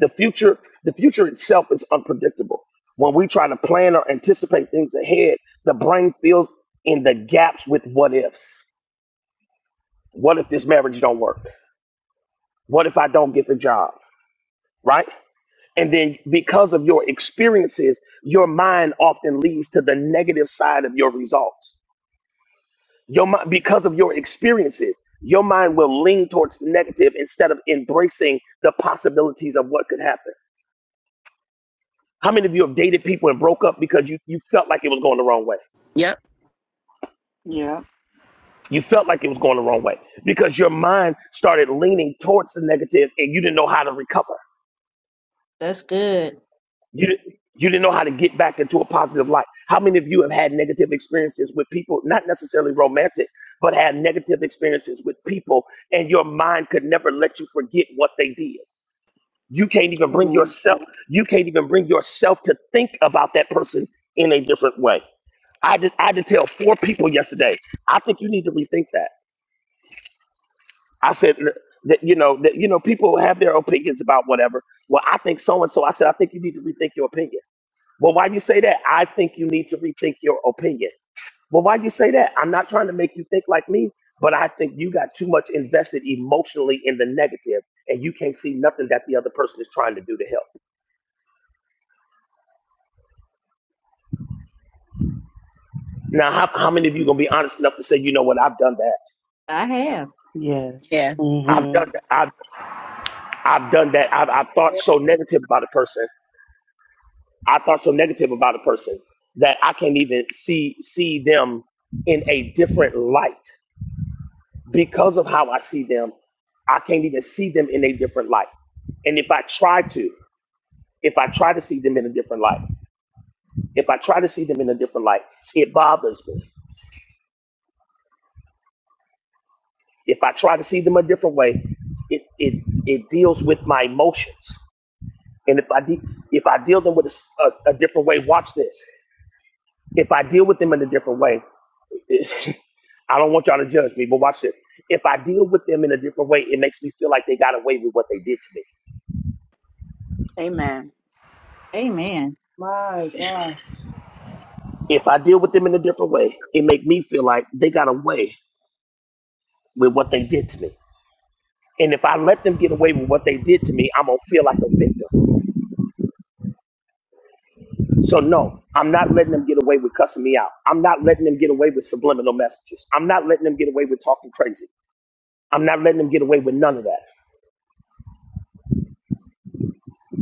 S3: The future, the future itself is unpredictable. When we try to plan or anticipate things ahead, the brain fills in the gaps with what ifs. What if this marriage don't work? What if I don't get the job? Right? And then because of your experiences, your mind often leads to the negative side of your results. Your mind, because of your experiences, your mind will lean towards the negative instead of embracing the possibilities of what could happen. How many of you have dated people and broke up because you, you felt like it was going the wrong way?
S4: Yep.
S15: Yeah.
S3: You felt like it was going the wrong way because your mind started leaning towards the negative and you didn't know how to recover.
S11: That's good.
S3: You di- you didn't know how to get back into a positive light. How many of you have had negative experiences with people, not necessarily romantic, but had negative experiences with people, and your mind could never let you forget what they did. You can't even bring
S15: Amen.
S3: yourself. You can't even bring yourself to think about that person in a different way. I did. I did tell four people yesterday. I think you need to rethink that. I said "Look, that you know that you know people have their opinions about whatever. Well, I think so and so. I said I think you need to rethink your opinion well, why do you say that? I think you need to rethink your opinion. Well, why do you say that? I'm not trying to make you think like me, but I think you got too much invested emotionally in the negative, and you can't see nothing that the other person is trying to do to help. Now, how, how many of you gonna be honest enough to say, you know what, I've done that.
S11: I have.
S14: Yes.
S4: Yeah.
S3: I've done
S14: Mhm.
S3: that. I've I've done that. I've I've thought
S6: Yes,
S3: so
S6: sir.
S3: negative about a person. I thought so negative about a person that I can't even see see them in a different light. because of how I see them, I can't even see them in a different light. And if I try to, if I try to see them in a different light, if I try to see them in a different light, it bothers me. If I try to see them a different way, it it, it deals with my emotions. And if I de- if I deal them with a, s- a- a different way, watch this. If I deal with them in a different way, I don't want y'all to judge me, but watch this. If I deal with them in a different way, it makes me feel like they got away with what they did to me.
S15: Amen.
S11: Amen.
S6: My God.
S3: If I deal with them in a different way, it make me feel like they got away with what they did to me. And if I let them get away with what they did to me, I'm gonna feel like a victim. So no, I'm not letting them get away with cussing me out. I'm not letting them get away with subliminal messages. I'm not letting them get away with talking crazy. I'm not letting them get away with none of that.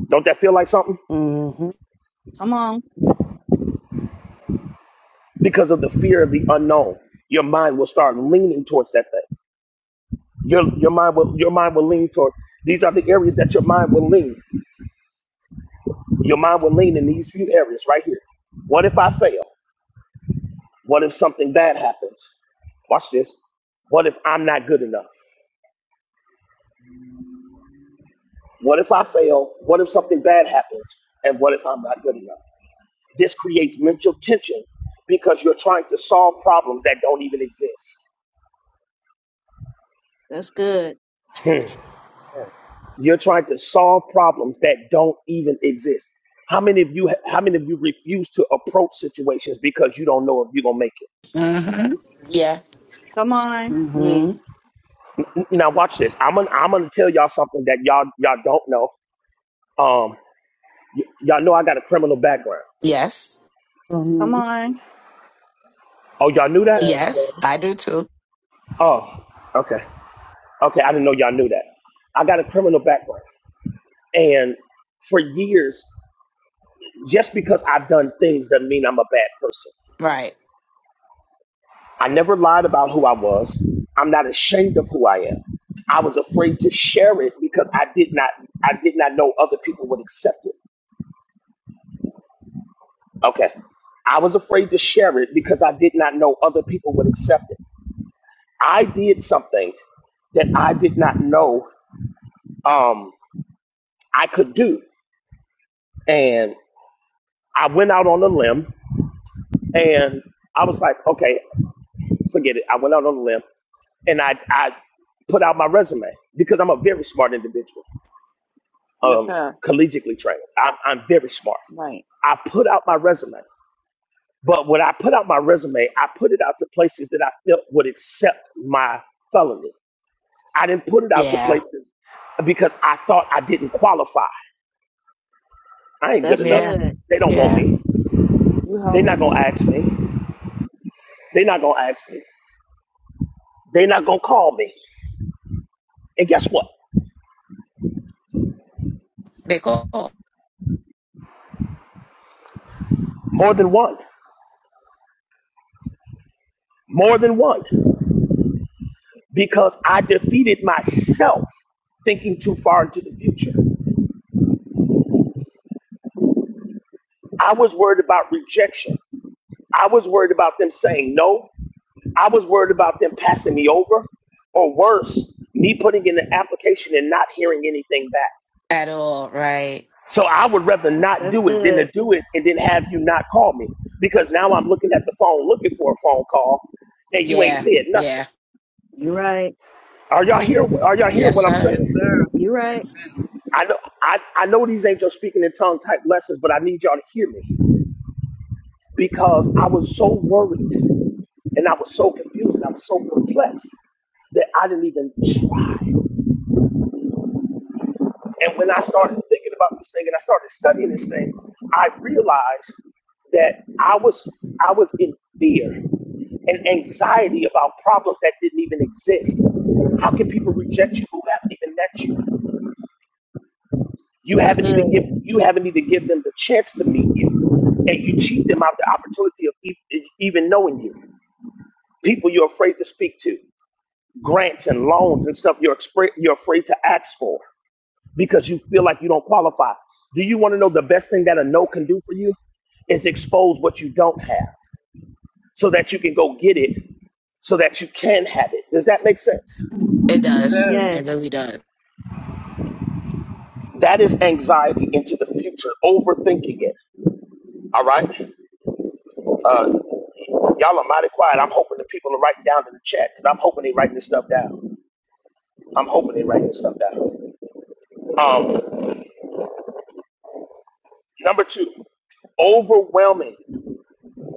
S3: Don't that feel like something?
S14: Mhm.
S11: Come on.
S3: Because of the fear of the unknown, your mind will start leaning towards that thing. Your your mind will your mind will lean toward these are the areas that your mind will lean. Your mind will lean in these few areas right here. What if I fail? What if something bad happens? Watch this. What if I'm not good enough? What if I fail? What if something bad happens? And what if I'm not good enough? This creates mental tension because you're trying to solve problems that don't even exist.
S11: That's good.
S3: Hmm.
S9: Yes.
S3: You're trying to solve problems that don't even exist. How many of you how many of you refuse to approach situations because you don't know if you're gonna make
S4: Mm-hmm. Yeah.
S11: Come on.
S15: Me.
S14: Mhm.
S3: it? Now watch this. I'm gonna I'm gonna tell y'all something that y'all y'all don't know. Um, y- y'all know I got a criminal background.
S4: Yes.
S11: Come
S14: Mhm.
S11: on.
S3: Oh, y'all knew that?
S9: Yes,
S4: Yes. I do too.
S3: Oh, okay. Okay, I didn't know y'all knew that. I got a criminal background. And for years, just because I've done things doesn't mean I'm a bad person.
S4: Right.
S3: I never lied about who I was. I'm not ashamed of who I am. I was afraid to share it because I did not I did not know other people would accept it. Okay. I was afraid to share it because I did not know other people would accept it. I did something that I did not know um, I could do. And I went out on a limb and I was like, okay, forget it. I went out on a limb and I, I put out my resume because I'm a very smart individual,
S15: Yes,
S3: um,
S15: sir.
S3: collegiately trained. I'm, I'm very smart.
S15: Right.
S3: I put out my resume. But when I put out my resume, I put it out to places that I felt would accept my felony. I didn't put it out to
S4: Yeah.
S3: places because I thought I didn't qualify. I ain't good
S11: That's
S3: enough.
S4: Yeah.
S11: good.
S3: They don't want
S4: Yeah.
S3: me.
S15: You
S3: They're not
S15: helping
S3: going to
S15: me.
S3: ask me. They're not gonna ask me. They're not gonna call me. And guess what?
S4: They call
S3: More than one. More than one. Because I defeated myself thinking too far into the future. I was worried about rejection. I was worried about them saying no. I was worried about them passing me over. Or worse, me putting in an application and not hearing anything back.
S4: at all. Right.
S3: So I would rather not
S11: That's
S3: do it than to
S11: good.
S3: do it and then have you not call me. Because now I'm looking at the phone looking for a phone call and you ain't
S4: Yeah.
S3: said nothing.
S4: Yeah.
S11: you are right.
S3: Are y'all here? Are y'all hearing
S4: Yes,
S3: what I'm
S9: yes
S4: sir.
S3: saying?
S9: sir.
S11: you are
S9: Makes
S11: right.
S9: sense.
S3: I know I, I know these ain't your speaking in tongue type lessons, but I need y'all to hear me because I was so worried and I was so confused and I was so perplexed that I didn't even try. And when I started thinking about this thing and I started studying this thing, I realized that I was I was in fear and anxiety about problems that didn't even exist. How can people reject you who haven't even met you? You
S11: That's
S3: haven't even
S11: good.
S3: given you haven't even given them the chance to meet you, and you cheat them out the opportunity of e- even knowing you. People you're afraid to speak to, grants and loans and stuff you're expra- you're afraid to ask for because you feel like you don't qualify. Do you want to know the best thing that a no can do for you? Is expose what you don't have so that you can go get it so that you can have it. Does that make sense?
S4: It
S9: Yes, sir.
S4: does.
S11: Yes.
S4: It really does.
S3: That is anxiety into the future, overthinking it. All right. Uh, Y'all are mighty quiet. I'm hoping the people are writing down in the chat because I'm hoping they writing this stuff down. I'm hoping they writing this stuff down. Um, number two, overwhelming.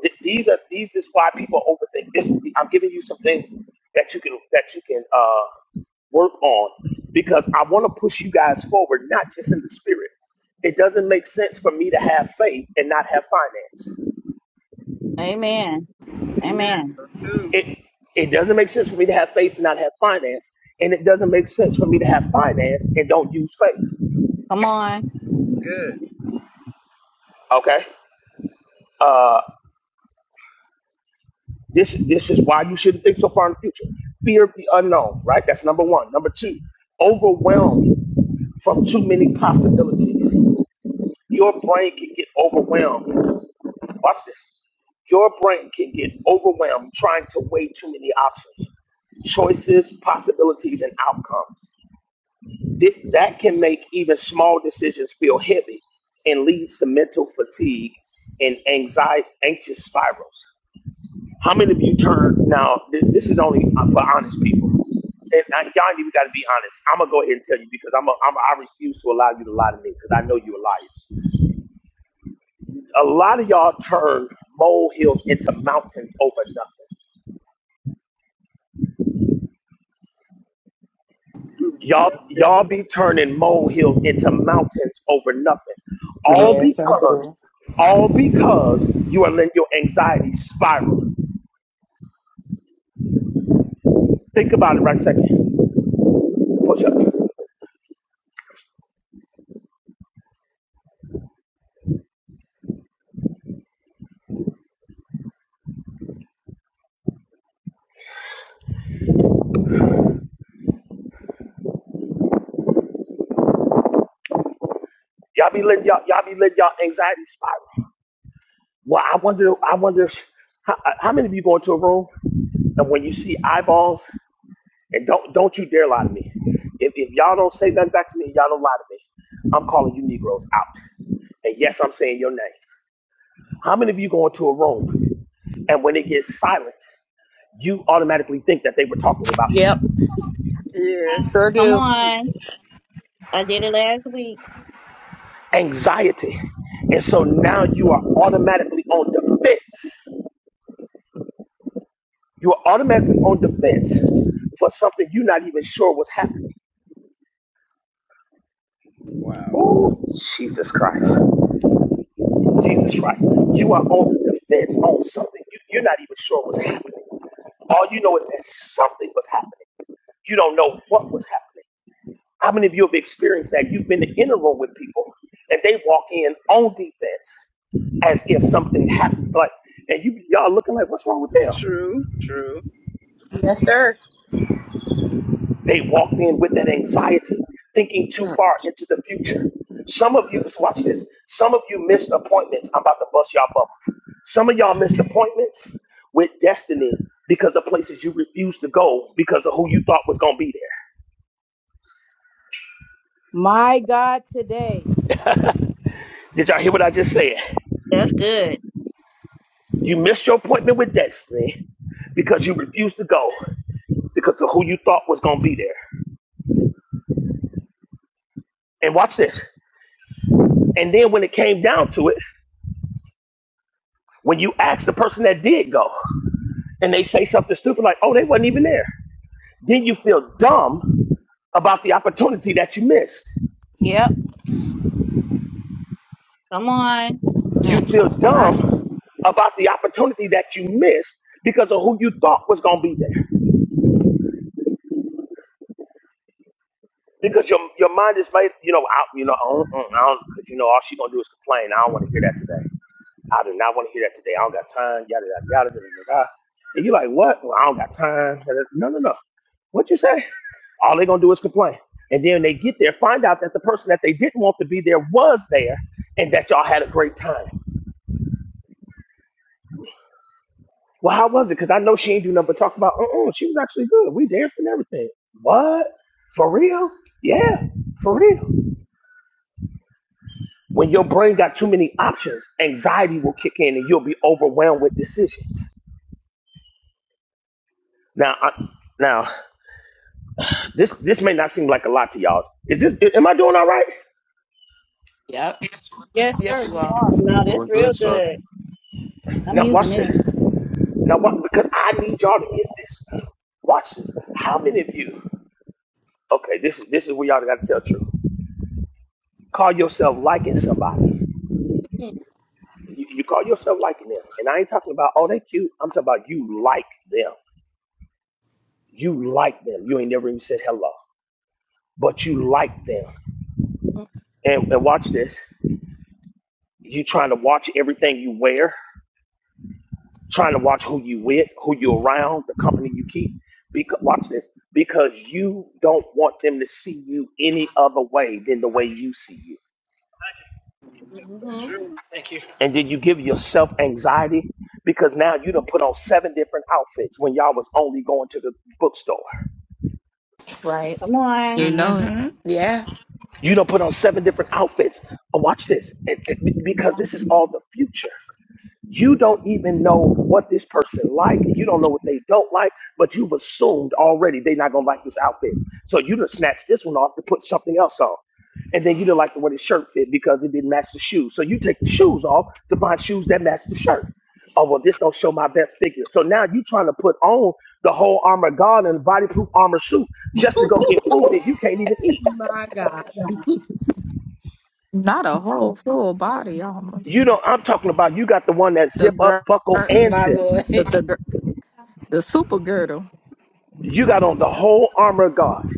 S3: Th- these are these is why people overthink. This is the, I'm giving you some things that you can that you can uh, work on because I want to push you guys forward, not just in the spirit. It doesn't make sense for me to have faith and not have finance.
S11: Amen.
S9: Amen.
S11: Amen.
S9: So too.
S3: it it doesn't make sense for me to have faith and not have finance, and it doesn't make sense for me to have finance and don't use faith.
S11: Come on.
S9: That's good.
S3: Okay, uh, this this is why you shouldn't think so far in the future. Fear of the unknown, right? That's number one. Number two, overwhelmed from too many possibilities. Your brain can get overwhelmed. Watch this. Your brain can get overwhelmed trying to weigh too many options, choices, possibilities, and outcomes. Th- that can make even small decisions feel heavy and leads to mental fatigue and anxiety, anxious spirals. How many of you turn now? th- This is only uh, for honest people. And uh, John, you got to be honest. I'm gonna go ahead and tell you because I'm, a, I'm a, I refuse to allow you to lie to me because I know you're liars. A lot of y'all turn molehills into mountains over nothing.
S9: Mm,
S3: Y'all,
S9: That's
S3: y'all
S9: good.
S3: be turning molehills into mountains over nothing. All
S14: Yes, I
S3: because,
S14: do.
S3: all because you are letting your anxiety spiral. Think about it right a second. Push up. Y'all be letting y'all, y'all be letting y'all anxiety spiral. Well, I wonder, I wonder if- how, how many of you go into a room and when you see eyeballs and don't don't you dare lie to me. If, if y'all don't say nothing back to me, y'all don't lie to me. I'm calling you Negroes out. And yes, I'm saying your name. How many of you go into a room? And when it gets silent, you automatically think that they were talking about you.
S5: Yep.
S9: Yes.
S5: Sure
S11: Come
S5: do.
S9: Hmm.
S11: on. I did it last week.
S3: Anxiety. And so now you are automatically on defense. You are automatically on defense for something you're not even sure was happening.
S9: Wow.
S3: Oh, Jesus Christ. Jesus Christ. You are on the defense on something you, you're not even sure was happening. All you know is that something was happening. You don't know what was happening. How many of you have experienced that? You've been in a room with people and they walk in on defense as if something happens. Like, and you y'all looking like, what's wrong with them?
S9: True. True.
S5: Yes, sir.
S3: They walked in with that anxiety, thinking too
S5: Mm.
S3: far into the future. Some of you, just watch this. Some of you missed appointments. I'm about to bust y'all bubble. Some of y'all missed appointments with destiny because of places you refused to go because of who you thought was gonna be there.
S6: My God today.
S3: Did y'all hear what I just said?
S11: That's good.
S3: You missed your appointment with destiny because you refused to go because of who you thought was going to be there. And watch this. And then when it came down to it, when you ask the person that did go and they say something stupid like, oh, they wasn't even there, then you feel dumb about the opportunity that you missed.
S5: Yep.
S11: Come on.
S3: You
S5: Mm.
S3: feel
S5: Right.
S3: dumb about the opportunity that you missed because of who you thought was going to be there. Because your, your mind is made, you know, out, you know, I don't, I don't, 'cause you know, all she going to do is complain. I don't want to hear that today. I do not want to hear that today. I don't got time. Yada yada yada yada yada. And you're like, what? Well, I don't got time. yada- No, no, no. What you say? All they're gonna do is complain. And then they get there, find out that the person that they didn't want to be there was there, and that y'all had a great time. Well, how was it? Because I know she ain't do nothing but talk about. Uh, uh she was actually good. We danced and everything. What? For real? Yeah, for real. When your brain got too many options, anxiety will kick in, and you'll be overwhelmed with decisions. Now, I, now. This this may not seem like a lot to y'all. Is this am I doing all right?
S4: Yep.
S5: Yes, sir.
S4: Yes, you
S5: You
S4: are.
S5: are.
S11: No, that's
S16: Doing
S11: real
S16: good, sir.
S11: good. I'm
S3: Now watch
S11: using
S3: this.
S11: this.
S3: Now watch because I need y'all to get this. Watch this. How many of you? Okay, this is this is where y'all got to tell the truth. Call yourself liking somebody. You, you call yourself liking them, and I ain't talking about oh they cute. I'm talking about you like them. You like them. You ain't never even said hello, but you like them. And, and watch this. You trying to watch everything you wear. trying to watch who you with, who you around, the company you keep. Because watch this, because you don't want them to see you any other way than the way you see you.
S9: That's so
S5: hmm
S9: true.
S3: And then you give yourself anxiety because now you done put on seven different outfits when y'all was only going to the bookstore.
S7: Right.
S11: Come on.
S7: You know it.
S4: Mm-hmm. Yeah.
S3: You done put on seven different outfits. Uh, Watch this, and- and because this is all the future. You don't even know what this person like. You don't know what they don't like, but you've assumed already they're not gonna like this outfit. So you just snatch this one off to put something else on. And then you didn't like the way the shirt fit because it didn't match the shoes. So you take the shoes off to buy shoes that match the shirt. Oh well, this don't show my best figure. So now you trying to put on the whole armor of God and bodyproof armor suit just to go get food that you can't even eat.
S5: My God.
S7: Not a whole full body almost.
S3: You know, I'm talking about you got the one that
S7: The
S3: zip up,
S7: girl,
S3: buckle,
S7: the,
S3: and
S4: My
S3: zip.
S4: lord.
S7: the, gir- the super girdle.
S3: You got on the whole armor of God.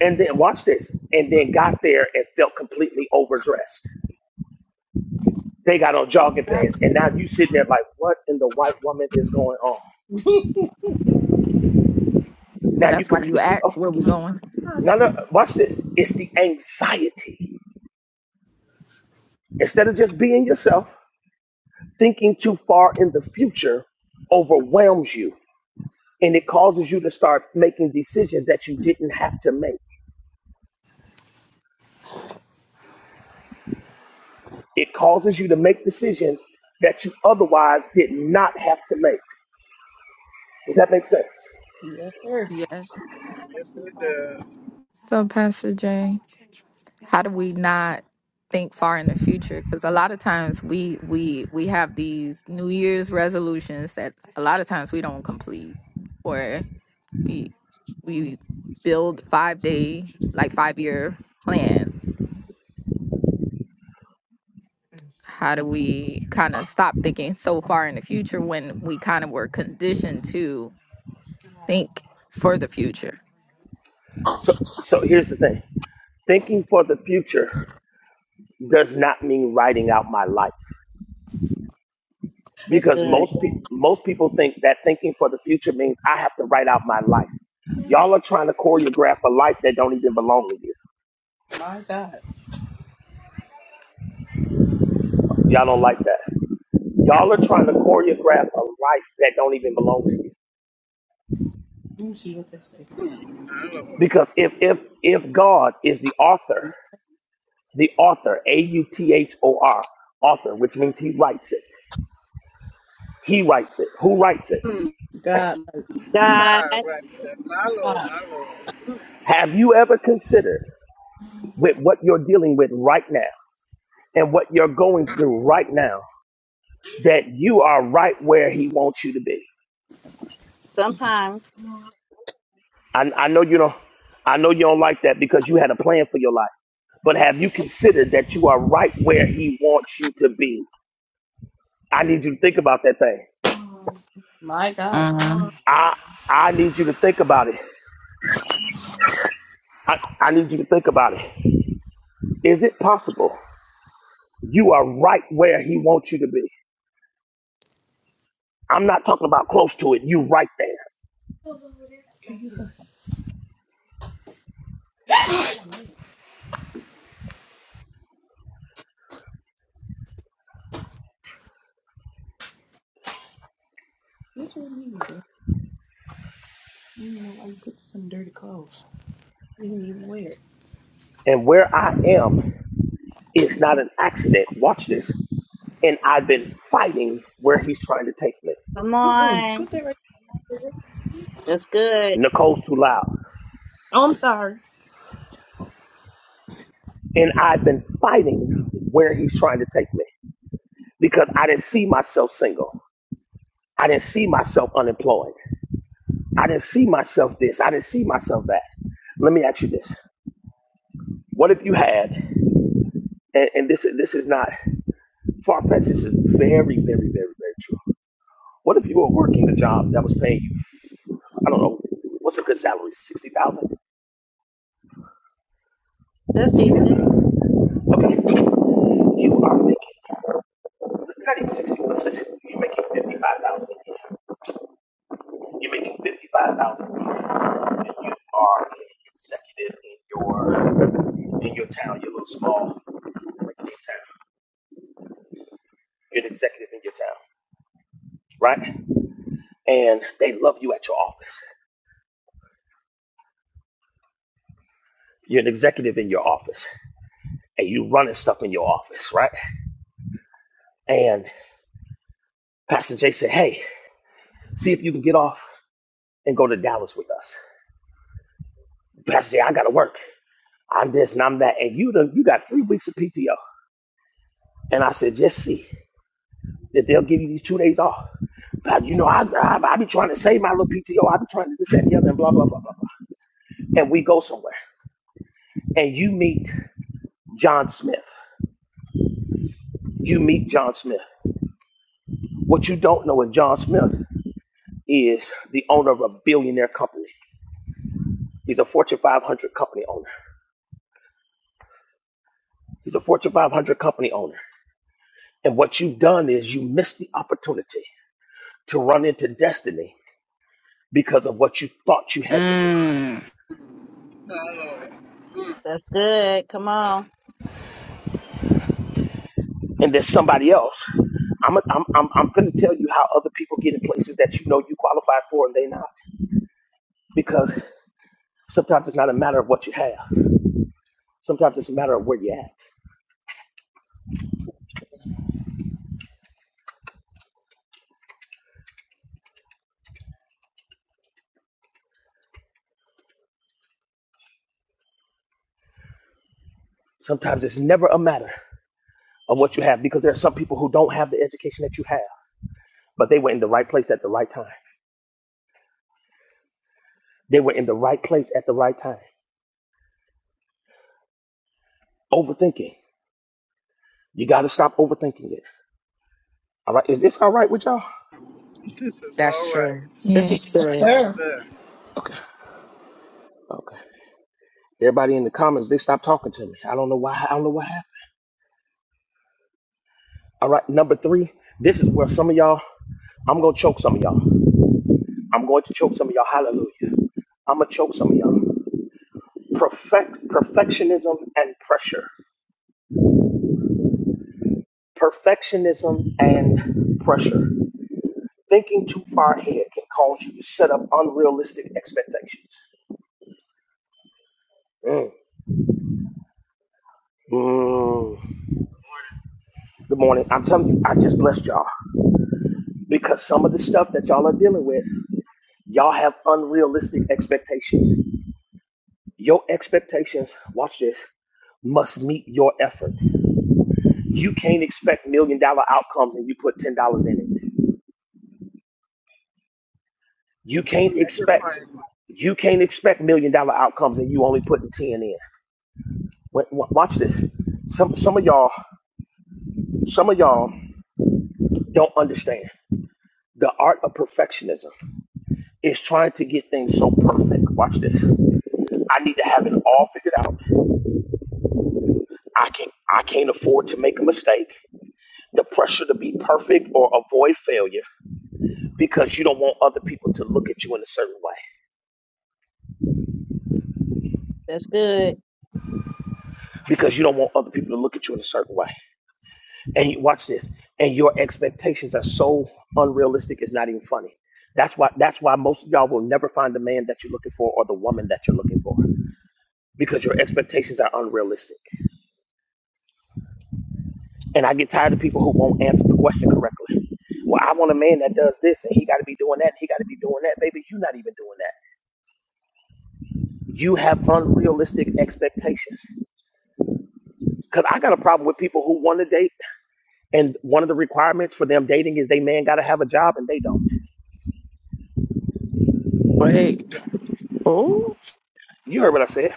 S3: and then watch this, and then got there and felt completely overdressed. They got on jogging pants, and now you sitting there like, what in the white woman is going on?
S5: Right.
S7: But
S3: Now you
S7: that's why you
S3: completely oh
S7: asked where we going.
S3: no no watch this. It's the anxiety. Instead of just being yourself, thinking too far in the future overwhelms you and it causes you to start making decisions that you didn't have to make. It causes you to make decisions that you otherwise did not have to make. Does that make sense?
S5: yes, sir.
S7: Yes.
S9: Yes, it does.
S7: So, Pastor Jay, how do we not think far in the future? Because a lot of times we we we have these New Year's resolutions that a lot of times we don't complete, or we we build five day like five year plans. How do we kind of stop thinking so far in the future when we kind of were conditioned to think for the future?
S3: So so here's the thing. Thinking for the future does not mean writing out my life
S11: That's
S3: because
S11: good.
S3: most people most people think that thinking for the future means I have to write out my life. Y'all are trying to choreograph a life that don't even belong to you.
S5: My God.
S3: Y'all don't like that. Y'all are trying to choreograph a life that don't even belong to you.
S5: Let me see what they say.
S9: My Lord.
S3: Because if if if God is the author, the author, A U T H O R, author, which means he writes it. He writes it. Who writes it?
S9: Hmm.
S5: God.
S11: God,
S9: Ah, right there. My Lord,
S5: God.
S9: my Lord. Hmm.
S3: Have you ever considered with what you're dealing with right now? and what you're going through right now that you are right where he wants you to be.
S11: sometimes.
S3: I, I know you don't I know you don't like that because you had a plan for your life. But have you considered that you are right where he wants you to be? I need you to think about that thing.
S5: My God.
S7: hmm
S3: I I need you to think about it. I, I need you to think about it. Is it possible you are right where he wants you to be? I'm not talking about close to it. You right there.
S5: This wasn't even dirty. I don't know why you put this in dirty clothes. You didn't even wear it.
S3: And where I am, it's not an accident. Watch this. and I've been fighting where he's trying to take me.
S11: Come
S5: Mm-mm.
S11: on.
S5: Put that right.
S11: That's good.
S3: Nicole's too loud.
S5: Oh, I'm sorry.
S3: And I've been fighting where he's trying to take me because I didn't see myself single. I didn't see myself unemployed. I didn't see myself this. I didn't see myself that. Let me ask you this. What if you had, and, and this, this is not far fetched, this is very, very, very, very true. What if you were working a job that was paying you, I don't know, what's a good salary? 60000
S11: That's decent.
S3: 60000 Okay. You are making You're not even sixty percent. You're making fifty-five thousand. You're making fifty-five thousand, and you are executive in your in your town, your little small town. You're an executive in your town, right? And they love you at your office. You're an executive in your office, and you running stuff in your office, right? And Pastor Jay said, "Hey, see if you can get off and go to Dallas with us." Pastor Jay, I gotta work. I'm this and I'm that, and you done, you got three weeks of PTO. And I said, just see that they'll give you these two days off. God, you know, I, I, I be trying to save my little PTO. I be trying to this, that, and the other, and blah, blah, blah, blah, blah. And we go somewhere. And you meet John Smith. You meet John Smith. What you don't know is John Smith is the owner of a billionaire company. He's a Fortune 500 company owner. He's a Fortune 500 company owner. And what you've done is you missed the opportunity to run into destiny because of what you thought you had to do.
S4: Mm.
S9: My Lord. Hmm.
S11: That's good. Come on.
S3: and there's somebody else. I'm i am i I'm I'm going to tell you how other people get in places that you know you qualified for and they not because sometimes it's not a matter of what you have. Sometimes it's a matter of where you're at. Sometimes it's never a matter of what you have because there are some people who don't have the education that you have, but they were in the right place at the right time. They were in the right place at the right time. Overthinking. You got to stop overthinking it. All right. Is this all right with y'all?
S9: This is all
S4: That's
S9: right.
S4: true. This
S7: Yeah.
S4: is good.
S9: Yes,
S5: Sir.
S9: sir.
S3: Okay. Okay. Everybody in the comments, they stopped talking to me. I don't know why. I don't know what happened. All right, number three, this is where some of y'all, I'm going to choke some of y'all. I'm going to choke some of y'all. Hallelujah. I'm going to choke some of y'all. Perfect, perfectionism and pressure. Perfectionism and pressure. Thinking too far ahead can cause you to set up unrealistic expectations. Mm. Mm. Good morning. I'm telling you, I just blessed y'all because some of the stuff that y'all are dealing with, y'all have unrealistic expectations. Your expectations, watch this, must meet your effort. You can't expect million dollar outcomes and you put ten dollars in it. You
S9: Hmm.
S3: can't
S9: Never
S3: expect
S9: mind.
S3: you can't expect million dollar outcomes and you only putting ten in. Wa- Watch this. Some some of y'all some of y'all don't understand the art of perfectionism is trying to get things so perfect. Watch this. I need to have it all figured out. I can not I can't afford to make a mistake. The pressure to be perfect or avoid failure because you don't want other people to look at you in a certain way.
S11: That's good.
S3: Because you don't want other people to look at you in a certain way. and you watch this and your expectations are so unrealistic it's not even funny that's why that's why most of y'all will never find the man that you're looking for or the woman that you're looking for because your expectations are unrealistic and i get tired of people who won't answer the question correctly well i want a man that does this and he got to be doing that and he got to be doing that baby you're not even doing that you have unrealistic expectations because i got a problem with people who want to date and one of the requirements for them dating is they man got to have a job and they don't
S7: Wait.
S3: You heard what I said.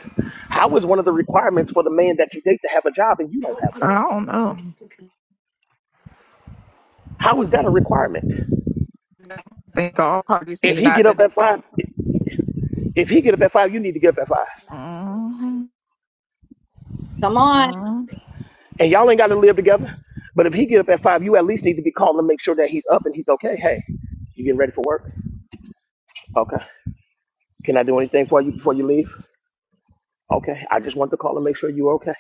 S3: How is one of the requirements for the man that you date to have a job and you don't have
S7: I
S3: one?
S7: don't know.
S3: How is that a requirement?
S7: I think all parties
S3: If
S7: need
S3: he
S7: out
S3: get
S7: to.
S3: up at five, if he get up at five, you need to get up at five.
S7: hmm
S11: Come on,
S3: And y'all ain't got to live together. But if he get up at five, you at least need to be calling to make sure that he's up and he's okay. Hey, you getting ready for work? Okay. Can I do anything for you before you leave? Okay. I just want to call and make sure you're okay.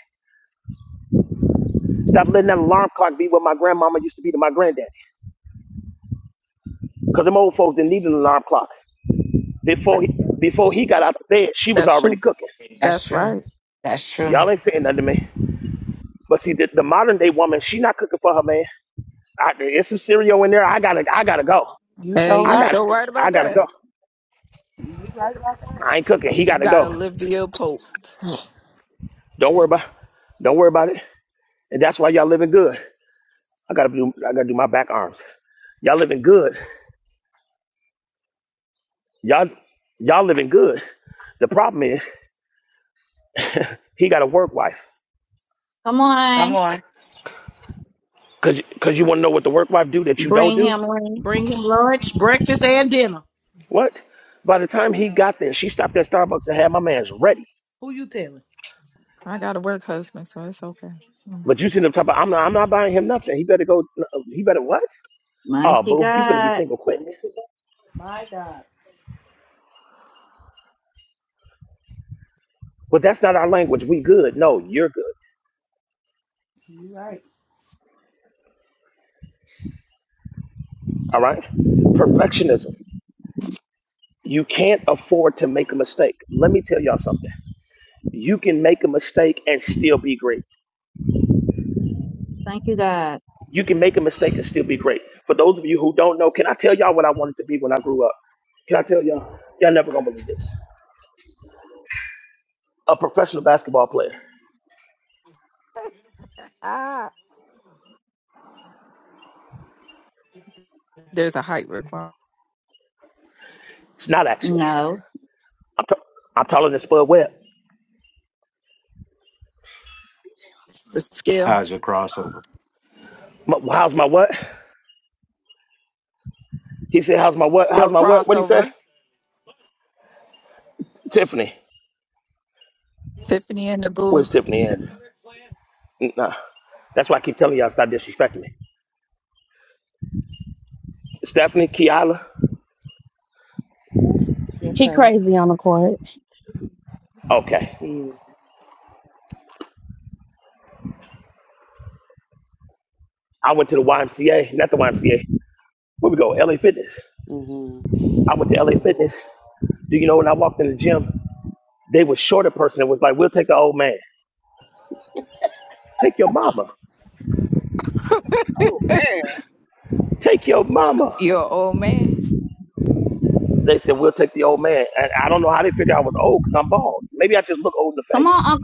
S3: Stop letting that alarm clock be what my grandmama used to be to my granddaddy. Because them old folks didn't need an alarm clock. Before he, before he got out of bed, she was
S7: That's
S3: already
S7: true.
S3: cooking.
S4: That's
S7: That's
S4: true.
S7: right.
S4: That's true.
S3: Y'all ain't saying nothing to me. But see, the, the modern day woman, she not cooking for her man. I, it's some cereal in there. I gotta, I gotta go.
S5: You
S7: Hey,
S3: I
S7: you
S3: got,
S7: sure right
S3: I
S7: about
S3: gotta
S7: that.
S3: go. I ain't cooking. He
S7: You
S3: gotta
S7: got
S3: go.
S7: Olivia Pope.
S3: Don't worry about, don't worry about it. And that's why y'all living good. I gotta do, I gotta do my back arms. Y'all living good. Y'all, y'all living good. The problem is, he got a work wife.
S11: come
S4: Come
S11: on.
S4: on.
S3: Cause, cause you wanna know what the work wife do that you don't
S11: Bring
S3: do?
S11: him in.
S5: bring him lunch, breakfast, and dinner.
S3: What? By the time he got there, she stopped at Starbucks and had my man's ready.
S5: Who you telling?
S7: I got a work husband, so it's okay. Mhm.
S3: But you seen him talk about I'm not I'm not buying him nothing. He better go he better what? Oh
S11: Mighty
S3: boo, you finna be
S11: God.
S3: single quick.
S5: My God.
S3: But that's not our language. We good. No, you're good.
S5: You right.
S3: All right? Perfectionism. You can't afford to make a mistake. Let me tell y'all something. You can make a mistake and still be great.
S11: Thank you, God.
S3: You can make a mistake and still be great. For those of you who don't know, can I tell y'all what I wanted to be when I grew up? Can I tell y'all? Y'all never gonna believe this. A professional basketball player.
S7: Ah, there's a height requirement.
S3: It's not actually.
S11: No.
S3: I'm, t- I'm taller than Spud Webb.
S7: It's The skill.
S10: How's your crossover?
S3: My, how's my what? He said, "How's my what? How's
S7: Your
S3: my what? What do you say?"
S7: crossover.
S3: Tiffany.
S7: Tiffany and the
S3: Where's
S7: boo.
S3: Tiffany at? Nah. That's why I keep telling y'all stop disrespecting me. Stephanie, Kiala.
S14: Yes, sir.
S3: Okay.
S14: Yes.
S3: I went to the YMCA, not the YMCA. Where we go? LA Fitness.
S14: Mhm.
S3: I went to LA Fitness. Do you know when I walked in the gym, they was short a person that was like, "We'll take the old man. Take your mama.
S9: Oh, man.
S3: Take your
S7: you
S3: mama."
S7: Your old man.
S3: They said, "We'll take the old man." And I don't know how they figured I was old because I'm bald. Maybe I just look old in the
S11: Come
S3: face.
S11: on,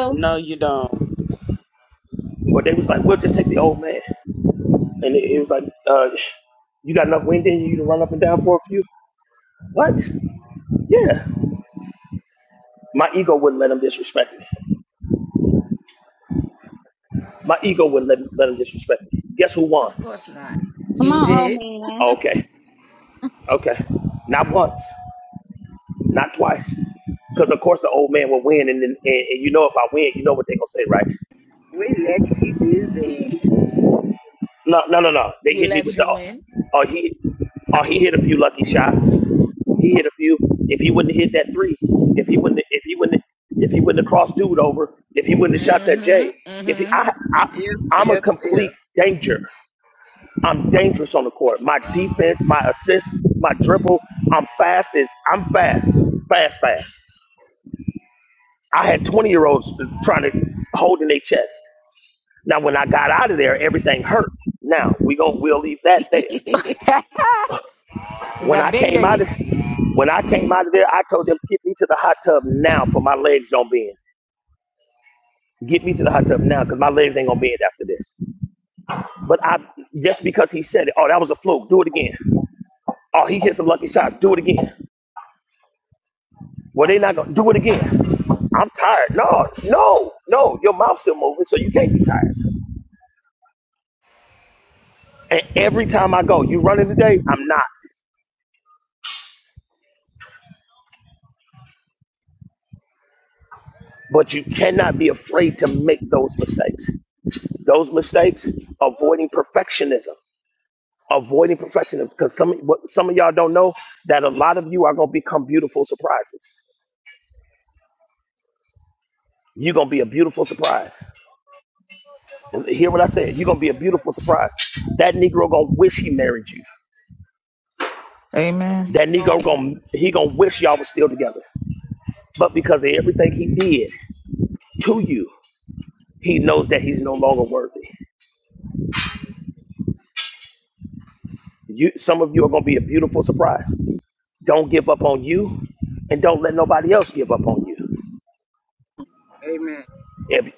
S11: Uncle.
S14: No, you don't.
S3: But they was like, "We'll just take the old man." And it, it was like, uh, you got enough wind in you to run up and down for a few? What? Yeah. My ego wouldn't let him disrespect me. My ego wouldn't let, let him disrespect me. Guess who won?
S4: Of course not.
S11: Come
S4: You
S11: on, old
S4: did.
S11: man.
S3: Okay. Okay. Not once. Not twice. Because, of course, the old man will win. And, then and, and you know if I win, you know what they're going to say, right?
S9: We let you do this.
S4: hmm
S3: No, no, no, no. They
S4: We
S3: hit me
S4: let
S3: with the.
S4: you in.
S3: Oh, he, oh, he hit a few lucky shots. He hit a few. If he wouldn't have hit that three, if he wouldn't, if he wouldn't, if he wouldn't have crossed dude over, if he wouldn't have shot that
S4: Mm-hmm.
S3: J, if he, I, I,
S9: If,
S3: I'm a
S9: if,
S3: complete
S9: if.
S3: danger. I'm dangerous on the court. My defense, my assist, my dribble. I'm fast. as I'm fast, fast, fast. I had 20 year olds trying to hold in their chest. Now, when I got out of there, everything hurt. Now we gonna we'll leave that there.
S4: Mm-hmm.
S3: When
S7: that
S3: I
S7: been
S3: came out
S7: gay.
S3: of when I came out of there, I told them, get me to the hot tub now for my legs don't bend. Get me to the hot tub now because my legs ain't gonna bend after this. But I just because he said it, oh that was a fluke, do it again. Oh he hit some lucky shots, do it again. Well they not gonna do it again. I'm tired. No, no, no, your mouth's still moving, so you can't be tired. And every time I go, you running today, I'm not. But you cannot be afraid to make those mistakes. Those mistakes, avoiding perfectionism. avoiding perfection because some what some of y'all don't know that a lot of you are gonna become beautiful surprises. You're gonna be a beautiful surprise. Hear what I said? You're gonna be a beautiful surprise. That Negro gonna wish he married you.
S7: Amen.
S3: That Negro gonna he gonna wish y'all was still together. But because of everything he did to you, he knows that he's no longer worthy. You some of you are gonna be a beautiful surprise. Don't give up on you and don't let nobody else give up on you.
S9: Amen.
S3: If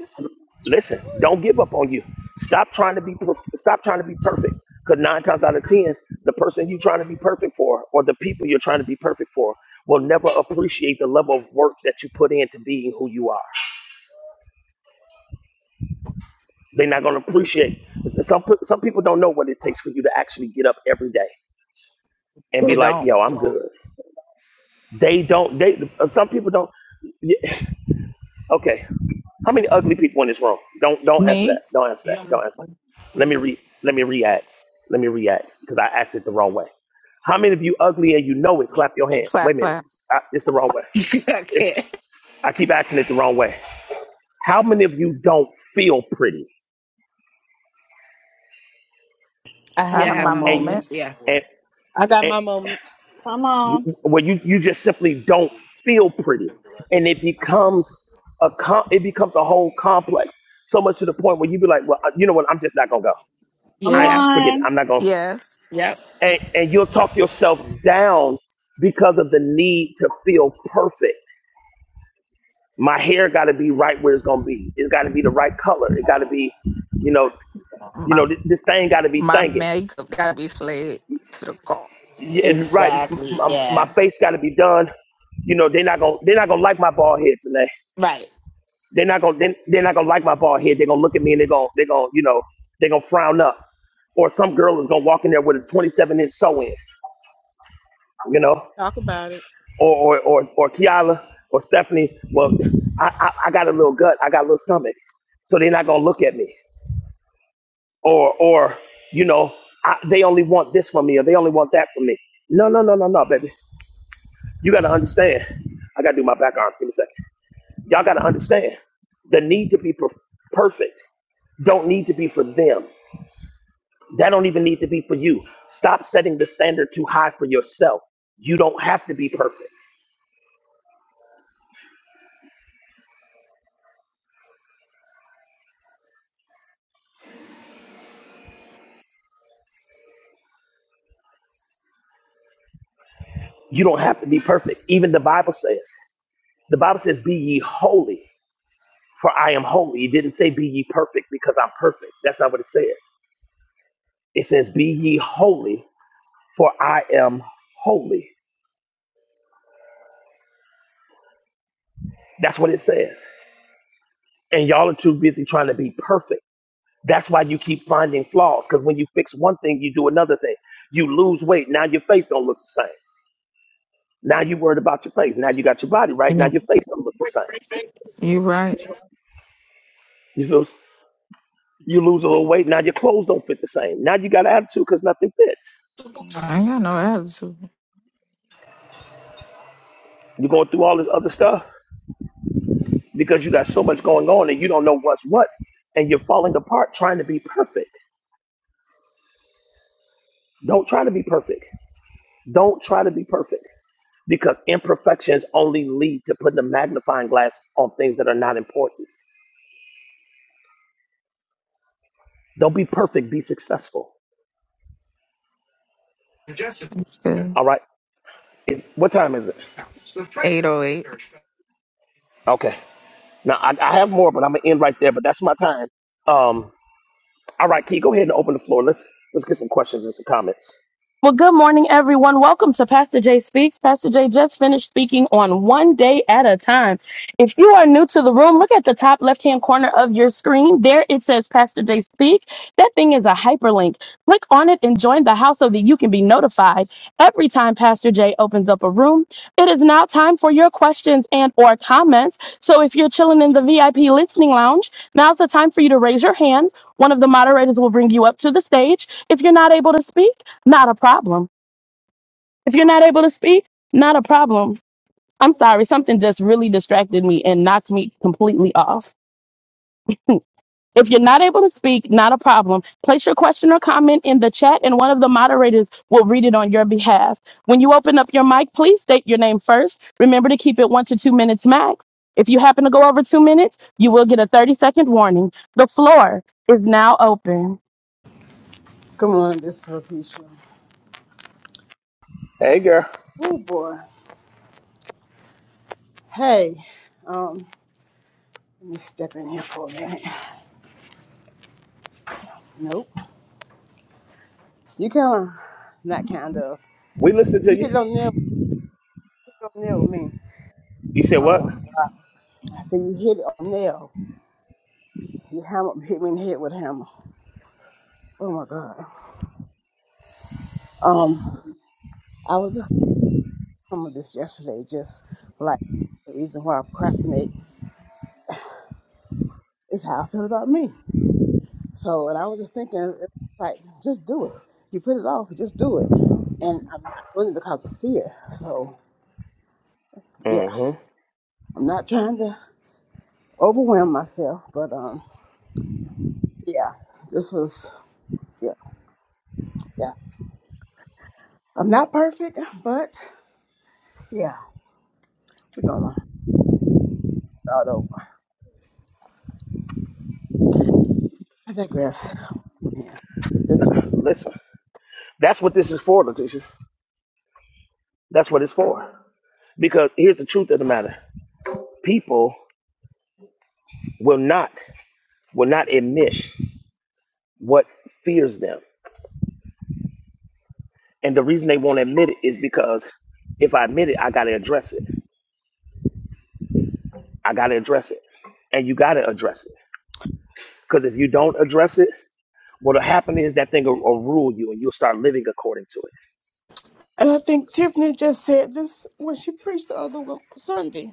S3: listen, don't give up on you. Stop trying to be per- stop trying to be perfect. Because nine times out of ten, the person you're trying to be perfect for, or the people you're trying to be perfect for, will never appreciate the level of work that you put into being who you are. They're not going to appreciate. Some pe- some people don't know what it takes for you to actually get up every day and be
S7: They
S3: like,
S7: don't.
S3: "Yo, I'm good." They don't. They uh, some people don't. Okay. How many ugly people in this room? Don't don't answer that.
S7: Me.
S3: Don't answer that. Don't answer that. Let me re let me react. Let me react because I asked it the wrong way. How many of you ugly and you know it? Clap your hands. Wait
S7: Clap
S3: a minute.
S7: clap.
S3: I, it's the wrong way. It's
S4: Okay.
S3: I keep asking it the wrong way. How many of you don't feel pretty
S14: I
S7: I
S14: have
S4: Yeah, I
S7: have
S14: my
S4: have
S7: my
S4: my
S3: and
S7: moment.
S4: moments.
S14: moment.
S4: Yeah.
S3: and and
S5: Who
S11: Come
S3: you,
S11: on.
S3: well you you just simply don't feel pretty and it becomes a com- it becomes a whole complex so much to the point where you be like well you know what I'm just not gonna go.
S11: Come
S3: I
S7: Yeah.
S4: Yep.
S3: forget it.
S11: on.
S3: I'm not going.
S7: Yes.
S4: Yep.
S3: to And and you'll talk yourself down because of the need to feel perfect. My hair got to be right where it's going to be. It's got to be the right color. It got to be, you know, you
S7: My,
S3: know, this, this thing got to be
S7: my
S3: thinking.
S7: makeup gotta be slayed to the core.
S3: Yeah, right. m- m-
S4: Exactly.
S3: My,
S4: Yeah.
S3: face got to be done. You know, they're not gonna they're not gonna like my bald head today.
S4: Right.
S3: They're not gonna they they're not gonna like my bald head. They're gonna look at me and they're gonna they're gonna you know they're gonna frown up. Or some girl is gonna walk in there with a 27 inch sew in. You know. or or or, or Kiala or Stephanie, well, I, I I got a little gut, I got a little stomach, so they're not gonna look at me. Or or you know, I, they only want this from me, or they only want that from me. No no no no no, baby, you gotta understand. I gotta do my back arms. Give me a second. Y'all gotta understand the need to be per- perfect don't need to be for them. That don't even need to be for you. Stop setting the standard too high for yourself. You don't have to be perfect. You don't have to be perfect. Even the Bible says. The Bible says, Be ye holy, for I am holy. It didn't say, Be ye perfect, because I'm perfect. That's not what it says. It says, Be ye holy, for I am holy. That's what it says. And y'all are too busy trying to be perfect. That's why you keep finding flaws, because when you fix one thing, you do another thing. You lose weight. Now your face don't look the same. Now you worried about your face. Now you got your body right. Now
S7: Yeah,
S3: your face don't look the same.
S7: you right.
S3: You feel you lose a little weight. Now your clothes don't fit the same. Now you got an attitude because nothing fits.
S7: I ain't got no attitude.
S3: You're going through all this other stuff because you got so much going on and you don't know what's what and you're falling apart trying to be perfect. Don't try to be perfect. Don't try to be perfect because imperfections only lead to putting a magnifying glass on things that are not important. Don't be perfect, be successful.
S7: That's good.
S3: All right. Is- what time is it?
S7: 808.
S3: Okay. Now I, I have more, but I'm gonna end right there. But that's my time. Um. All right, Key, go ahead and open the floor. Let's let's get some questions and some comments.
S1: Well, good morning, everyone. Welcome to Pastor Jay Speaks. Pastor Jay just finished speaking on one day at a time. If you are new to the room, look at the top left hand corner of your screen. There it says Pastor Jay Speak. That thing is a hyperlink. Click on it and join the house so that you can be notified every time Pastor Jay opens up a room. It is now time for your questions and or comments. So if you're chilling in the VIP listening lounge, now's the time for you to raise your hand. One of the moderators will bring you up to the stage. If you're not able to speak, not a problem. If you're not able to speak, not a problem. I'm sorry, something just really distracted me and knocked me completely off. If you're not able to speak, not a problem. Place your question or comment in the chat and one of the moderators will read it on your behalf. When you open up your mic, please state your name first. Remember to keep it one to two minutes max. If you happen to go over two minutes, you will get a 30 second warning. The floor is now open.
S9: Come on, this is Letitia.
S3: Hey, girl,
S9: Oh boy. Hey, um, let me step in here for a minute. Nope. You kind of, not kind of.
S3: we listen to
S9: You hit it
S3: you.
S9: on nail. Hit it on nail with me.
S3: You said what?
S9: Um, I said you hit it on nail. You hammer hit me in the head with a hammer. Oh my god. Um, I was just talking about this yesterday. Just like the reason why I procrastinate is how I feel about me. So, and I was just thinking, it's like, just do it. You put it off, just do it. And I'm not doing it because of fear. So, yeah,
S3: Mm-hmm.
S9: I'm not trying to overwhelm myself, but um, yeah, this was, yeah, yeah. I'm not perfect, but yeah, we're gonna start over. I digress. Yeah, this,
S3: Listen. That's what this is for, Letitia. That's what it's for. Because here's the truth of the matter: people will not will not admit what fears them, and the reason they won't admit it is because if I admit it, I got to address it. I got to address it, and you got to address it. Because if you don't address it, what'll happen is that thing will, will rule you, and you'll start living according to it.
S9: And I think Tiffany just said this when she preached the other one- Sunday.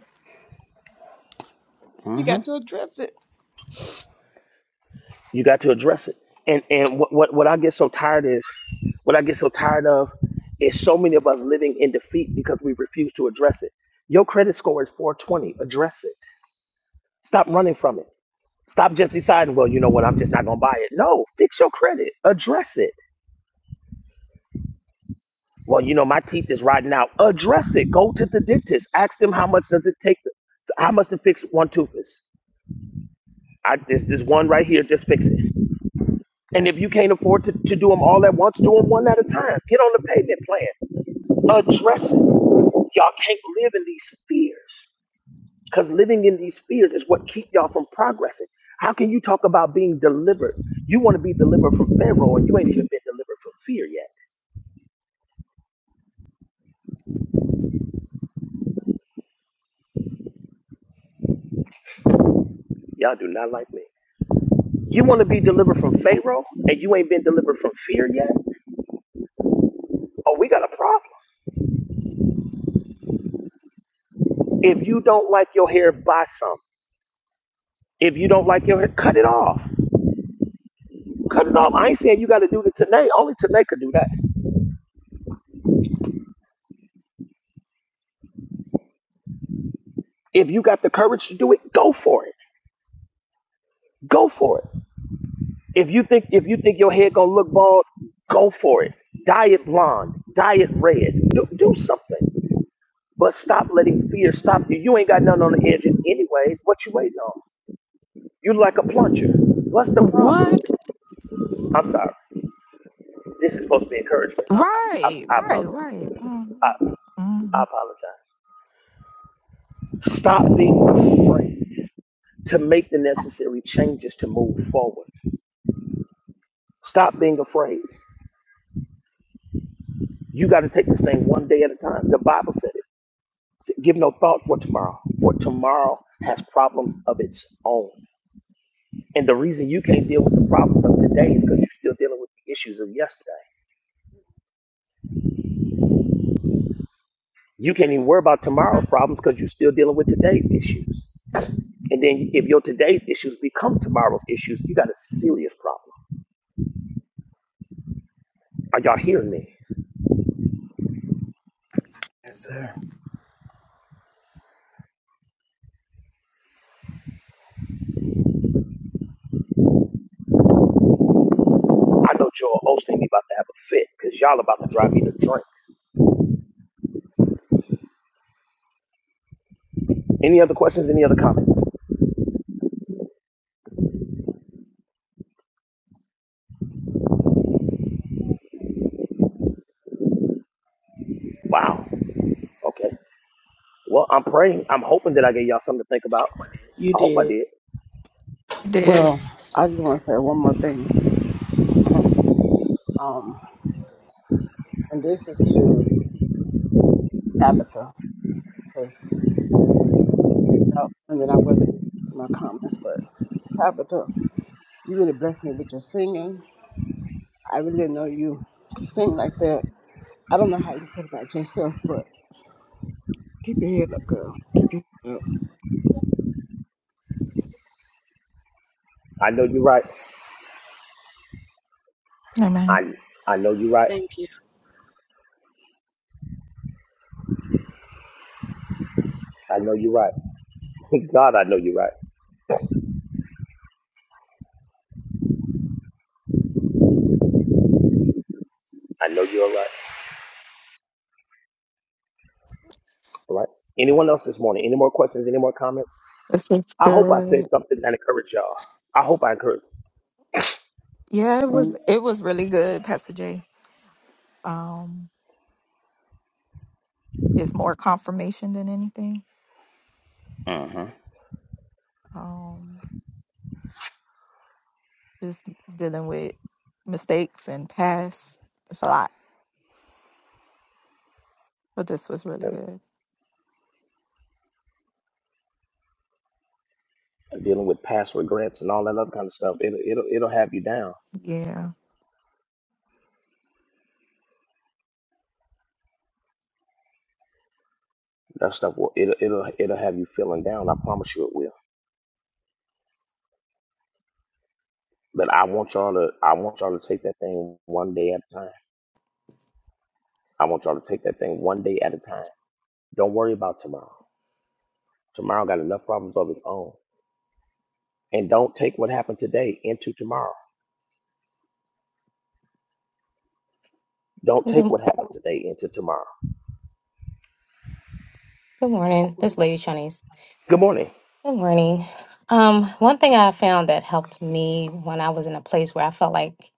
S9: You got to address it.
S3: You got to address it. And and what, what what I get so tired is, what I get so tired of, is so many of us living in defeat because we refuse to address it. Your credit score is 420. Address it. Stop running from it. Stop just deciding, well, you know what, I'm just not gonna buy it. No, fix your credit. Address it. Well, you know my teeth is rotting out. Address it. Go to the dentist. Ask them how much does it take. To, how much to fix one tooth is. I, this this one right here. Just fix it. And if you can't afford to, to do them all at once, do them one at a time. Get on the payment plan. Address it. Y'all can't live in these fears because living in these fears is what keep y'all from progressing. How can you talk about being delivered? You want to be delivered from Pharaoh and you ain't even been delivered from fear yet. Y'all do not like me. You want to be delivered from Pharaoh and you ain't been delivered from fear yet? Oh, we got a problem. If you don't like your hair, buy some. If you don't like your hair, cut it off. Cutting off, I ain't saying you got to do it today. Only today could do that. If you got the courage to do it, go for it. Go for it. If you think if you think your head gonna look bald, go for it. Dye it blonde. Dye it red. Do, do something. But stop letting fear stop you. You ain't got nothing on the edges anyways. What you waiting on? You like a plunger. What's the
S7: What?
S3: problem? I'm sorry. This is supposed to be encouragement, huh?
S7: Right,
S3: I, I
S7: right,
S3: apologize.
S7: right.
S3: I,
S7: Mm-hmm. hmm
S3: I apologize. Stop being afraid to make the necessary changes to move forward. Stop being afraid. You got to take this thing one day at a time. The Bible said it. It said, Give no thought for tomorrow, for tomorrow has problems of its own. And the reason you can't deal with the problems of today is because you're still dealing with the issues of yesterday. You can't even worry about tomorrow's problems because you're still dealing with today's issues. And then if your today's issues become tomorrow's issues, you got a serious problem. Are y'all hearing me?
S9: yes, sir.
S3: I know Joel Osteen about to have a fit because y'all about to drive me to drink. Any other questions? Any other comments? Wow. Okay. Well, I'm praying. I'm hoping that I gave y'all something to think about.
S14: You
S3: I hope I
S14: did.
S3: did.
S7: Did
S9: Well, I just want to say one more thing. Um, and this is to Tabitha, because and then I wasn't in my comments, but Tabitha, you really blessed me with your singing. I really didn't know you could sing like that. I don't know how you feel about yourself, but keep your head up, girl. Keep your head up.
S3: I know you're right.
S7: Hey man,
S3: I I know you're right.
S6: Thank you.
S3: I know you're right. God, I know you're right. I know you're right. All right. Anyone else this morning? Any more questions? Any more comments?
S7: this is
S3: I hope I said
S7: good.
S3: something that encouraged y'all. I hope I encouraged.
S7: Yeah, it was
S14: And
S7: it was really good, Pastor J. Um, it's more confirmation than anything.
S3: hmm
S7: Um, just dealing with mistakes and past. It's a lot. But this was really good.
S3: Dealing with past regrets and all that other kind of stuff, it'll it'll it'll have you down.
S7: Yeah.
S3: That stuff will it'll it'll it'll have you feeling down. I promise you it will. But I want y'all to I want y'all to take that thing one day at a time. I want y'all to take that thing one day at a time. Don't worry about tomorrow. Tomorrow got enough problems of its own. And don't take what happened today into tomorrow. Don't
S8: Good,
S3: take what happened today into tomorrow.
S8: good morning. This Lady Shanice.
S3: Good morning.
S8: Good morning. Um, one thing I found that helped me when I was in a place where I felt like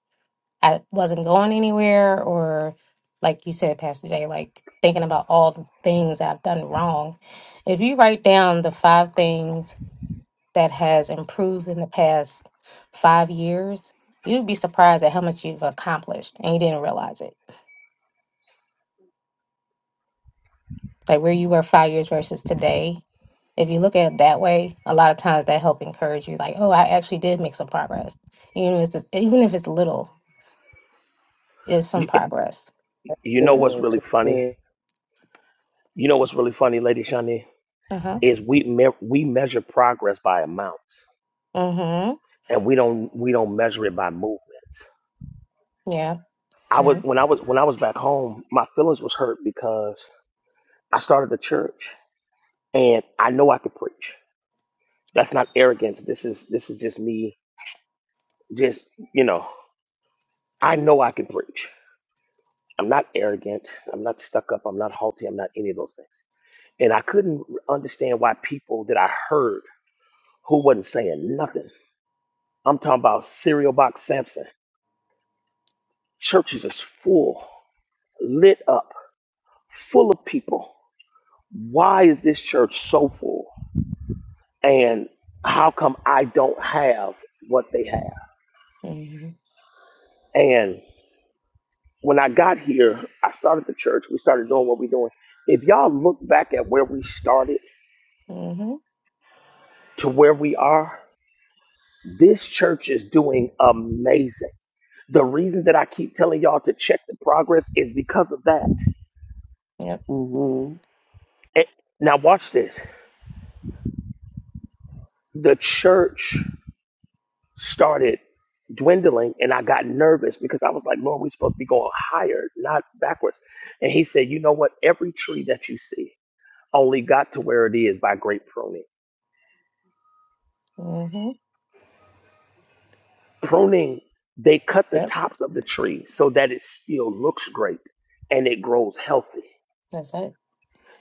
S8: I wasn't going anywhere, or like you said, Pastor Jay, like thinking about all the things I've done wrong. If you write down the five things that has improved in the past five years, you'd be surprised at how much you've accomplished and you didn't realize it. like where you were five years versus today. If you look at it that way, a lot of times that help encourage you, like, oh, I actually did make some progress. Even if it's even if it's little, it's some
S3: You,
S8: progress.
S3: you know what's really funny?
S14: good.
S3: You know what's really funny, Lady Shani,
S8: Uh huh.
S3: is we me- we measure progress by amounts,
S8: Mhm.
S3: and we don't we don't measure it by movements.
S8: Yeah.
S3: I was
S8: Yeah.
S3: when I was when I was back home, my feelings was hurt because I started the church, and I know I could preach. That's not arrogance. This is this is just me, just you know. I know I can preach. I'm not arrogant. I'm not stuck up. I'm not haughty. I'm not any of those things. And I couldn't understand why people that I heard who wasn't saying nothing. I'm talking about cereal box Samson. Churches is full, lit up, full of people. Why is this church so full? And how come I don't have what they have?
S8: Mhm.
S3: And when I got here, I started the church. We started doing what we're doing. If y'all look back at where we started
S8: Mhm.
S3: to where we are, This church is doing amazing. The reason that I keep telling y'all to check the progress is because of that.
S8: Yep.
S14: Mm-hmm.
S3: And- now, watch this. The church started dwindling, and I got nervous because I was like, Lord, we're supposed to be going higher, not backwards. And He said, You know what? Every tree that you see only got to where it is by great pruning.
S8: Mhm.
S3: Pruning, they cut the
S8: Yep.
S3: tops of the tree so that it still looks great and it grows healthy.
S8: That's it.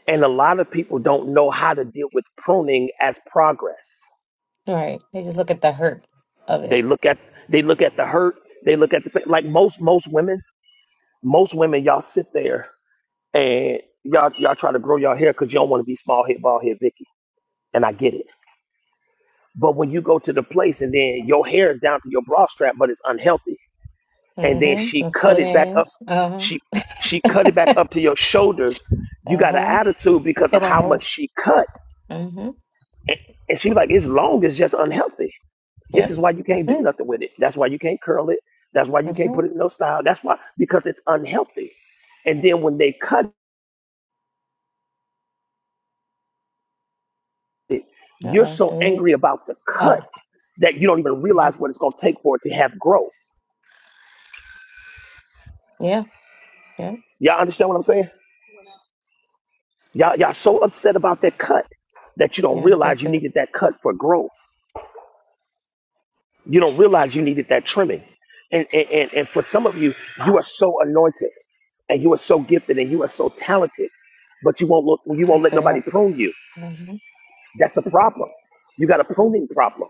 S3: And a lot of people don't know how to deal with pruning as progress.
S8: All right. They just look at the hurt of it.
S3: They look at they look at the hurt. They look at the pain. like most most women. Most women, y'all sit there and y'all y'all try to grow y'all hair because you don't want to be small head, bald head, Vicky. And I get it. But when you go to the place and then your hair is down to your bra strap, but it's unhealthy, and then
S8: Mhm.
S3: she
S8: Those
S3: cut
S8: split
S3: it back up,
S8: ends. Uh huh.
S3: she she cut it back up to your shoulders. You
S8: Uh
S3: got an
S8: huh.
S3: attitude
S8: They're
S3: because of
S8: feeling
S3: how much
S8: hurt.
S3: she cut,
S8: Mhm.
S3: and, and she like, "It's long, it's just unhealthy." This
S8: Yep.
S3: is why you can't
S8: That's
S3: do
S8: it.
S3: nothing with it. That's why you can't curl it. That's why you
S8: That's it.
S3: can't put it in no style. That's why because it's unhealthy. And then when they cut,
S8: Uh
S3: you're
S8: oh.
S3: so
S8: Did we? meet?
S3: angry about the cut
S8: Oh.
S3: that you don't even
S8: mhm.
S3: realize what it's gonna take for it to have growth.
S8: Yeah. Yeah.
S3: Y'all understand what I'm saying? Y'all y'all so upset about that cut that you don't
S8: Yeah, that's
S3: realize you needed
S8: good.
S3: that cut for growth. You don't realize you needed that trimming. And and, and, and for some of you, you are so anointed and you are so gifted and you are so talented, but you won't look you won't
S8: That's
S3: let
S8: good. Yeah,
S3: nobody prune you.
S8: Mhm.
S3: That's a problem. You got a pruning problem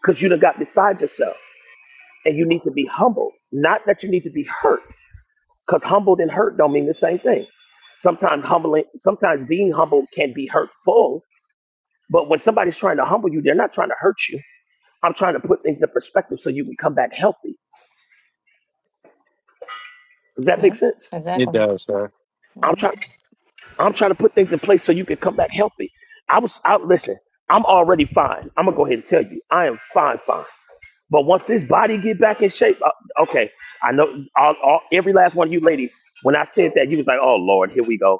S3: because you done got beside yourself and you need to be humbled. Not that you need to be hurt because humbled and hurt don't mean the same thing. Sometimes humbling, sometimes being humbled can be hurtful, but when somebody's trying to humble you, they're not trying to hurt you. I'm trying to put things in perspective so you can come back healthy. Does that make
S8: Yeah,
S3: sense?
S10: It
S8: exactly.
S10: does, sir.
S3: I'm
S8: hmm
S3: trying, I'm trying to put things in place so you can come back healthy. I was out, listen, I'm already fine. I'm gonna go ahead and tell you, I am fine, fine. But once this body get back in shape, uh, okay, I know all, all, every last one of you ladies. When I said that, you was like, "Oh Lord, here we go."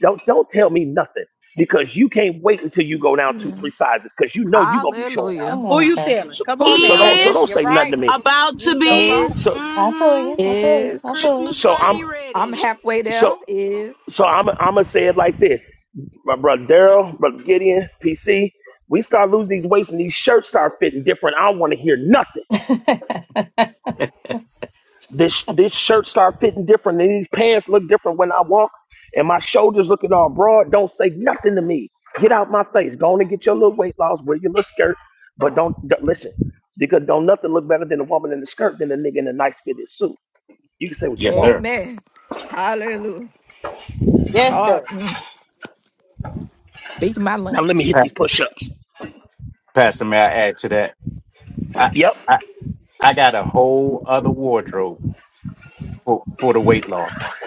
S3: Don't don't tell me nothing because you can't wait until you go down two three
S7: Yes.
S3: sizes because you know you gonna be showing out.
S7: Hallelujah.
S8: Come on,
S5: you
S8: sir.
S5: telling?
S3: So,
S5: Come
S7: Who
S5: on
S7: you
S3: so
S5: now.
S3: don't so
S7: telling?
S3: don't
S5: You're
S6: Is
S3: say nothing to
S5: right.
S3: me.
S6: about
S5: You
S6: to
S5: sure right.
S6: be
S7: Is,
S3: So
S8: I feel
S6: mm-hmm,
S8: you. I feel you. I
S7: is,
S3: so,
S8: feel you.
S6: Christmas
S3: so I'm
S6: body
S7: I'm
S6: ready.
S3: so
S7: halfway
S3: so
S7: there. Is,
S3: so I'm I'm gonna say it like this, my brother Daryl, brother Gideon, PC. We start losing these weights and these shirts start fitting different. I don't want to hear nothing. This this shirt start fitting different, and these pants look different when I walk, and my shoulders looking all broad. Don't say nothing to me. Get out my face. Go on and get your little weight loss. Wear your little skirt, but don't, don't listen because don't nothing look better than a woman in the skirt than a nigga in a nice fitted suit. You can say what you
S10: Yes,
S3: want.
S10: sir.
S7: amen. Hallelujah.
S5: Yes,
S7: God,
S5: sir.
S7: mm, speak my
S3: Now let me
S7: language
S3: hit
S10: Pa-
S3: these push ups.
S10: Pastor, may I add to that? I,
S3: Yep.
S10: I, I got a whole other wardrobe for, for the weight loss.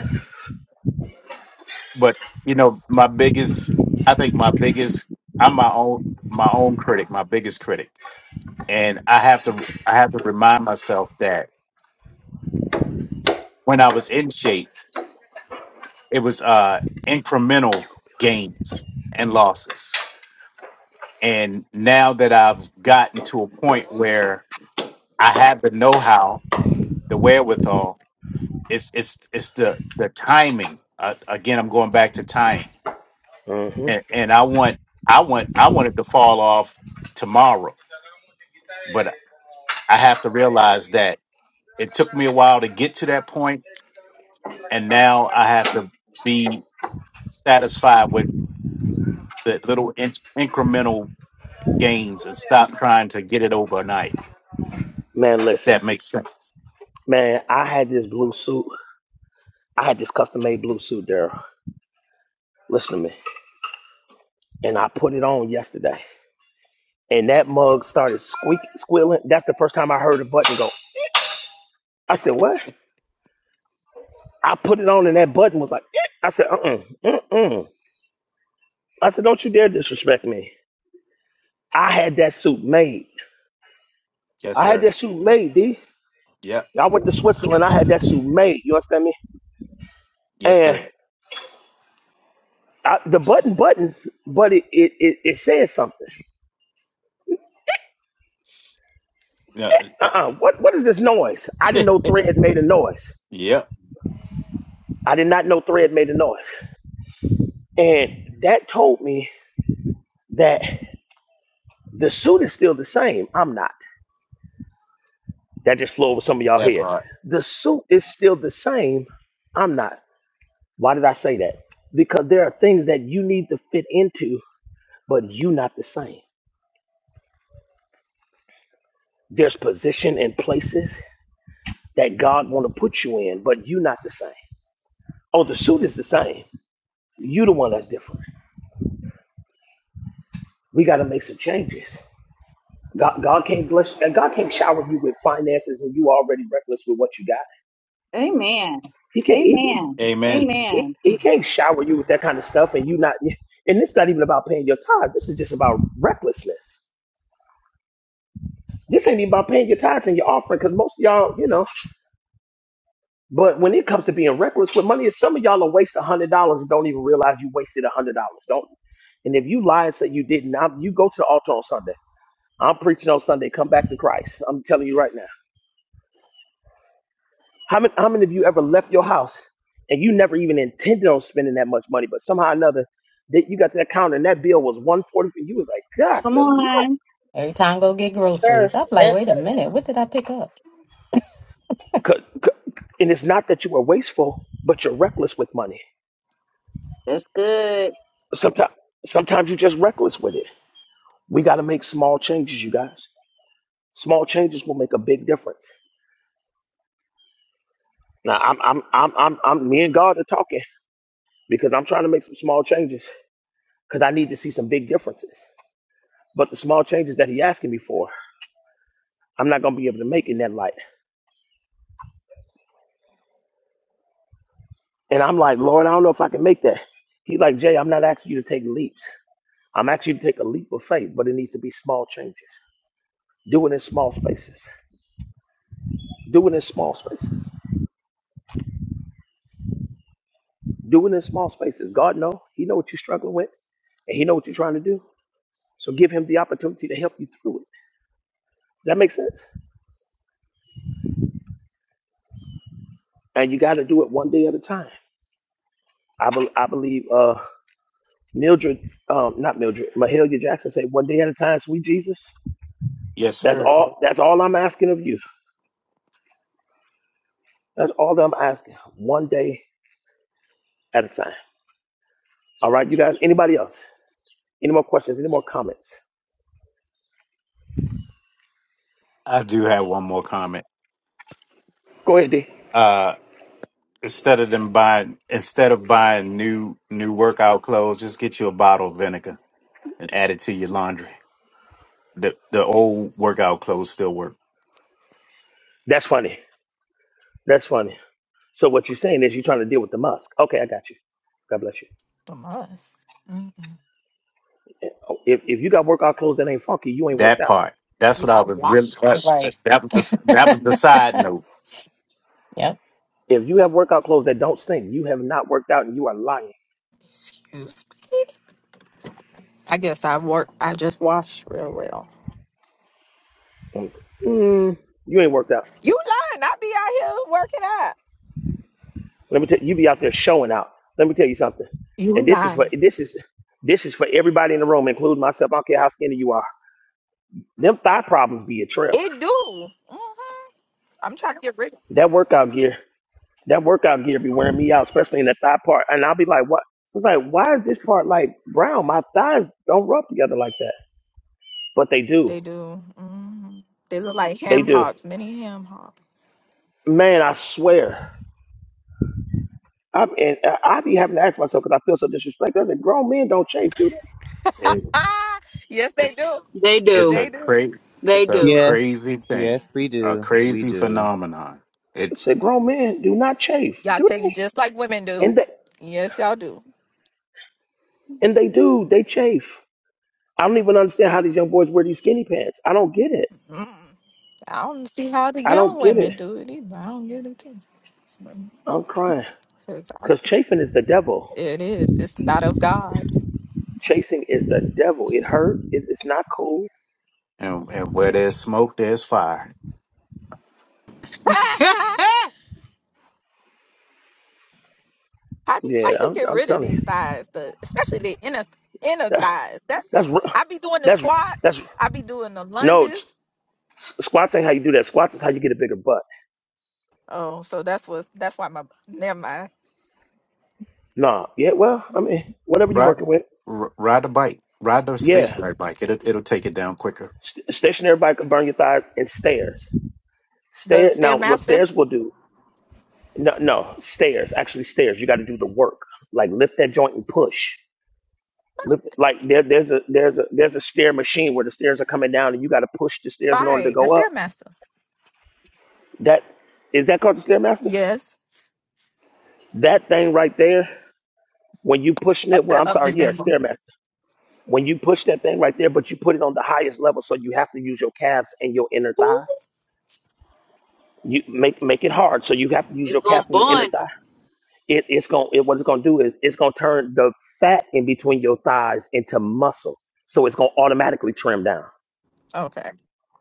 S10: But you know, my biggest I think my biggest I'm my own my own critic, my biggest critic. and I have to I have to remind myself that when I was in shape, it was uh incremental gains and losses. And now that I've gotten to a point where I have the know-how, the wherewithal, it's it's it's the the timing. Uh, again, I'm going back to time,
S3: hmm
S10: and, and I want I want I want it to fall off tomorrow, but I have to realize that it took me a while to get to that point, and now I have to be satisfied with the little in- incremental gains and stop trying to get it overnight.
S3: Man,
S10: If
S3: listen,
S10: that makes sense.
S3: man, I had this blue suit. I had this custom made blue suit, Daryl. Listen to me. And I put it on yesterday. and that mug started squeak squealing. That's the first time I heard a button go. I said, "What?" I put it on, and that button was like, "Eh." I said, "Uh, uh-uh, uh, uh." I said, "Don't you dare disrespect me." I had that suit made.
S10: Yes,
S3: I had
S10: sir.
S3: that suit made, D.
S10: Yep.
S3: I went to Switzerland. I had that suit made. You understand me?
S10: Yes,
S3: And
S10: sir.
S3: I, the button, button, but it it it, it said something.
S10: Yeah.
S3: Uh, uh what what is this noise? I didn't know Thread made a noise.
S10: Yep.
S3: I did not know Thread made a noise, and that told me that. The suit is still the same. I'm not. That just flew over some of y'all head. The suit is still the same. I'm not. Why did I say that? Because there are things that you need to fit into, but you not the same. There's position and places that God want to put you in, but you not the same. Oh, the suit is the same. You the one that's different. We got to make some changes. God, God can't bless. God can't shower you with finances, and you already reckless with what you got.
S11: Amen.
S3: He can't. He,
S11: Amen.
S10: Amen.
S3: He,
S11: Amen.
S3: he can't shower you with that kind of stuff, and you not. And this is not even about paying your tithes. This is just about recklessness. This ain't even about paying your tithes and your offering, because most of y'all, you know. But when it comes to being reckless with money, some of y'all will waste a hundred dollars and don't even realize you wasted a hundred dollars. Don't. And if you lie and say you didn't, I'm, you go to the altar on Sunday. I'm preaching on Sunday. Come back to Christ. I'm telling you right now. How many, how many of you ever left your house and you never even intended on spending that much money, but somehow or another that you got to that counter and that bill was one forty, and you was like, God,
S11: Come
S3: almighty."
S11: on.
S8: Every time I go get
S5: Yes, sir.
S8: groceries, I'm like,
S5: Yes,
S8: wait a
S5: sir.
S8: minute, what did I pick up?
S3: C- c- and it's not that you were wasteful, but you're reckless with money.
S11: That's good.
S3: Sometimes, sometimes you're just reckless with it. We got to make small changes, you guys. Small changes will make a big difference. Now, I'm, I'm, I'm, I'm, I'm, me and God are talking because I'm trying to make some small changes because I need to see some big differences. But the small changes that He asking me for I'm not gonna be able to make in that light. And I'm like, Lord, I don't know if I can make that. He's like, Jay, I'm not asking you to take leaps. I'm asking you to take a leap of faith, but it needs to be small changes. Do it in small spaces. Do it in small spaces. Do it in small spaces. God know. He know what you're struggling with, and He know what you're trying to do. So give Him the opportunity to help you through it. Does that make sense? And you got to do it one day at a time. I, bel I believe uh, Mildred, um, not Mildred, Mahalia Jackson said, "One day at a time, sweet Jesus."
S10: Yes,
S3: That's
S10: sir.
S3: all. That's all I'm asking of you. That's all that I'm asking. One day at a time. All right, you guys. Anybody else? Any more questions? Any more comments?
S10: I do have one more comment.
S3: Go ahead, D.
S10: Uh, instead of them buying, instead of buying new new workout clothes, just get you a bottle of vinegar and add it to your laundry. The the old workout clothes still work.
S3: That's funny. That's funny. So what you're saying is you're trying to deal with the musk. Okay, I got you. God bless you.
S7: to us. Mm-mm.
S3: Oh, If if you got workout clothes that ain't funky, you ain't worked
S10: That
S3: out.
S10: part. That's
S7: You
S10: what I
S7: got
S10: was really.
S7: washed.
S10: That,
S8: Right.
S10: that was the, that was the side note.
S8: Yep.
S3: If you have workout clothes that don't stink, you have not worked out and you are lying.
S7: Excuse me. I guess I work, I just wash real well.
S3: Mm, you ain't worked out.
S7: You lying. I be out here working out.
S3: Let me tell you, you be out there showing out. Let me tell you something.
S7: You
S3: And this is for
S7: lying.
S3: this is this is for everybody in the room, including myself. I don't care how skinny you are. Them thigh problems be a trip.
S7: It do. hmm I'm trying to get rich.
S3: that workout gear, that workout gear be wearing me out, especially in the thigh part. And I'll be like, what? So It's like, why is this part like brown? My thighs don't rub together like that. But they do.
S7: They do. hmm They look like
S3: They
S7: ham
S3: do.
S7: hocks, mini ham hocks.
S3: Man, I swear. I'm, and I I be having to ask myself because I feel so disrespected. I said, grown men don't chafe, do they?
S10: It,
S7: Ah, yes, they
S10: it's
S7: do.
S6: They
S10: it's
S6: do.
S10: a
S7: They do.
S10: cra-
S6: They
S10: it's a
S6: do.
S10: crazy
S17: Yes,
S10: thing,
S17: yes, we
S10: a
S17: do. We
S10: crazy
S17: do.
S10: phenomenon.
S3: I
S10: It
S3: said, grown men do not chafe,
S7: Y'all
S3: do
S7: think just
S3: they?
S7: like women do.
S3: And they,
S7: Yes, y'all do.
S3: and they do. They chafe. I don't even understand how these young boys wear these skinny pants. I don't get it.
S7: mm I don't see how the
S3: I don't
S7: young
S3: get it.
S7: women do it either. I don't get it.
S3: I'm crying
S7: Because
S3: because chafing is the devil.
S7: it is. It's not of God.
S3: Chasing is the devil. It hurt. It, it's not cool.
S10: and, and where there's smoke, there's fire.
S7: how do how
S3: Yeah,
S7: you
S3: I'm,
S7: get
S3: I'm
S7: rid of
S3: telling
S7: these
S3: you.
S7: thighs, the especially the inner inner
S3: That,
S7: thighs? That
S3: that's ru-
S7: I be doing the
S3: that's
S7: squats.
S3: that's
S7: I be doing the
S3: no.
S7: lunges.
S3: It's, s- squats ain't how you do that. Squats is how you get a bigger butt.
S7: Oh, so that's what that's why my never mind.
S3: Nah. Yeah. Well, I mean, whatever you're
S10: Ride
S3: working with.
S10: r- ride a bike, ride the
S3: Yeah.
S10: stationary bike. It'll it'll take it down quicker.
S3: St- stationary bike can burn your thighs and stairs.
S7: The
S3: Stair. Now, what
S7: stairmaster,
S3: stairs will do? No, no. Stairs. Actually, stairs. You got to do the work. Like lift that joint and push. Lift, like there, there's a there's a there's a stair machine where the stairs are coming down and you got to push the stairs in order to
S7: right? The
S3: go up
S7: stairmaster.
S3: That is that called the stairmaster?
S7: Yes,
S3: That thing right there, when you pushing it,
S7: that's
S3: well, I'm
S7: the of the
S3: sorry, yeah,
S7: devil.
S3: stairmaster. When you push that thing right there, but you put it on the highest level, so you have to use your calves and your inner
S7: Ooh,
S3: thigh. You make make it hard, so you have to use
S6: it's
S3: your
S6: going
S3: calf
S6: to
S3: and your inner
S6: burn.
S3: thigh. It it's going it, what it's gonna do is it's gonna turn the fat in between your thighs into muscle, so it's gonna automatically trim down.
S7: Okay.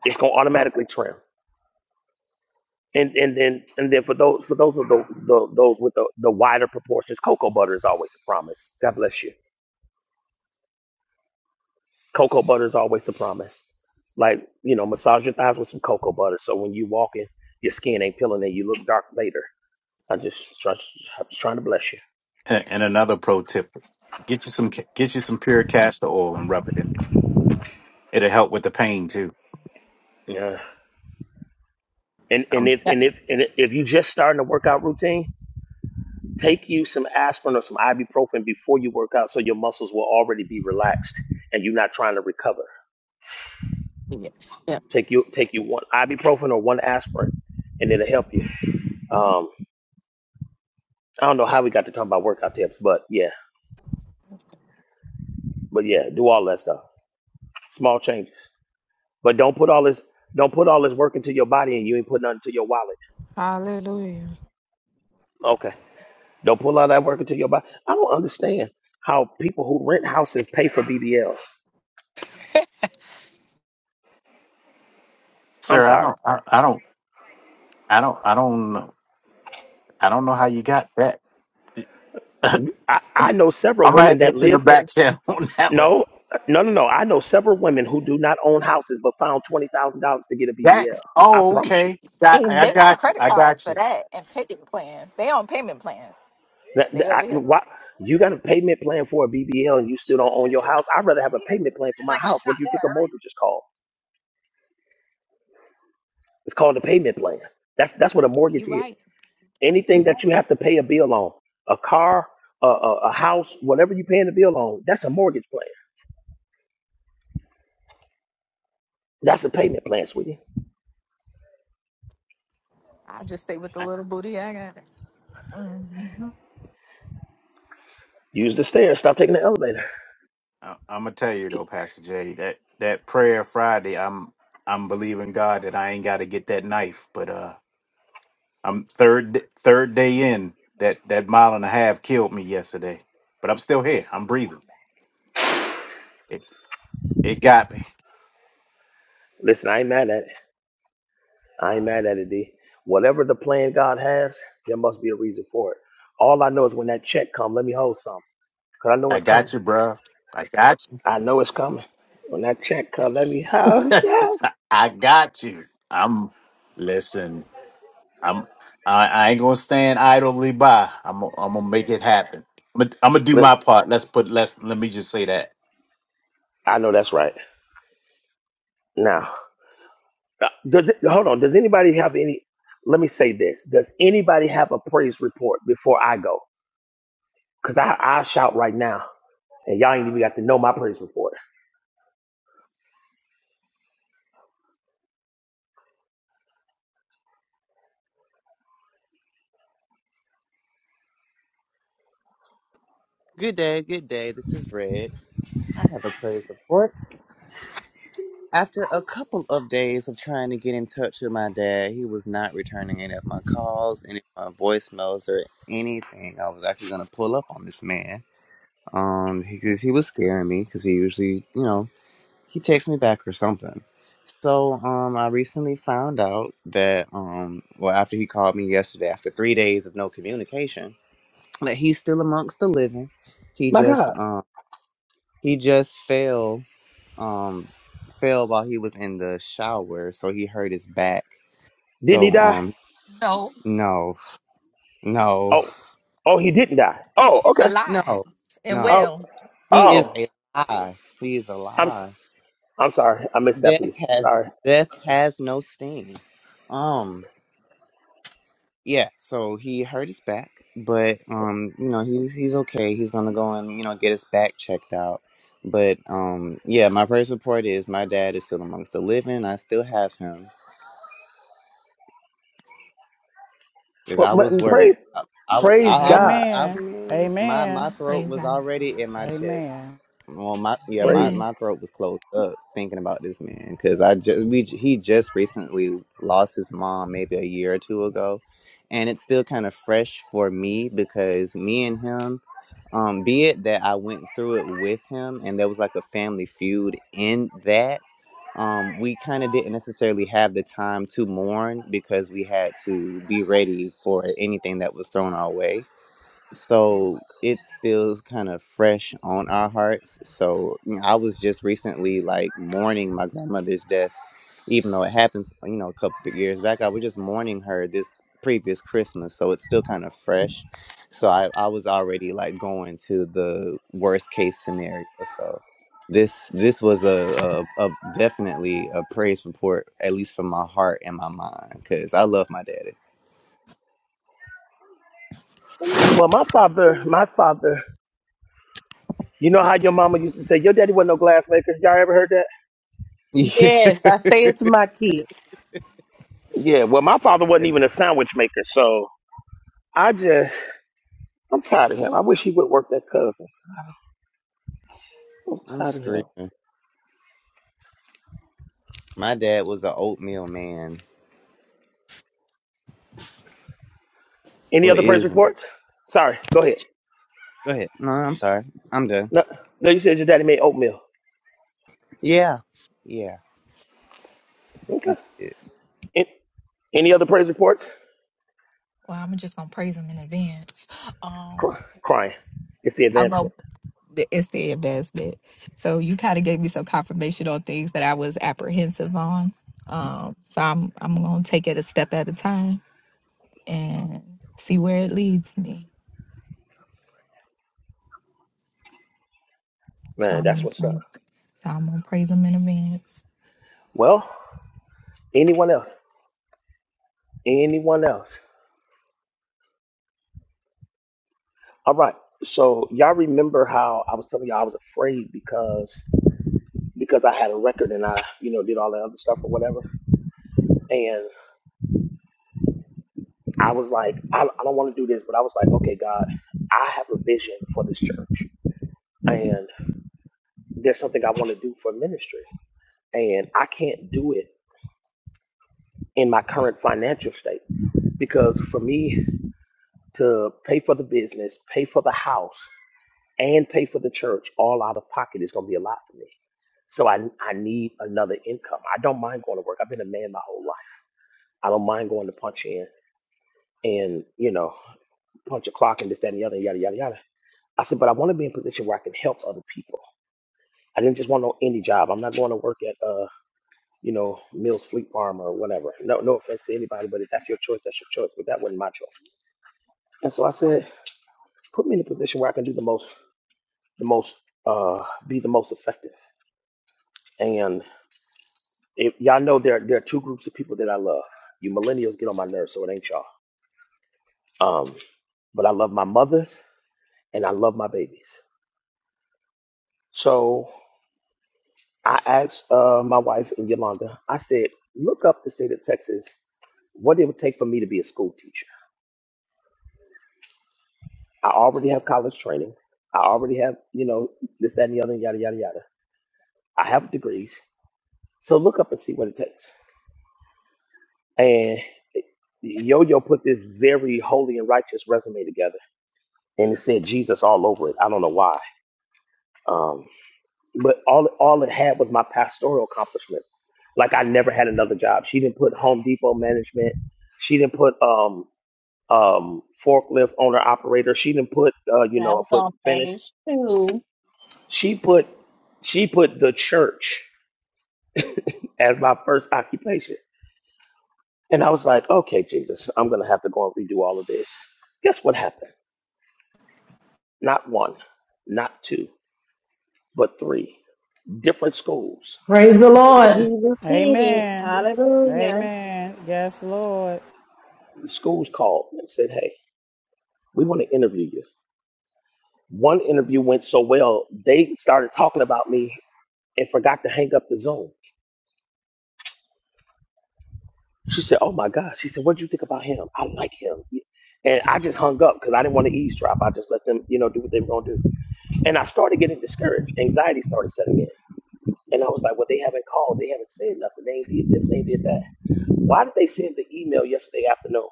S3: It's gonna automatically trim. And and then and then for those for those of the, the those with the, the wider proportions, cocoa butter is always a promise. God bless you. Cocoa butter is always the promise. Like, you know, massage your thighs with some cocoa butter so when you walking, your skin ain't peeling and you look dark later. I just, try, I'm just trying to bless you.
S10: And, and another pro tip: get you some ca- get you some pure castor oil and rub it in. It'll help with the pain too.
S3: Yeah. And and
S10: Um,
S3: if
S7: Yeah.
S3: and if and if you just starting a workout routine, take you some aspirin or some ibuprofen before you work out, so your muscles will already be relaxed and you're not trying to recover.
S7: yeah. yeah.
S3: Take you take you one ibuprofen or one aspirin, and it'll help you. Um, I don't know how we got to talk about workout tips, but yeah, but yeah, do all that stuff. Small changes. But don't put all this don't put all this work into your body and you ain't put nothing to your wallet.
S7: Hallelujah.
S3: Okay. Don't put all that work into your body. I don't understand how people who rent houses pay for BBLs. I'm
S10: sir, I
S3: sorry.
S10: don't I, I don't I don't I don't know I don't know how you got that. I'm,
S3: I, I
S10: I'm
S3: know several
S10: gonna
S3: women
S10: have to
S3: that
S10: hit you in the
S3: live in
S10: back channel on that one.
S3: no no no no. I know several women who do not own houses but found twenty thousand dollars to get a
S10: That
S3: BBL. I
S10: oh
S3: promise you.
S10: okay. Got-
S7: They,
S10: I
S7: they got
S10: got you.
S7: credit
S10: I
S7: cards
S10: got
S7: for
S10: you.
S7: that and payment plans. They on payment plans.
S3: That,
S7: They
S3: that- I,
S7: over here.
S3: why, you got a payment plan for a BBL and you still don't own your house. I'd rather have a payment plan for my house. What do you think a mortgage is called? It's called a payment plan. That's that's what a
S7: You
S3: mortgage is.
S7: right.
S3: Anything that you have to pay a bill on, a car, a, a, a house, whatever you're paying the bill on, that's a mortgage plan. That's a payment plan, sweetie.
S7: I'll just stay with the little booty I got. Mhm.
S3: Use the stairs. Stop taking the elevator.
S10: I, am gonna tell you though,
S3: Keep-
S10: Pastor Jay, that that prayer Friday, I'm I'm believing God that I ain't got to get that knife, but uh, I'm third third day in that that mile and a half killed me yesterday, but I'm still here. I'm breathing. It it got me.
S3: Listen, I ain't mad at it. I ain't mad at it, D. Whatever the plan God has, there must be a reason for it. All I know is when that check come, let me hold some. Because I know
S10: I
S3: it's
S10: got
S3: coming.
S10: you, bruh. I got you.
S3: I know it's coming. When that check come, let me hold some.
S10: I got you. I'm listen. I'm I, I ain't gonna stand idly by. I'm i am i gonna make it happen. I'm gonna, I'm gonna do
S3: Look,
S10: my part. Let's put let's let me just say that.
S3: I know that's right. Now. Uh, Does it, hold on. Does anybody have any? Let me say this. Does anybody have a praise report before I go? Cause I I shout right now, and y'all ain't even got to know my praise report.
S17: Good day, good day. This is Red. I have a praise report. After a couple of days of trying to get in touch with my dad, he was not returning any of my calls, any of my voicemails, or anything. I was actually going to pull up on this man um, because he 'cause he was scaring me because he usually, you know, he texts me back or something. So um, I recently found out that, um, well, after he called me yesterday, after three days of no communication, that he's still amongst the living. He
S3: My
S17: just
S3: God,
S17: um he just fell um fell while he was in the shower, so he hurt his back.
S3: didn't he
S17: So
S3: die?
S17: um
S7: No,
S17: no no
S3: Oh, oh, he didn't die. Oh,
S7: he's
S3: okay.
S7: alive
S17: no
S7: and
S17: no
S3: Oh,
S7: well.
S17: he is
S3: oh,
S17: a lie. He is a
S3: I'm
S17: lie.
S3: I'm sorry. I missed that
S17: Death
S3: piece.
S17: has
S3: Sorry.
S17: death has no sting. Um. Yeah, so he hurt his back, but um, you know, he's he's okay. He's gonna go and, you know, get his back checked out. But um yeah, my first report is my dad is still amongst the living. I still have him because
S3: Well,
S17: I
S3: my,
S17: was worried.
S3: praise
S17: I, I was I,
S3: praise
S17: I was
S3: God.
S17: I,
S12: Amen.
S17: my
S13: Amen.
S17: my
S12: Amen.
S17: throat
S7: Praise
S17: was
S7: God.
S17: already in my chest.
S12: Amen.
S17: Well, my yeah, my,
S3: Praise.
S7: Amen.
S17: my throat was closed up thinking about this man because I just we j- he just recently lost his mom maybe a year or two ago, and it's still kind of fresh for me because me and him, um, be it that I went through it with him and there was like a family feud in that, um, we kind of didn't necessarily have the time to mourn because we had to be ready for anything that was thrown our way so it's still kind of fresh on our hearts. So you know, I was just recently like mourning my grandmother's death, even though it happens, you know, a couple of years back. I was just mourning her this previous Christmas, so it's still kind of fresh. So I, I was already like going to the worst case scenario. So this this was a, a, a definitely a praise report, at least for my heart and my mind, because I love my daddy.
S3: Well,
S14: Amen.
S3: my father, my father. You know how your mama used to say your daddy wasn't no glass maker. Y'all ever heard that?
S17: Yeah,
S5: Yes, I say it to my kids.
S3: Yeah. Well, my father wasn't even a sandwich maker, so. I just, I'm tired of him. I wish he would work at Cousins. I'm
S17: I'm
S3: tired of him.
S17: screaming. My dad was an oatmeal man.
S3: Any
S17: Well,
S3: other praise
S17: is. Go
S3: reports? Sorry, go ahead.
S17: ahead. No, I'm sorry. I'm done.
S3: No, no, you said your daddy made oatmeal.
S17: Yeah. Yeah.
S3: Okay. An- Any other praise reports?
S7: Well, I'm just gonna praise him in advance. Um,
S3: Cry- crying. It's the advancement.
S7: the- it's the investment. So you kind of gave me some confirmation on things that I was apprehensive on. Um, so I'm I'm gonna take it a step at a time and see where it leads me. So
S3: Man,
S7: I'm
S3: that's
S7: gonna
S3: what's up.
S7: praise. So I'm gonna praise him in advance.
S3: Well, anyone else? Anyone else? All right. So y'all remember how I was telling y'all I was afraid because because I had a record and I, you know, did all that other stuff or whatever. I was like, I, I don't want to do this, but I was like, okay, God, I have a vision for this church, and there's something I want to do for ministry, and I can't do it in my current financial state because for me to pay for the business, pay for the house, and pay for the church all out of pocket is going to be a lot for me. So I I need another income. I don't mind going to work. I've been a man my whole life. I don't mind going to punch in and you know punch a clock and this that and the other yada yada yada. I said, but I want to be in a position where I can help other people. I didn't just want no any job. I'm not going to work at uh, you know, Mills Fleet Farm or whatever. No, no offense to anybody, but if that's your choice, that's your choice. But that wasn't my choice. And so I said, put me in a position where I can do the most, the most, uh, be the most effective. And if y'all know there, there are two groups of people that I love. You millennials get on my nerves, so it ain't y'all. Um, but I love my mothers and I love my babies. So I asked uh, my wife and Yolanda, I said, look up the state of Texas, what it would take for me to be a school teacher. I already have college training. I already have, you know, this, that, and the other, and yada, yada, yada. I have degrees. So look up and see what it takes. And Yo Yo put this very holy and righteous resume together, and it said Jesus all over it. I don't know why. Um, but all, all it had was my pastoral accomplishments. Like I never had another job. She didn't put Home Depot management. She didn't put um, um, forklift owner operator. She didn't put uh, you
S11: Now
S3: know a
S11: we're
S3: foot
S11: on
S3: finish.
S11: page two.
S3: She put she put the church as my first occupation, and I was like, okay, Jesus, I'm gonna have to go and redo all of this. Guess what happened? Not one, not two, but three different schools.
S6: Praise the Lord.
S11: Jesus did it.
S12: Amen.
S11: Hallelujah.
S12: Amen. Yes, Lord.
S3: The schools called and said, hey, we want to interview you. One interview went so well, they started talking about me and forgot to hang up the Zoom. She said, "Oh my God!" She said, "What do you think about him? I like him." And I just hung up because I didn't want to eavesdrop. I just let them, you know, do what they were gonna do. And I started getting discouraged. Anxiety started setting in, and I was like, "Well, they haven't called. They haven't said nothing. They ain't did this. They ain't did that. Why did they send the email yesterday afternoon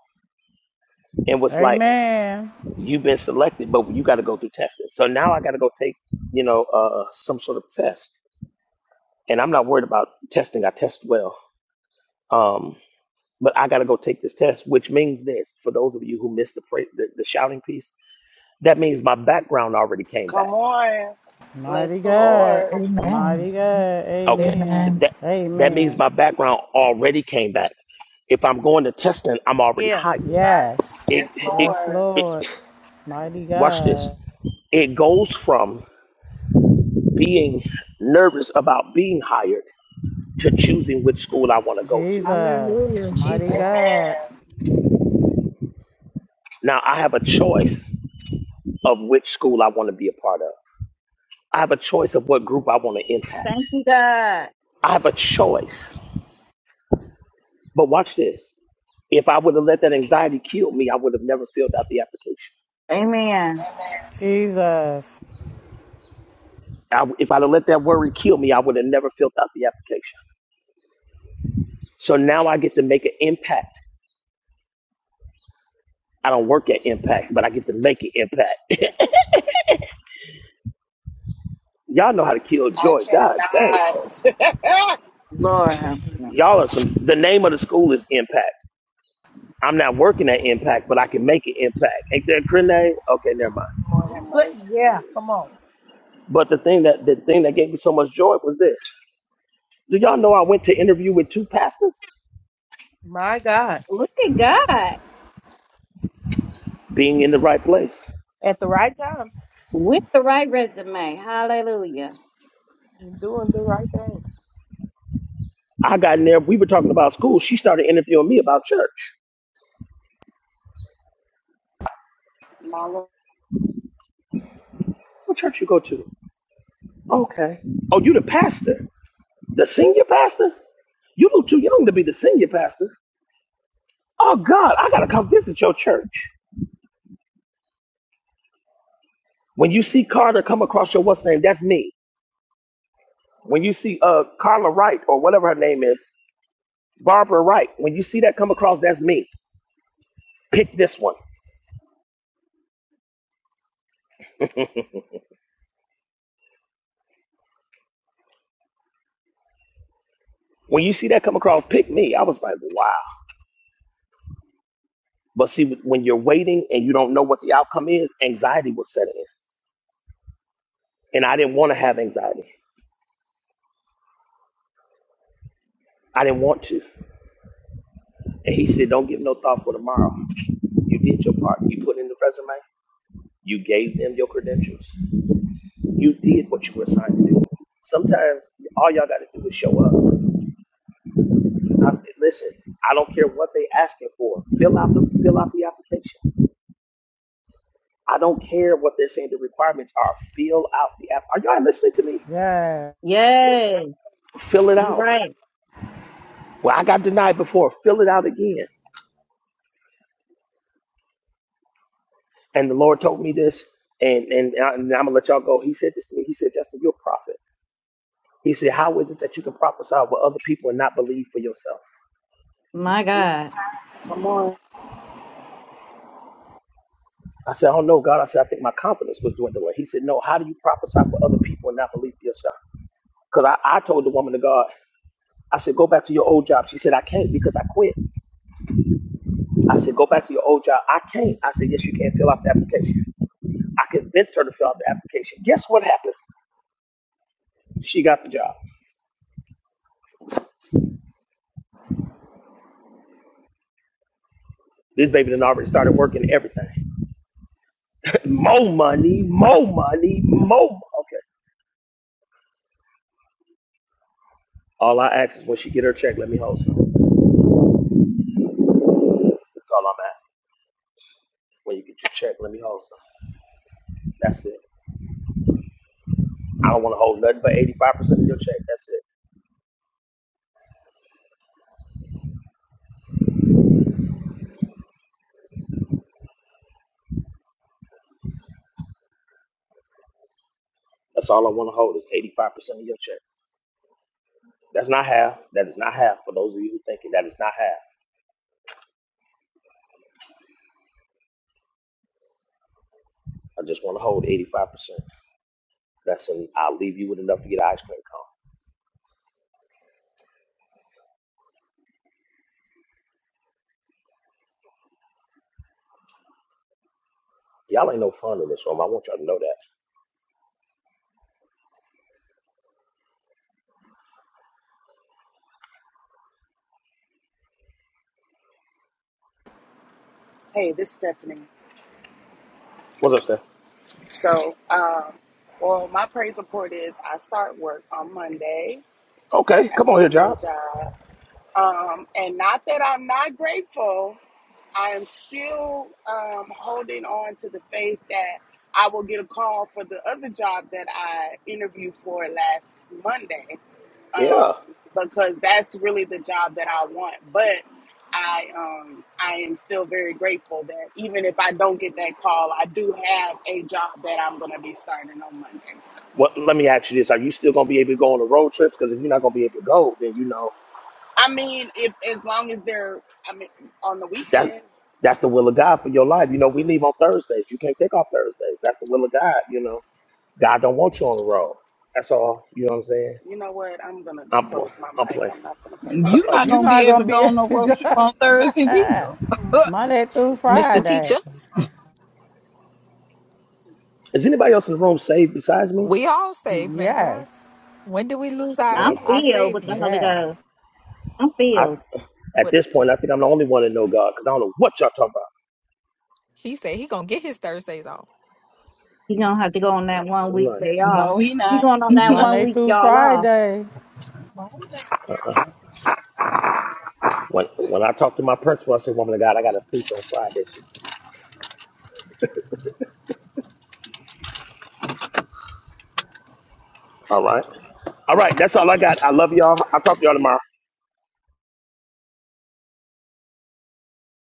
S3: and was like,
S12: Amen.
S3: you've been selected, but you got to go through testing. So now I got to go take, you know, uh, some sort of test, and I'm not worried about testing. I test well." Um, but I got to go take this test, which means this for those of you who missed the, pra- the the shouting piece. That means my background already came
S14: Come
S3: back.
S14: on.
S12: Mighty
S14: Bless the
S12: God.
S14: Lord.
S7: Amen.
S12: Mighty God.
S3: Okay,
S12: Amen.
S7: Amen.
S3: that that
S12: Amen.
S3: means my background already came back. If I'm going to testing, I'm already hired.
S5: You right.
S12: Yes.
S3: It
S14: Yes,
S3: it,
S12: Yes,
S14: Lord.
S12: Lord.
S3: it
S12: Mighty
S3: watch this.
S12: God.
S3: It goes from being nervous about being hired to choosing which school I want to go to.
S12: Jesus.
S7: Hallelujah,
S12: Mighty
S7: Jesus.
S12: God.
S14: Amen.
S3: Now I have a choice of which school I want to be a part of. I have a choice of what group I want to impact.
S11: Thank you, God.
S3: I have a choice But watch this. If I would have let that anxiety kill me, I would have never filled out the application.
S11: Amen.
S12: Jesus.
S3: I, if I'd have let that worry kill me, I would have never filled out the application. So now I get to make an impact. I don't work at impact, but I get to make an impact. Y'all know how to kill
S14: I
S3: joy. God dang.
S14: cannot.
S11: Lord have mercy.
S3: Y'all are some, the name of the school is Impact. I'm not working at Impact, but I can make an impact. Ain't that grenade? Okay, never mind.
S14: Lord
S5: You
S14: have
S5: put
S14: mercy.
S5: yeah, come on.
S3: But the thing that the thing that gave me so much joy was this. Do y'all know I went to interview with two pastors?
S5: My God.
S11: Look at God
S3: Being in the right place.
S5: At the right time.
S11: with the right resume. Hallelujah.
S5: You're doing the right thing.
S3: I got in there. We were talking about school. She started interviewing me about church.
S14: My Lord.
S3: What church you go to? Okay. Oh, you the pastor, the senior pastor? You look too young to be the senior pastor. Oh God, I gotta come visit your church. When you see Carter come across your what's name, that's me. When you see uh Carla Wright or whatever her name is, Barbara Wright. When you see that come across, that's me. Pick this one. When you see that come across, pick me. I was like, wow. But see, when you're waiting and you don't know what the outcome is, anxiety will set in And I didn't want to have anxiety. I didn't want to. And he said, Don't give no thought for tomorrow. You did your part. You put in the resume. You gave them your credentials. You did what you were assigned to do. Sometimes all y'all got to do is show up. I, listen, I don't care what they asking for. Fill out the fill out the application. I don't care what they're saying the requirements are. Fill out the app. Are y'all listening to me?
S12: Yeah.
S11: Yes.
S3: Fill it
S11: You're
S3: out.
S11: right.
S3: Well, I got denied before. Fill it out again. and the Lord told me this, and and, I, am gonna let y'all go. He said this to me. He said, Justin, you're a prophet. He said, How is it that you can prophesy over other people and not believe for yourself?
S11: My
S14: Yes.
S11: God.
S14: Come on.
S3: I said, Oh no, God. I said, I think my confidence was dwindling. He said, No, how do you prophesy for other people and not believe for yourself? Because I, I told the woman of God, I said, Go back to your old job. She said, I can't because I quit. I said, Go back to your old job. I can't. I said, Yes, you can fill out the application. I convinced her to fill out the application. Guess what happened? She got the job. This baby done already started working everything. More money, more money, more. mo- Okay. All I ask is when she get her check, let me hold some. That's all I'm asking. When you get your check, let me hold some. That's it. I don't want to hold nothing but 85% of your check. That's it. That's all I want to hold is 85% of your check. That's not half. That is not half. For those of you who thinking that is not half, I just want to hold 85%. That's it. I'll leave you with enough to get an ice cream cone. Y'all ain't no fun in this room. I want y'all to know that.
S14: Hey, this is Stephanie.
S3: What's up, Steph?
S14: So, um, well, my praise report is I start work on Monday
S3: Okay,
S14: at
S3: come on
S14: my
S3: here,
S14: new
S3: Job.
S14: job. Um, and not that I'm not grateful, I am still um, holding on to the faith that I will get a call for the other job that I interviewed for last Monday
S3: Yeah.
S14: um, because that's really the job that I want. But I um, I am still very grateful that even if I don't get that call, I do have a job that I'm going to be starting on Monday. So
S3: What? Let me ask you this: Are you still going to be able to go on the road trips? Because if you're not going to be able to go, then you know
S14: I mean, if as long as they're I mean on the
S3: that
S14: weekend,
S3: that's the will of God for your life. You know, we leave on Thursdays. You can't take off Thursdays. That's the will of God. You know, God don't want you on the road. That's all. You know what I'm saying?
S14: you know what? I'm gonna
S3: I'm pl-
S14: close my
S3: I'm
S14: mic.
S3: playing.
S14: I'm not gonna play with
S18: You're
S3: Uh,
S14: you.
S18: not
S12: You're
S18: gonna be
S12: not
S18: able to
S12: going
S18: go
S12: to
S18: on no
S12: be
S18: road trip on Thursdays
S12: God.
S18: either.
S12: Monday through
S7: Mr.
S12: Friday.
S7: Teacher,
S3: Is anybody else in the room saved besides me?
S7: we all saved, man of God.
S12: Yes.
S7: When do we lose
S3: Oh,
S7: our,
S11: I'm
S3: okay.
S7: our
S11: filled with the
S7: saveness?
S11: Holy Ghost.
S12: Yes.
S11: I'm
S3: I
S11: filled.
S3: at
S7: What
S3: this point I think I'm the only one that know God because I don't know what y'all talking
S7: he said he gonna get his Thursdays off.
S11: He gonna have to go on that one week
S3: about.
S11: day off.
S18: no, he
S11: He
S18: not.
S11: going on that one
S12: Monday
S11: week
S12: through
S11: y'all off.
S12: Friday.
S3: None. Uh-uh. When when I talk to my principal, I say, "Woman of God, I got to preach on Friday." All right. All right. That's all I got. I love y'all. I'll talk to y'all tomorrow.